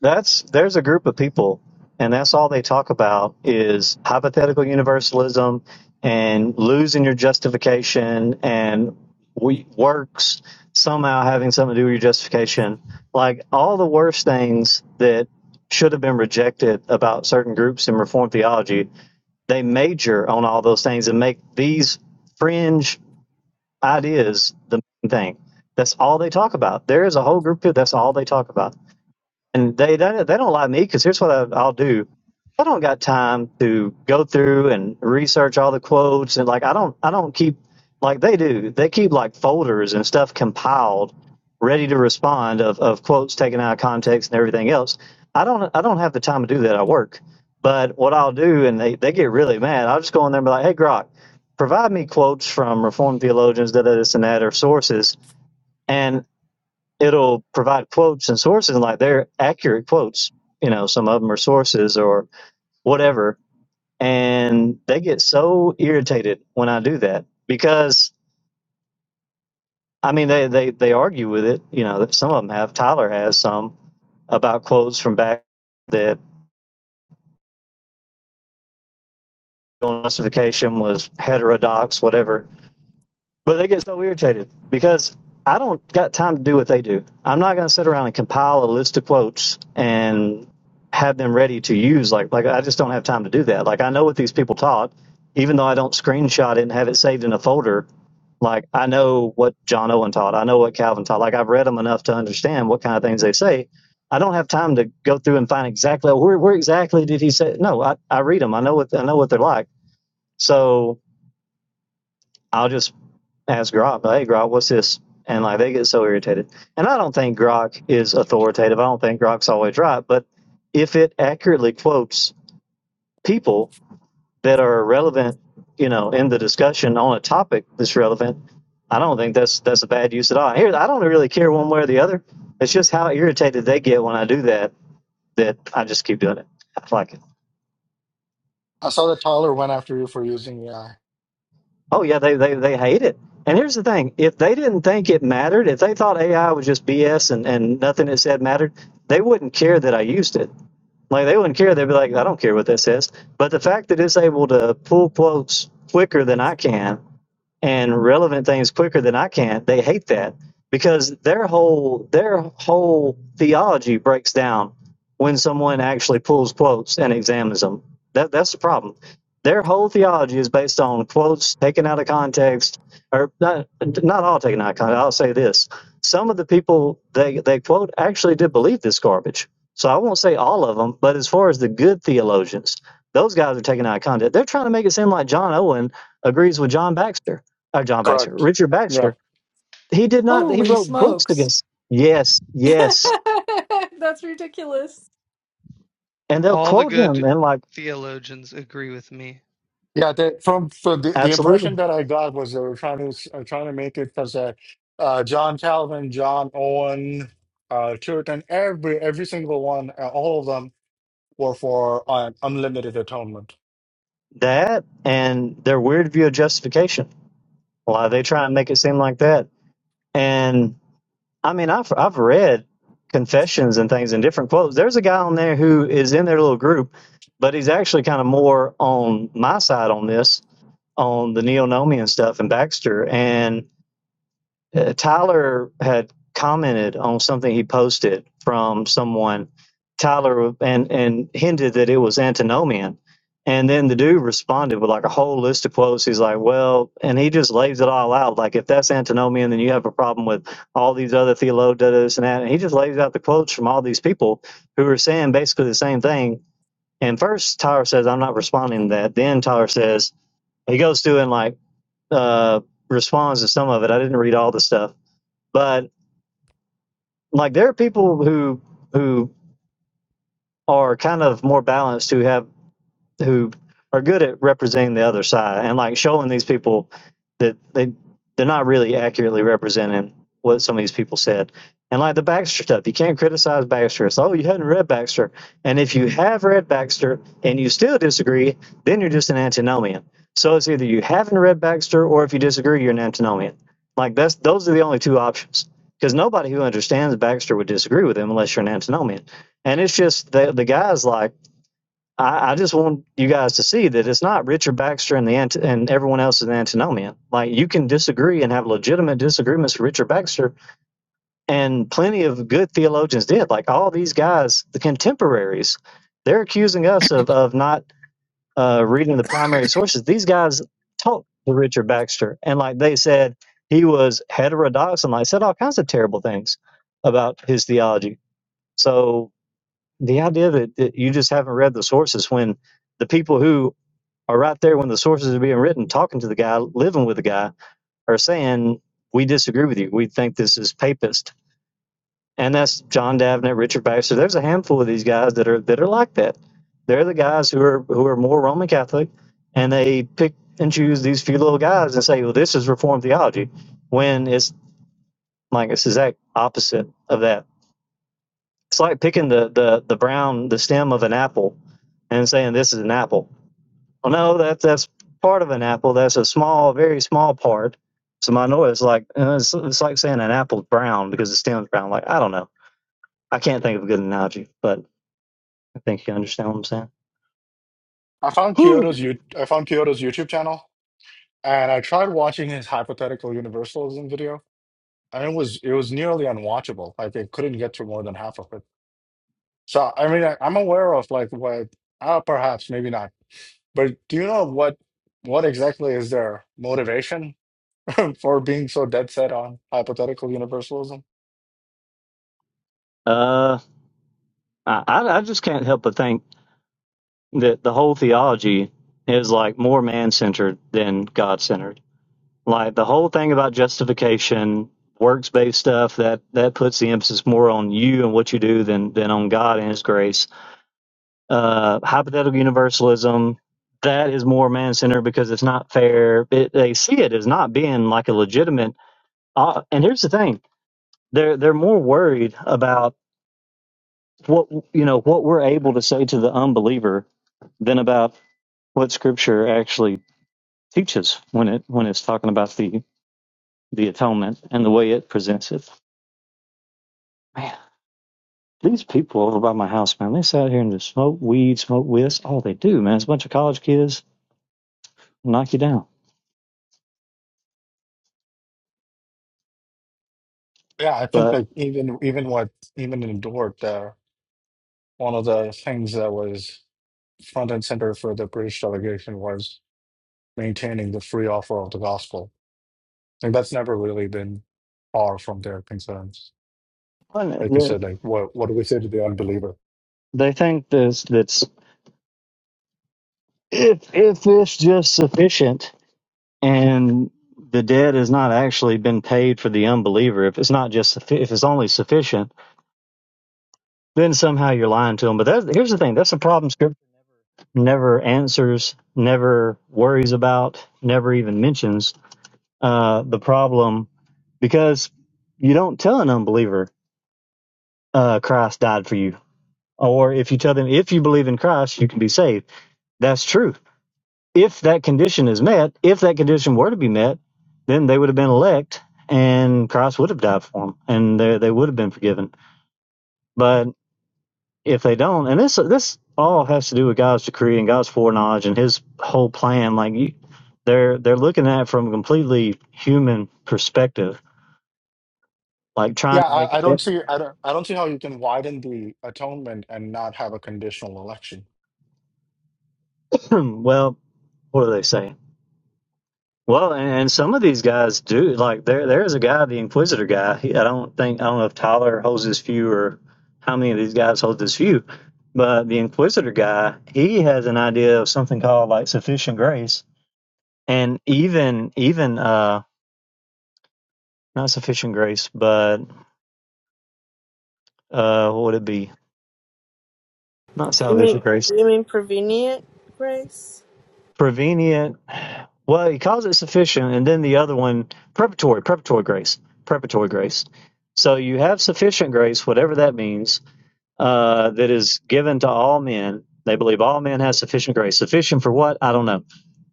That's there's a group of people, and that's all they talk about is hypothetical universalism and losing your justification and we works somehow having something to do with your justification. Like all the worst things that should have been rejected about certain groups in Reformed theology, they major on all those things and make these fringe ideas the main thing. That's all they talk about. There is a whole group of people, that's all they talk about and they they, they don't like me because here's what I, I'll do. I don't got time to go through and research all the quotes and like I don't I don't keep like they do. They keep like folders and stuff compiled, ready to respond of, of quotes taken out of context and everything else. I don't I don't have the time to do that. I work. But what I'll do and they, they get really mad, I'll just go in there and be like, Hey Grok, provide me quotes from reformed theologians, da da this and that or sources And it'll provide quotes and sources and like they're accurate quotes you know some of them are sources or whatever and they get so irritated when i do that because i mean they they, they argue with it you know that some of them have tyler has some about quotes from back that justification was heterodox whatever But they get so irritated because I don't got time to do what they do. I'm not going to sit around and compile a list of quotes and have them ready to use. Like, like I just don't have time to do that. Like, I know what these people taught, even though I don't screenshot it and have it saved in a folder. Like, I know what John Owen taught. I know what Calvin taught. Like, I've read them enough to understand what kind of things they say. I don't have time to go through and find exactly where, where exactly did he say. No, I, I read them. I know what I know what they're like. So I'll just ask Grok, hey Grok, what's this? And like they get so irritated. And I don't think Grok is authoritative. I don't think Grok's always right. But if it accurately quotes people that are relevant, you know, in the discussion on a topic that's relevant, I don't think that's that's a bad use at all. Here, I don't really care one way or the other. It's just how irritated they get when I do that that I just keep doing it. Like I saw that Tyler went after you for using AI. Oh yeah, they, they they hate it. And here's the thing: if they didn't think it mattered, if they thought AI was just BS and and nothing it said mattered, they wouldn't care that I used it. Like they wouldn't care. They'd be like, I don't care what this says. But the fact that it's able to pull quotes quicker than I can and relevant things quicker than I can. They hate that because their whole their whole theology breaks down when someone actually pulls quotes and examines them. That that's the problem. Their whole theology is based on quotes taken out of context, or not not all taken out of context. I'll say this: some of the people they they quote actually did believe this garbage. So I won't say all of them, but as far as the good theologians, those guys are taken out of context. They're trying to make it seem like John Owen agrees with John Baxter uh, John Baxter, Correct. Richard Yeah. Baxter, he did not, he Holy wrote books smokes! against, yes, yes. That's ridiculous. And they'll All the quote him good and like, theologians agree with me. Yeah, the, from from the, the absolutely. impression that I got was they were trying to s- uh, trying to make it because uh, uh, John Calvin, John Owen, uh, Churton, every every single one, uh, all of them were for uh, unlimited atonement. That and their weird view of justification. Why they try and make it seem like that. And I mean, I've, I've read confessions and things in different quotes. There's a guy on there who is in their little group, but he's actually kind of more on my side on this, on the neo-nomian stuff and Baxter. and. uh, Tyler had commented on something he posted from someone, Tyler, and and hinted that it was antinomian. And then the dude responded with like a whole list of quotes. He's like, "Well," and he just lays it all out. Like, if that's antinomian, then you have a problem with all these other theologians this and that. And he just lays out the quotes from all these people who are saying basically the same thing. And first, Tyler says, "I'm not responding to that." Then Tyler says he goes through and like uh, responds to some of it. I didn't read all the stuff but like there are people who who are kind of more balanced who have who are good at representing the other side and like showing these people that they they're not really accurately representing what some of these people said. And like the Baxter stuff, you can't criticize Baxter. It's oh you hadn't read Baxter. And if you have read Baxter and you still disagree, then you're just an antinomian. So it's either you haven't read Baxter or if you disagree, you're an antinomian. Like that's those are the only two options. Because nobody who understands Baxter would disagree with him unless you're an antinomian. And it's just the the guy's like I, I just want you guys to see that it's not Richard Baxter and the anti- and everyone else in the antinomian. Like you can disagree and have legitimate disagreements with Richard Baxter, and plenty of good theologians did. Like all these guys, the contemporaries, they're accusing us of of not uh, reading the primary sources. These guys talked to Richard Baxter, and like they said, he was heterodox and like said all kinds of terrible things about his theology. So the idea that, that you just haven't read the sources when the people who are right there when the sources are being written, talking to the guy, living with the guy, are saying, We disagree with you. We think this is papist. And that's John Davenant, Richard Baxter. There's a handful of these guys that are that are like that. They're the guys who are who are more Roman Catholic and they pick and choose these few little guys and say, Well, this is reformed theology when it's like it's the exact opposite of that. It's like picking the, the, the brown the stem of an apple and saying this is an apple Well, no, that's that's part of an apple. That's a small, very small part. So I know it's like uh, it's, it's like saying an apple's brown because the stem's brown. Like I don't know. I can't think of a good analogy, but I think you understand what I'm saying. I found Whew. Kyoto's you I found Kyoto's YouTube channel, and I tried watching his hypothetical universalism video, and it was it was nearly unwatchable. Like I couldn't get to more than half of it. So I mean, I, I'm aware of like what uh, perhaps maybe not But do you know what what exactly is their motivation for being so dead set on hypothetical universalism? Uh, I I I just can't help but think that the whole theology is like more man centered than God centered. Like the whole thing about justification, works based stuff that that puts the emphasis more on you and what you do than than on God and His grace uh, hypothetical universalism that is more man-centered because it's not fair it, they see it as not being like a legitimate uh, and here's the thing they're they're more worried about what you know what we're able to say to the unbeliever than about what scripture actually teaches when it when it's talking about the the atonement and the way it presents it man these people over by my house man they sit out here and just smoke weed smoke whiz all they do man it's a bunch of college kids knock you down Yeah, I think but that even even what even in Dort, uh, one of the things that was front and center for the British delegation was maintaining the free offer of the gospel. And that's never really been far from their concerns. One, Like I said, like what what do we say to the unbeliever? they they think this that's if if it's just sufficient and the debt has not actually been paid for the unbeliever, if it's not just suffi- if it's only sufficient, then somehow you're lying to them. But that, here's the thing: that's a problem Scripture never answers, never worries about, never even mentions uh, the problem because you don't tell an unbeliever uh, Christ died for you, or if you tell them if you believe in Christ, you can be saved. That's true if that condition is met, if that condition were to be met, then they would have been elect and Christ would have died for them and they, they would have been forgiven. But if they don't, and this this all has to do with God's decree and God's foreknowledge and his whole plan, like you, they're they're looking at it from a completely human perspective, like trying Yeah, to I, I make it don't see I don't I don't see how you can widen the atonement and not have a conditional election. well, what do they say? Well, and, and some of these guys do like there. There is a guy, the Inquisitor guy. He, I don't think I don't know if Tyler holds his view or how many of these guys hold this view, but the Inquisitor guy, he has an idea of something called like sufficient grace, and even even uh not sufficient grace, but uh what would it be? Not Do you mean salvific grace, do you mean prevenient, Grace? prevenient. Well, he calls it sufficient, and then the other one, preparatory, preparatory grace, preparatory grace. So you have sufficient grace, whatever that means uh, that is given to all men. They believe all men have sufficient grace. Sufficient for what? I don't know.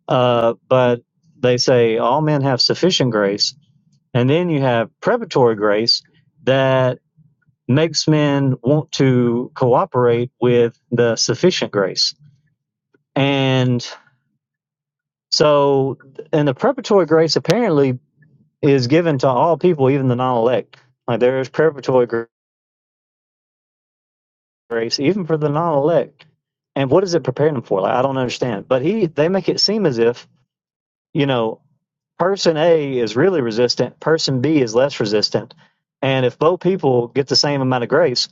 Uh, but they say all men have sufficient grace. And then you have preparatory grace that makes men want to cooperate with the sufficient grace. And so, and the preparatory grace apparently is given to all people, even the non elect. Like there is preparatory grace grace, even for the non-elect. And what is it preparing them for? Like, I don't understand. But he, they make it seem as if you know, person A is really resistant, person B is less resistant, and if both people get the same amount of grace,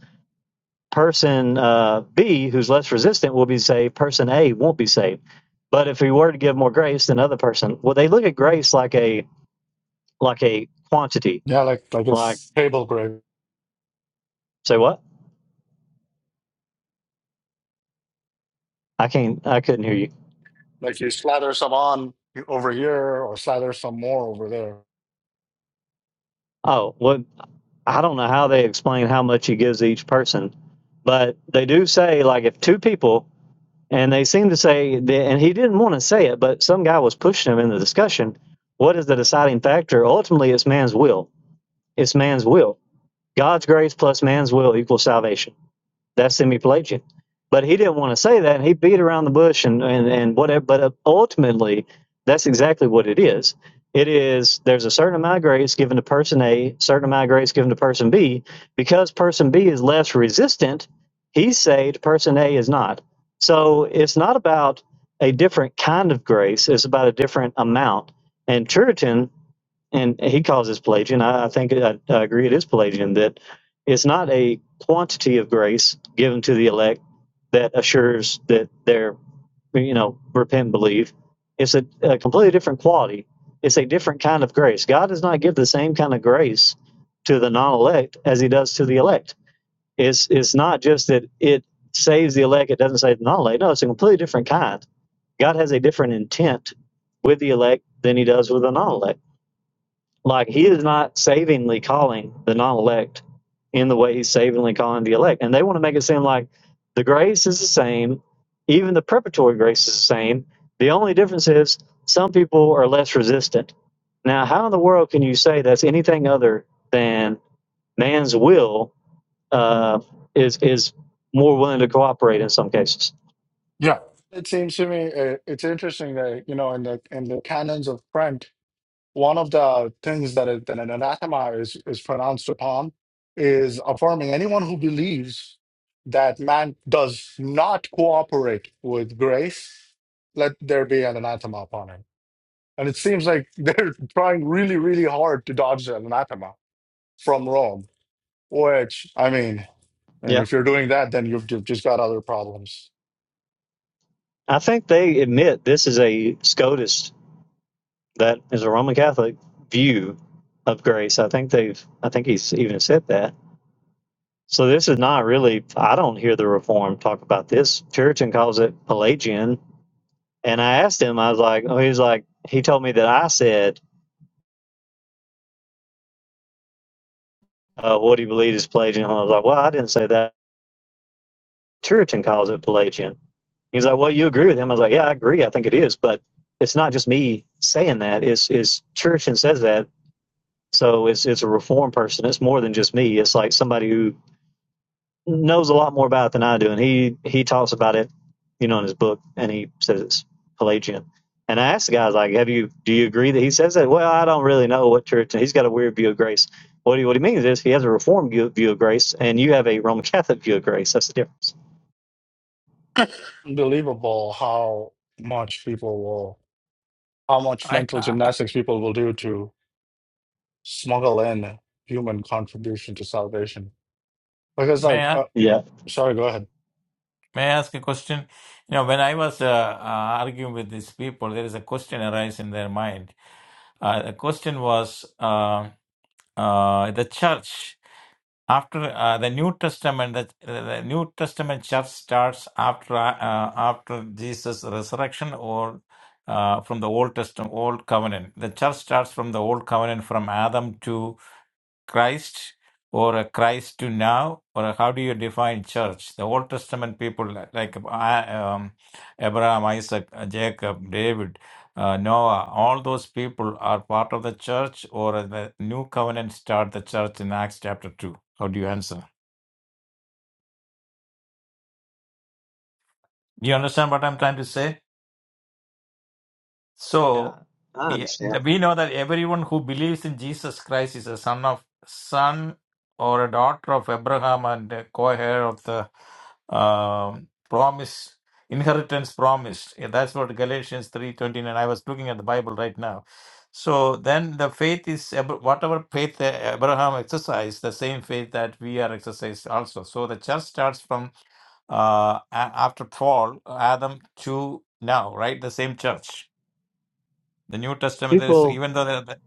person uh, B, who's less resistant, will be saved. Person A won't be saved. But if we were to give more grace than other person, well, they look at grace like a like a quantity. Yeah, like like Like, it's table grid. say what? I can't. I couldn't hear you. Like you slather some on over here or slather some more over there. Oh, what? I don't know how they explain how much he gives each person, but they do say like if two people and they seem to say that, and he didn't want to say it, but some guy was pushing him in the discussion. What is the deciding factor? Ultimately, it's man's will. It's man's will. God's grace plus man's will equals salvation. That's hemiplegic. But he didn't want to say that, and he beat around the bush and, and, and whatever. But uh, ultimately, that's exactly what it is. It is there's a certain amount of grace given to person A, certain amount of grace given to person B. Because person B is less resistant, he's saved, person A is not. So it's not about a different kind of grace, it's about a different amount. And Churitan and he calls this Pelagian. I, I think I, I agree it is Pelagian that it's not a quantity of grace given to the elect that assures that they're you know repent and believe. It's a, a completely different quality. It's a different kind of grace. God does not give the same kind of grace to the non-elect as He does to the elect. It's it's not just that it saves the elect; it doesn't save the non-elect. No, it's a completely different kind. God has a different intent with the elect than He does with the non-elect like he is not savingly calling the non-elect in the way he's savingly calling the elect, and they want to make it seem like the grace is the same, even the preparatory grace is the same. The only difference is some people are less resistant. Now, how in the world can you say that's anything other than man's will uh, is is more willing to cooperate in some cases? Yeah. It seems to me uh it's interesting that you know in the in the canons of French, one of the things that, it, that an anathema is is pronounced upon is affirming anyone who believes that man does not cooperate with grace, let there be an anathema upon him. And it seems like they're trying really, really hard to dodge an anathema from Rome Which, I mean, and Yeah, if you're doing that, then you've, you just got other problems. I think they admit this is a SCOTUS That is a Roman Catholic view of grace. I think they've, I think he's even said that. So this is not really, I don't hear the Reformed talk about this. Puritan calls it Pelagian. And I asked him, I was like, oh, he's like, he told me that I said, uh, what do you believe is Pelagian? And I was like, well, I didn't say that. Puritan calls it Pelagian. He's like, well, you agree with him. I was like, yeah, I agree. I think it is, but it's not just me saying that. It's it's church says that. So it's it's a reformed person. It's more than just me. It's like somebody who knows a lot more about it than I do, and he he talks about it, you know, in his book, and he says it's Pelagian. And I asked the guy, I was like, "Have you? Do you agree that he says that?" Well, I don't really know what church. He's got a weird view of grace. What he what he means is he has a Reformed view, view of grace, and you have a Roman Catholic view of grace. That's the difference. Unbelievable how much people will, how much I, mental I I- gymnastics people will do to smuggle in human contribution to salvation. Because, like, may I? uh, Yeah. sorry, go ahead. May I ask a question? You know, when I was uh, uh, arguing with these people, there is a question arise in their mind. Uh, the question was uh, uh, the church after uh, the New Testament. The, the New Testament church starts after uh, after Jesus' resurrection, or uh, from the Old Testament, Old Covenant. The church starts from the Old Covenant, from Adam to Christ or a Christ to now, or how do you define church? The Old Testament people li- like uh, um, Abraham, Isaac, uh, Jacob, David, uh, Noah, all those people are part of the church, or the new covenant start the church in Acts chapter 2. How do you answer? Do You understand what I'm trying to say? Yeah, So, I Yeah, understand. the- we know that everyone who believes in Jesus Christ is a son of son or a daughter of Abraham and a co-heir of the um, promise inheritance promised. Yeah, that's what Galatians three twenty nine. I was looking at the Bible right now. So then the faith is Ab- whatever faith that Abraham exercised, the same faith that we are exercised also. So the church starts from uh, a- after fall, Adam to now, right? The same church the New Testament there is People, even though the, the-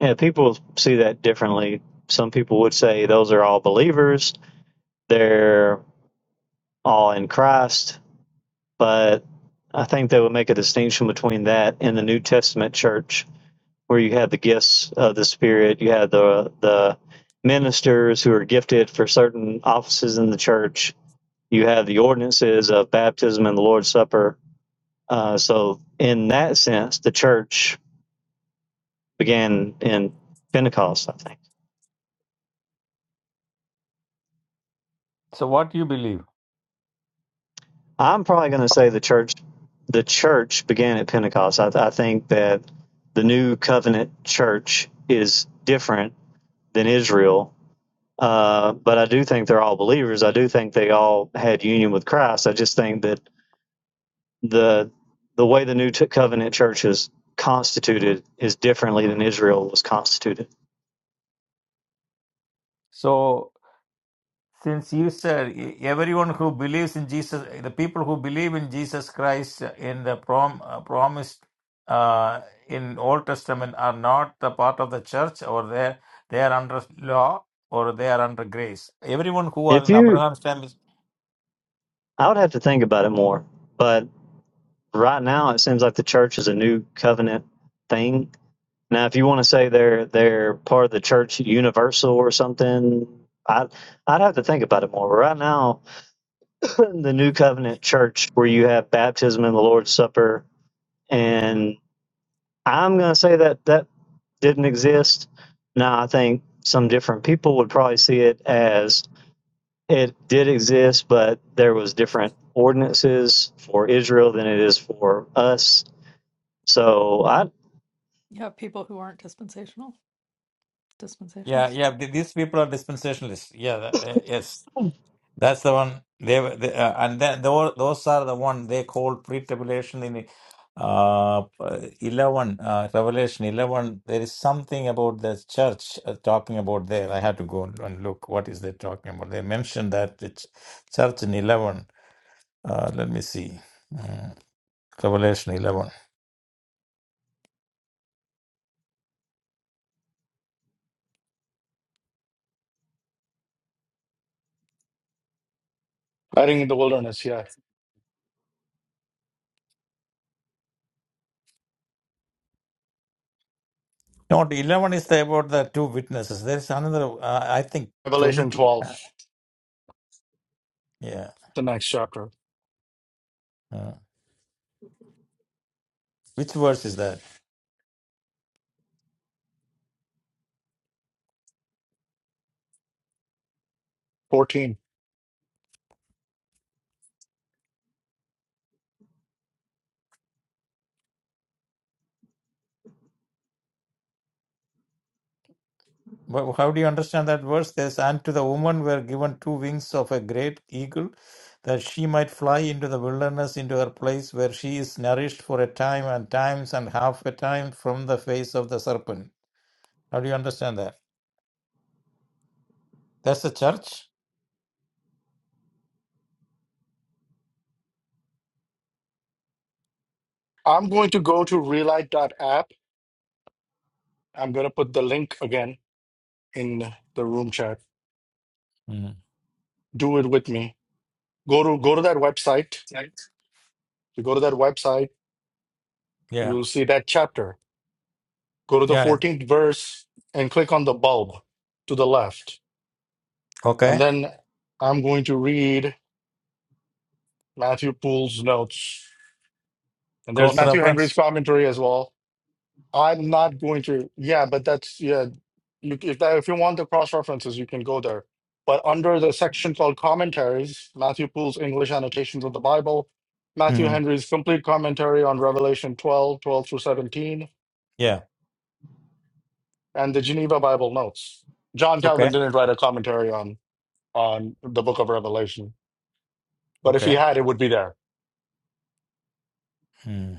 yeah, people see that differently. Some people would say those are all believers. They're all in Christ but I think they would make a distinction between that and the New Testament church, where you have the gifts of the Spirit, you have the the ministers who are gifted for certain offices in the church, you have the ordinances of baptism and the Lord's Supper. Uh, so, in that sense, the church began in Pentecost. I think so what do you believe. I'm probably going to say the church the church began at Pentecost. I, I think that the New Covenant church is different than Israel. Uh, but I do think they're all believers. I do think they all had union with Christ. I just think that the the way the New Covenant Church is constituted is differently than Israel was constituted. So since you said e- everyone who believes in Jesus, the people who believe in Jesus Christ uh, in the prom uh, promised uh, in Old Testament are not the part of the church, or they they are under law or they are under grace. Everyone who are If in you, Abraham's time is I would have to think about it more. But right now, it seems like the church is a New Covenant thing. Now, if you want to say they're they're part of the church universal or something, I I'd have to think about it more. But right now, the New Covenant Church where you have baptism and the Lord's Supper. And I'm going to say that that didn't exist. Now, I think some different people would probably see it as it did exist, but there was different ordinances for Israel than it is for us. So I, You have people who aren't dispensational yeah dispensationalists. yeah. th- These people are dispensationalists. Yeah, uh, yes. That's the one they, were- they uh, and then tho- those are the one they call pre-tribulation in uh 11 uh, Revelation 11 there is something about the church uh, talking about there I had to go and look what is they talking about they mentioned that the ch- church in 11 uh, let me see Mm, Revelation 11 Hiding in the wilderness, yeah. not 11 is the, about the two witnesses there is another uh, I think Revelation 20 12, yeah the next chapter, uh, which verse is that 14. But how do you understand that verse? There's, and to the woman were given two wings of a great eagle, that she might fly into the wilderness, into her place where she is nourished for a time and times and half a time from the face of the serpent. How do you understand that? That's the church? I'm going to go to relight.app. I'm going to put the link again in the room chat. Mm. Do it with me. Go to go to that website. Right. You go to that website You Yeah. will see that chapter. Go to the Yeah. 14th verse and click on the bulb to the left. And Okay. then I'm going to read Matthew Poole's notes. And there's Close Matthew Henry's reference? commentary as well. I'm not going to, yeah, but that's, yeah, you, if, that, if you want the cross references, you can go there. But under the section called commentaries, Matthew Poole's English annotations of the Bible, Matthew hmm Henry's complete commentary on Revelation 12, 12 through 17, Yeah. and the Geneva Bible notes. John Calvin Okay. didn't write a commentary on on the Book of Revelation, but if he Okay. had, it would be there. Mm-hmm.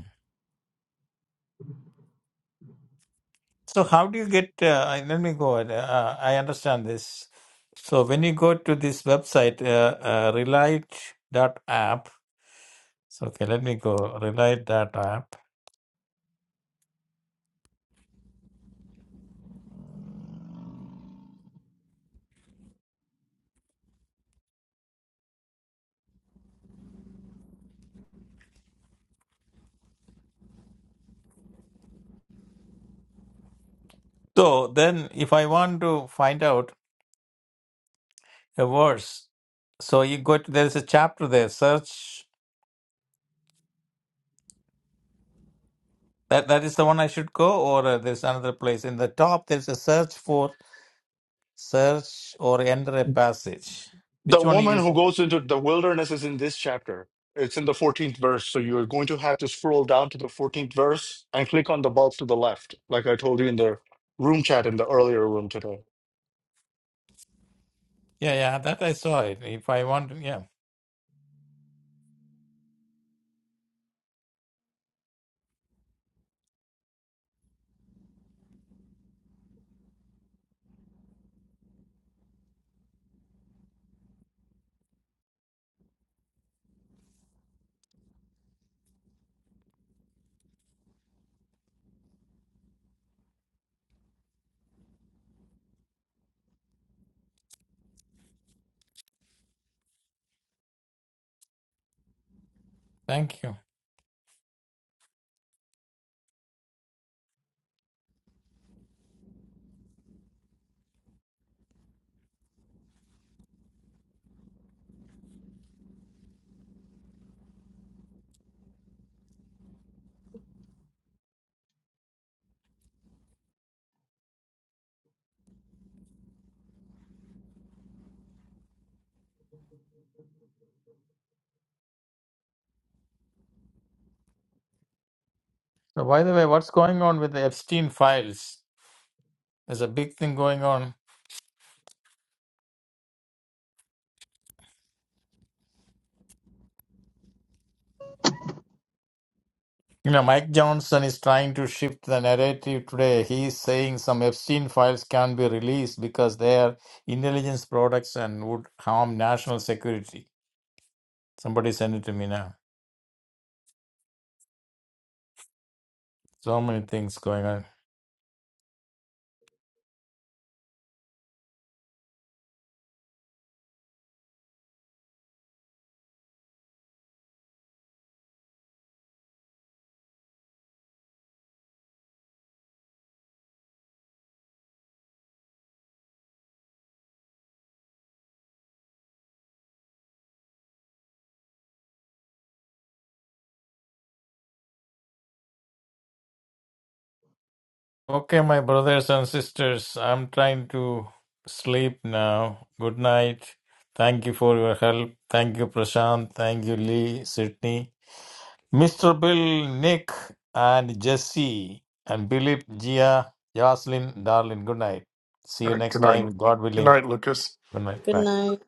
So how do you get? Uh, let me go. Uh, I understand this. So when you go to this website, uh, uh, Relight.app. So okay, let me go Relight.app. So then, if I want to find out a verse, so you go. To, there is a chapter there. Search. That that is the one I should go, or uh, there's another place in the top. There's a search for search or enter a passage. The Which one woman you? who should- goes into the wilderness is in this chapter. It's in the 14th verse, so you're going to have to scroll down to the 14th verse and click on the bulb to the left, like I told you in the room chat in the earlier room today. Yeah, yeah. That I saw it. If I want, yeah. Thank you. So, by the way, what's going on with the Epstein files? There's a big thing going on. You know, Mike Johnson is trying to shift the narrative today. He's saying some Epstein files can't be released because they are intelligence products and would harm national security. Somebody send it to me now. So many things going on. Okay, my brothers and sisters, I'm trying to sleep now. Good night. Thank you for your help. Thank you, Prashant. Thank you, Lee, Sydney. Mr. Bill, Nick, and Jesse, and Philip, Gia, Jocelyn, darling, good night. See All you right, next good night. time, God Good willing. night, Lucas. Good night. Good Bye. night.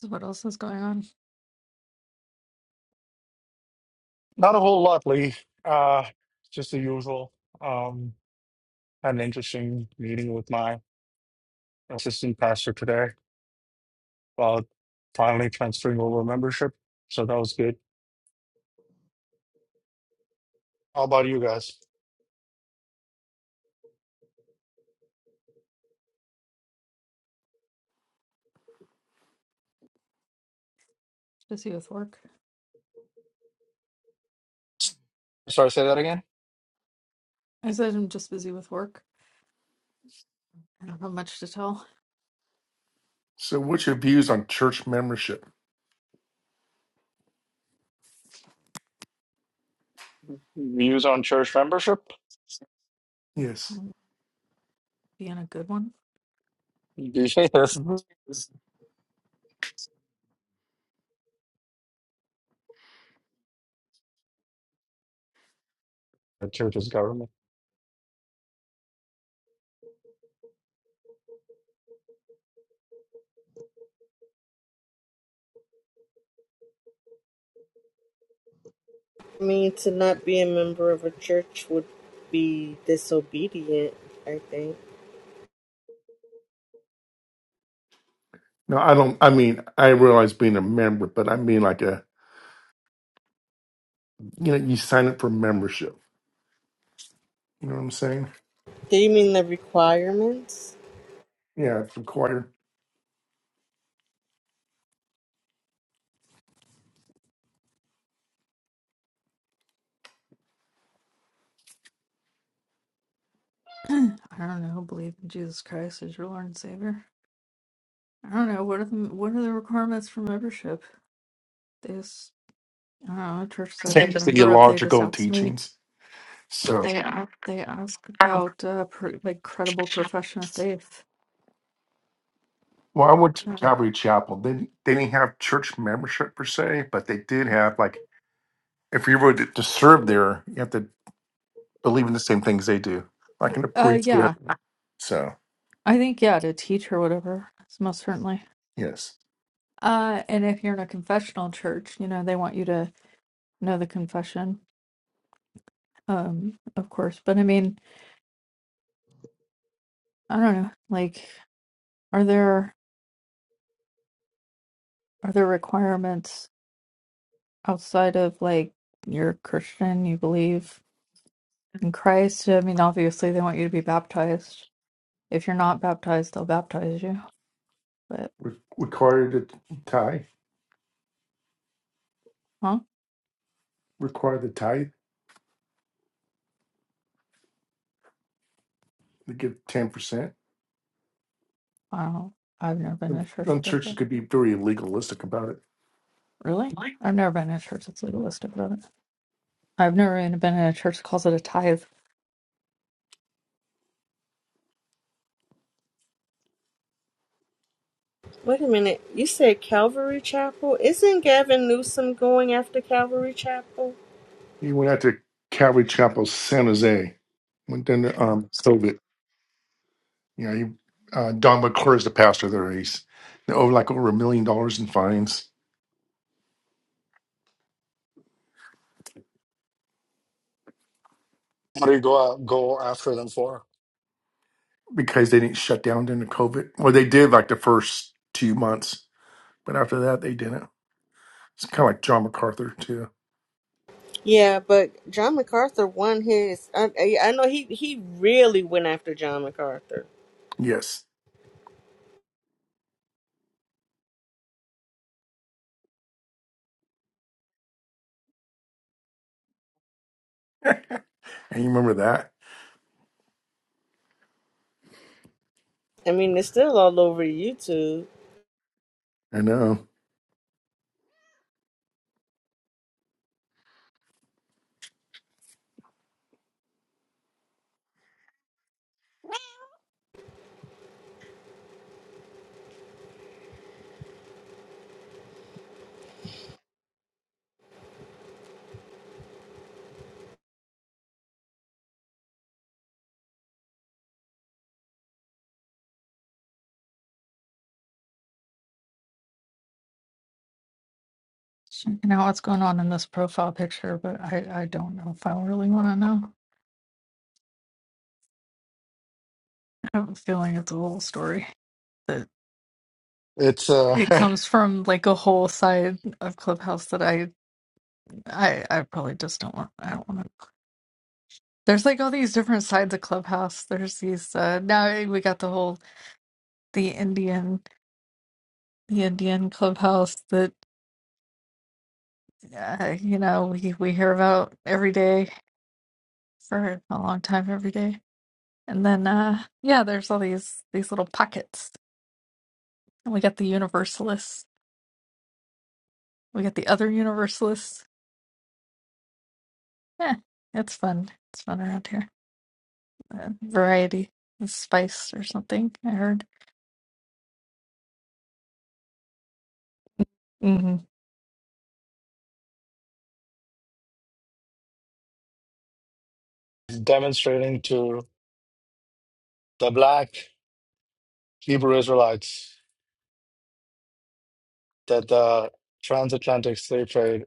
So What else is going on? Not a whole lot, Lee. Uh, just the usual. Um, had an interesting meeting with my assistant pastor today uh, finally transferring over membership. So that was good. How about you guys? Busy with work. Sorry, say that again. I said I'm just busy with work. I don't have much to tell. So, what's your views on church membership? Views on church membership? Yes. being a good one. DJ, that's Church is government. I mean to not be a member of a church would be disobedient. I think. No, I don't. I mean, I realize being a member, but I mean like a, you know, you sign up for membership. You know what I'm saying? Do you mean the requirements? Yeah, it's required. I don't know. Believe in Jesus Christ as your Lord and Savior. I don't know. What are the what are the requirements for membership? They just I don't know. Churches I've been Same a member of, they just theological ask me. teachings. So They are. They ask about uh, pr like credible profession of faith. well, I went to Uh, Calvary Chapel. They they didn't have church membership per se, but they did have like if you were to to serve there, you have to believe in the same things they do, like in the uh, priesthood. yeah, So I think yeah to teach or whatever. most certainly. yes, Uh, and if you're in a confessional church, you know they want you to know the confession. Um, of course. But I mean, I don't know. Like, are there are there requirements? outside of like you're Christian, you believe in Christ. I mean, obviously they want you to be baptized. If you're not baptized, they'll baptize you. But Re- required to tithe, huh? required the tithe to give ten percent. I don't know. I've never been in a church Some that does churches that. could be very legalistic about it. Really? I've never been in a church that's legalistic about it. I've never even been in a church that calls it a tithe. Wait a minute. You said Calvary Chapel. Isn't Gavin Newsom going after Calvary Chapel? You went out to Calvary Chapel, San Jose, went down to um, Soviet. You know, you, uh, Don McClure is the pastor there. He's oh, like over a million dollars in fines What do you go go after them for? because they didn't shut down during the COVID. Well, they did like the first two months, but after that, they didn't. It's kind of like John MacArthur, too. Yeah, but John MacArthur won his. I, I I know he he really went after John MacArthur. Yes. And you remember that? I mean, it's still all over YouTube. I know. Checking out what's going on in this profile picture, but I, I don't know if I really want to know. I have a feeling it's a whole story that It's uh, it comes from like a whole side of Clubhouse that I I I probably just don't want. I don't want to. There's like all these different sides of Clubhouse. There's these uh now we got the whole the Indian the Indian Clubhouse that uh, you know we we hear about every day for a long time every day. And then uh yeah, there's all these these little pockets. And we got the Universalists. We got the other Universalists. Yeah, it's fun. It's fun around here. Uh, variety, and spice or something. I heard. Mm-hmm. demonstrating to the black Hebrew Israelites that the transatlantic slave trade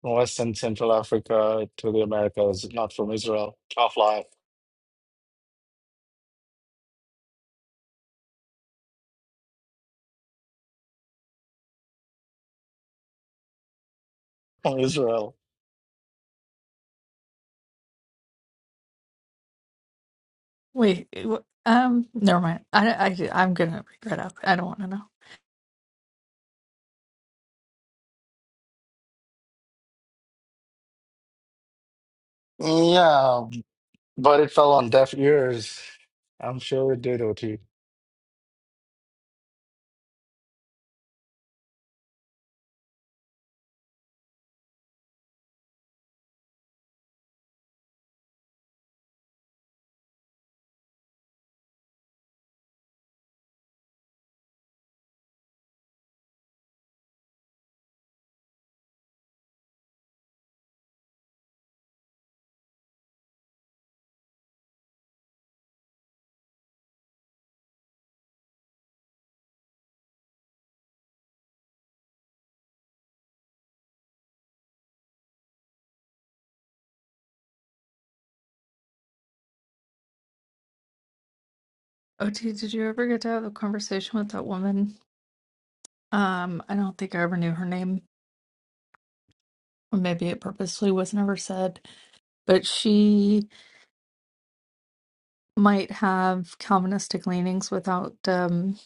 from West and Central Africa to the Americas, is not from Israel. Tough life from Israel. Wait, it um, never mind. I, I, I'm gonna regret up. I don't want to know. Yeah, But it fell on deaf ears. I'm sure it did, OT. OT, did you ever get to have a conversation with that woman? Um, I don't think I ever knew her name, or maybe it purposely was never said, but she might have Calvinistic leanings without um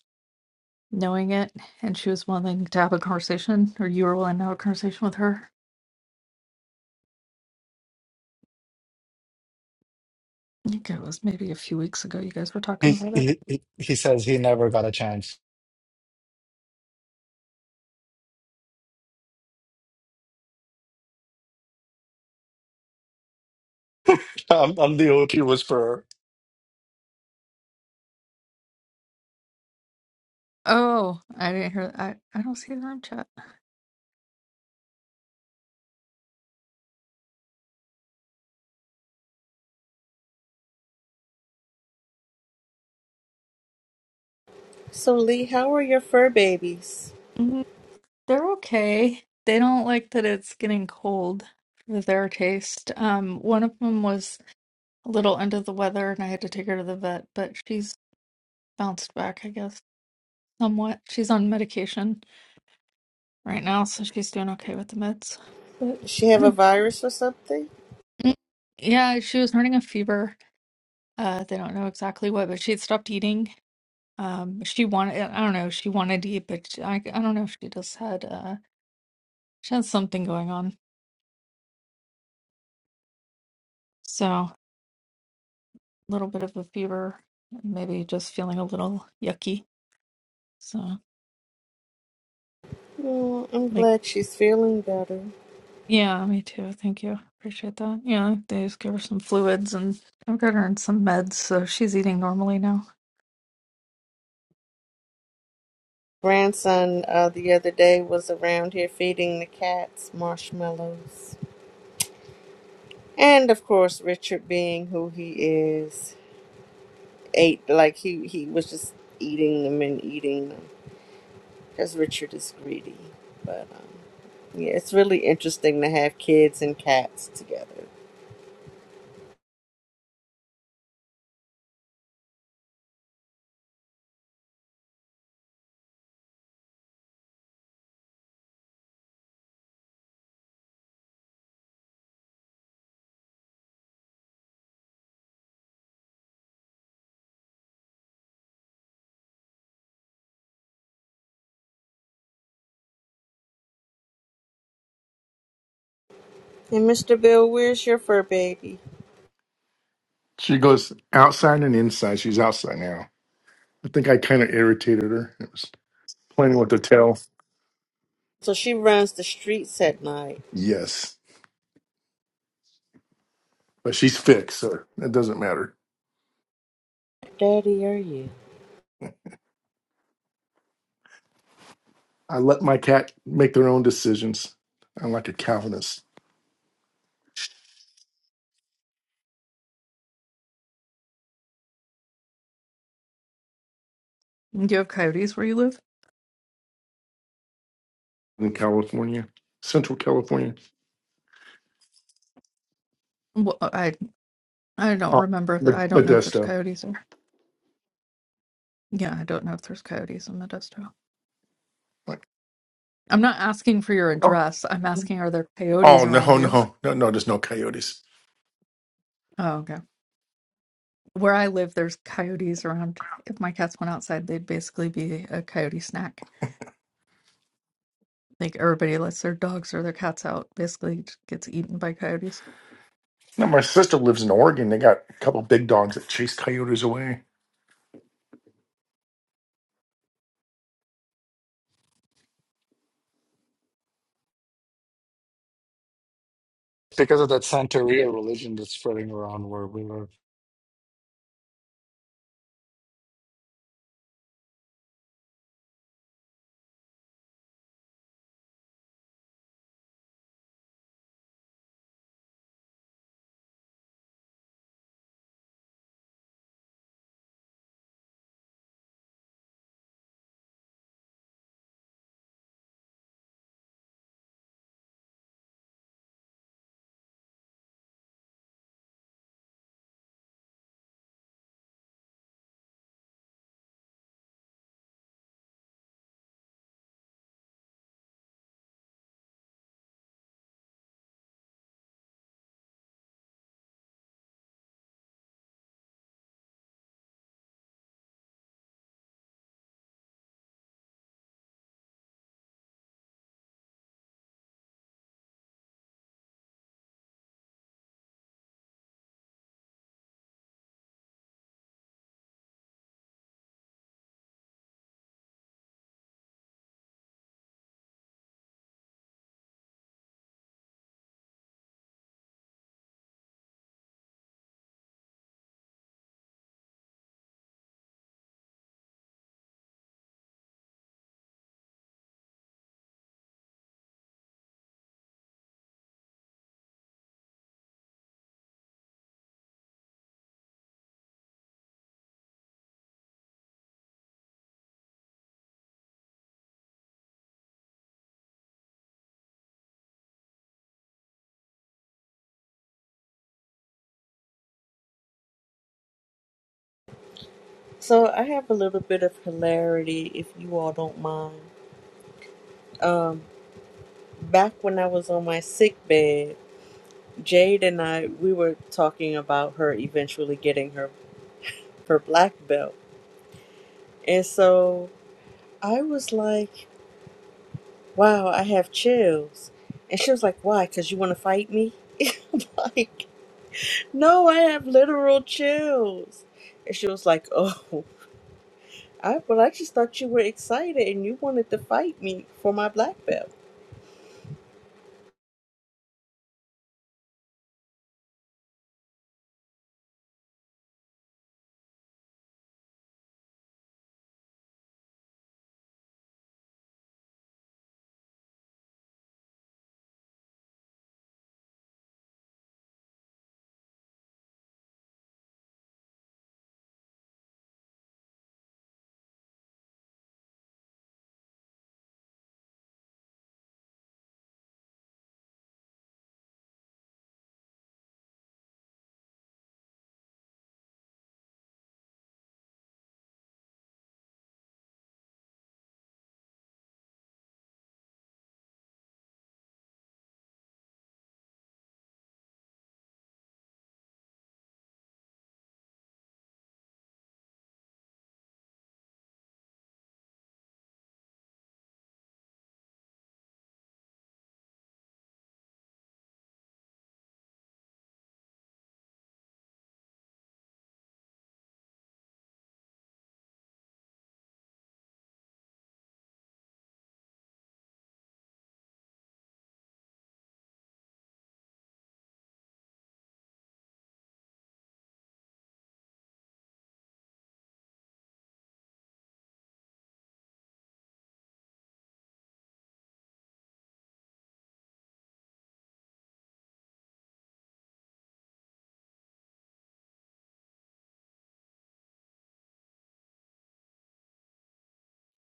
knowing it, and she was willing to have a conversation, or you were willing to have a conversation with her. I think it was maybe a few weeks ago you guys were talking He, about it. he, he he says he never got a chance. I'm, I'm the OT whisperer Oh, I didn't hear I, I don't see the room chat. So Lee, how are your fur babies? They're okay. They don't like that it's getting cold for their taste. Um, one of them was a little under the weather and I had to take her to the vet, but she's bounced back, I guess, somewhat. She's on medication right now, so she's doing okay with the meds. But Does she have a virus or something? yeah, she was running a fever. Uh, they don't know exactly what, but she had stopped eating. Um, she wanted, I don't know, she wanted to eat, but I, I don't know if she just had, uh, she had something going on. So. little bit of a fever, maybe just feeling a little yucky. So, Oh, I'm like, glad she's feeling better. yeah, me too. Thank you. Appreciate that. Yeah, they just gave her some fluids and I've got her in some meds, so she's eating normally now. Grandson, uh, the other day was around here feeding the cats marshmallows, and of course Richard, being who he is, ate like he he was just eating them and eating them because Richard is greedy, but. Um, Yeah, it's really interesting to have kids and cats together. And Mr. Bill, where's your fur baby? She goes outside and inside. She's outside now. I think I kind of irritated her. It was plenty what to tell. So she runs the streets at night. Yes. But she's fixed, so it doesn't matter. Daddy, are you? I let my cat make their own decisions. I'm like a Calvinist. Do you have coyotes where you live? in California, Central California, Well, I I don't oh, remember. If the, Mo- I don't know if there's Modesto. coyotes there. Yeah, I don't know if there's coyotes in Modesto. Like, I'm not asking for your address. I'm asking, are there coyotes oh around no, you? no, no, no, there's no coyotes. Oh, okay. Where I live, there's coyotes around. If my cats went outside, they'd basically be a coyote snack. Like everybody lets their dogs or their cats out, basically just gets eaten by coyotes. Now my sister lives in Oregon. They got a couple big dogs that chase coyotes away. because of that Santeria religion that's spreading around where we live. So I have a little bit of hilarity, if you all don't mind. Um, back when I was on my sick bed, Jade and I we were talking about her eventually getting her her black belt, and so I was like, "Wow, I have chills," and she was like, "Why? Because you want to fight me?" I'm like No, I have literal chills. And she was like, Oh, I well, I just thought you were excited and you wanted to fight me for my black belt.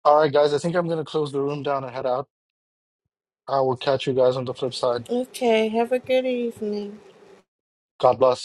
All right, guys, I think I'm going to close the room down and head out. I will catch you guys on the flip side. Okay, have a good evening. God bless.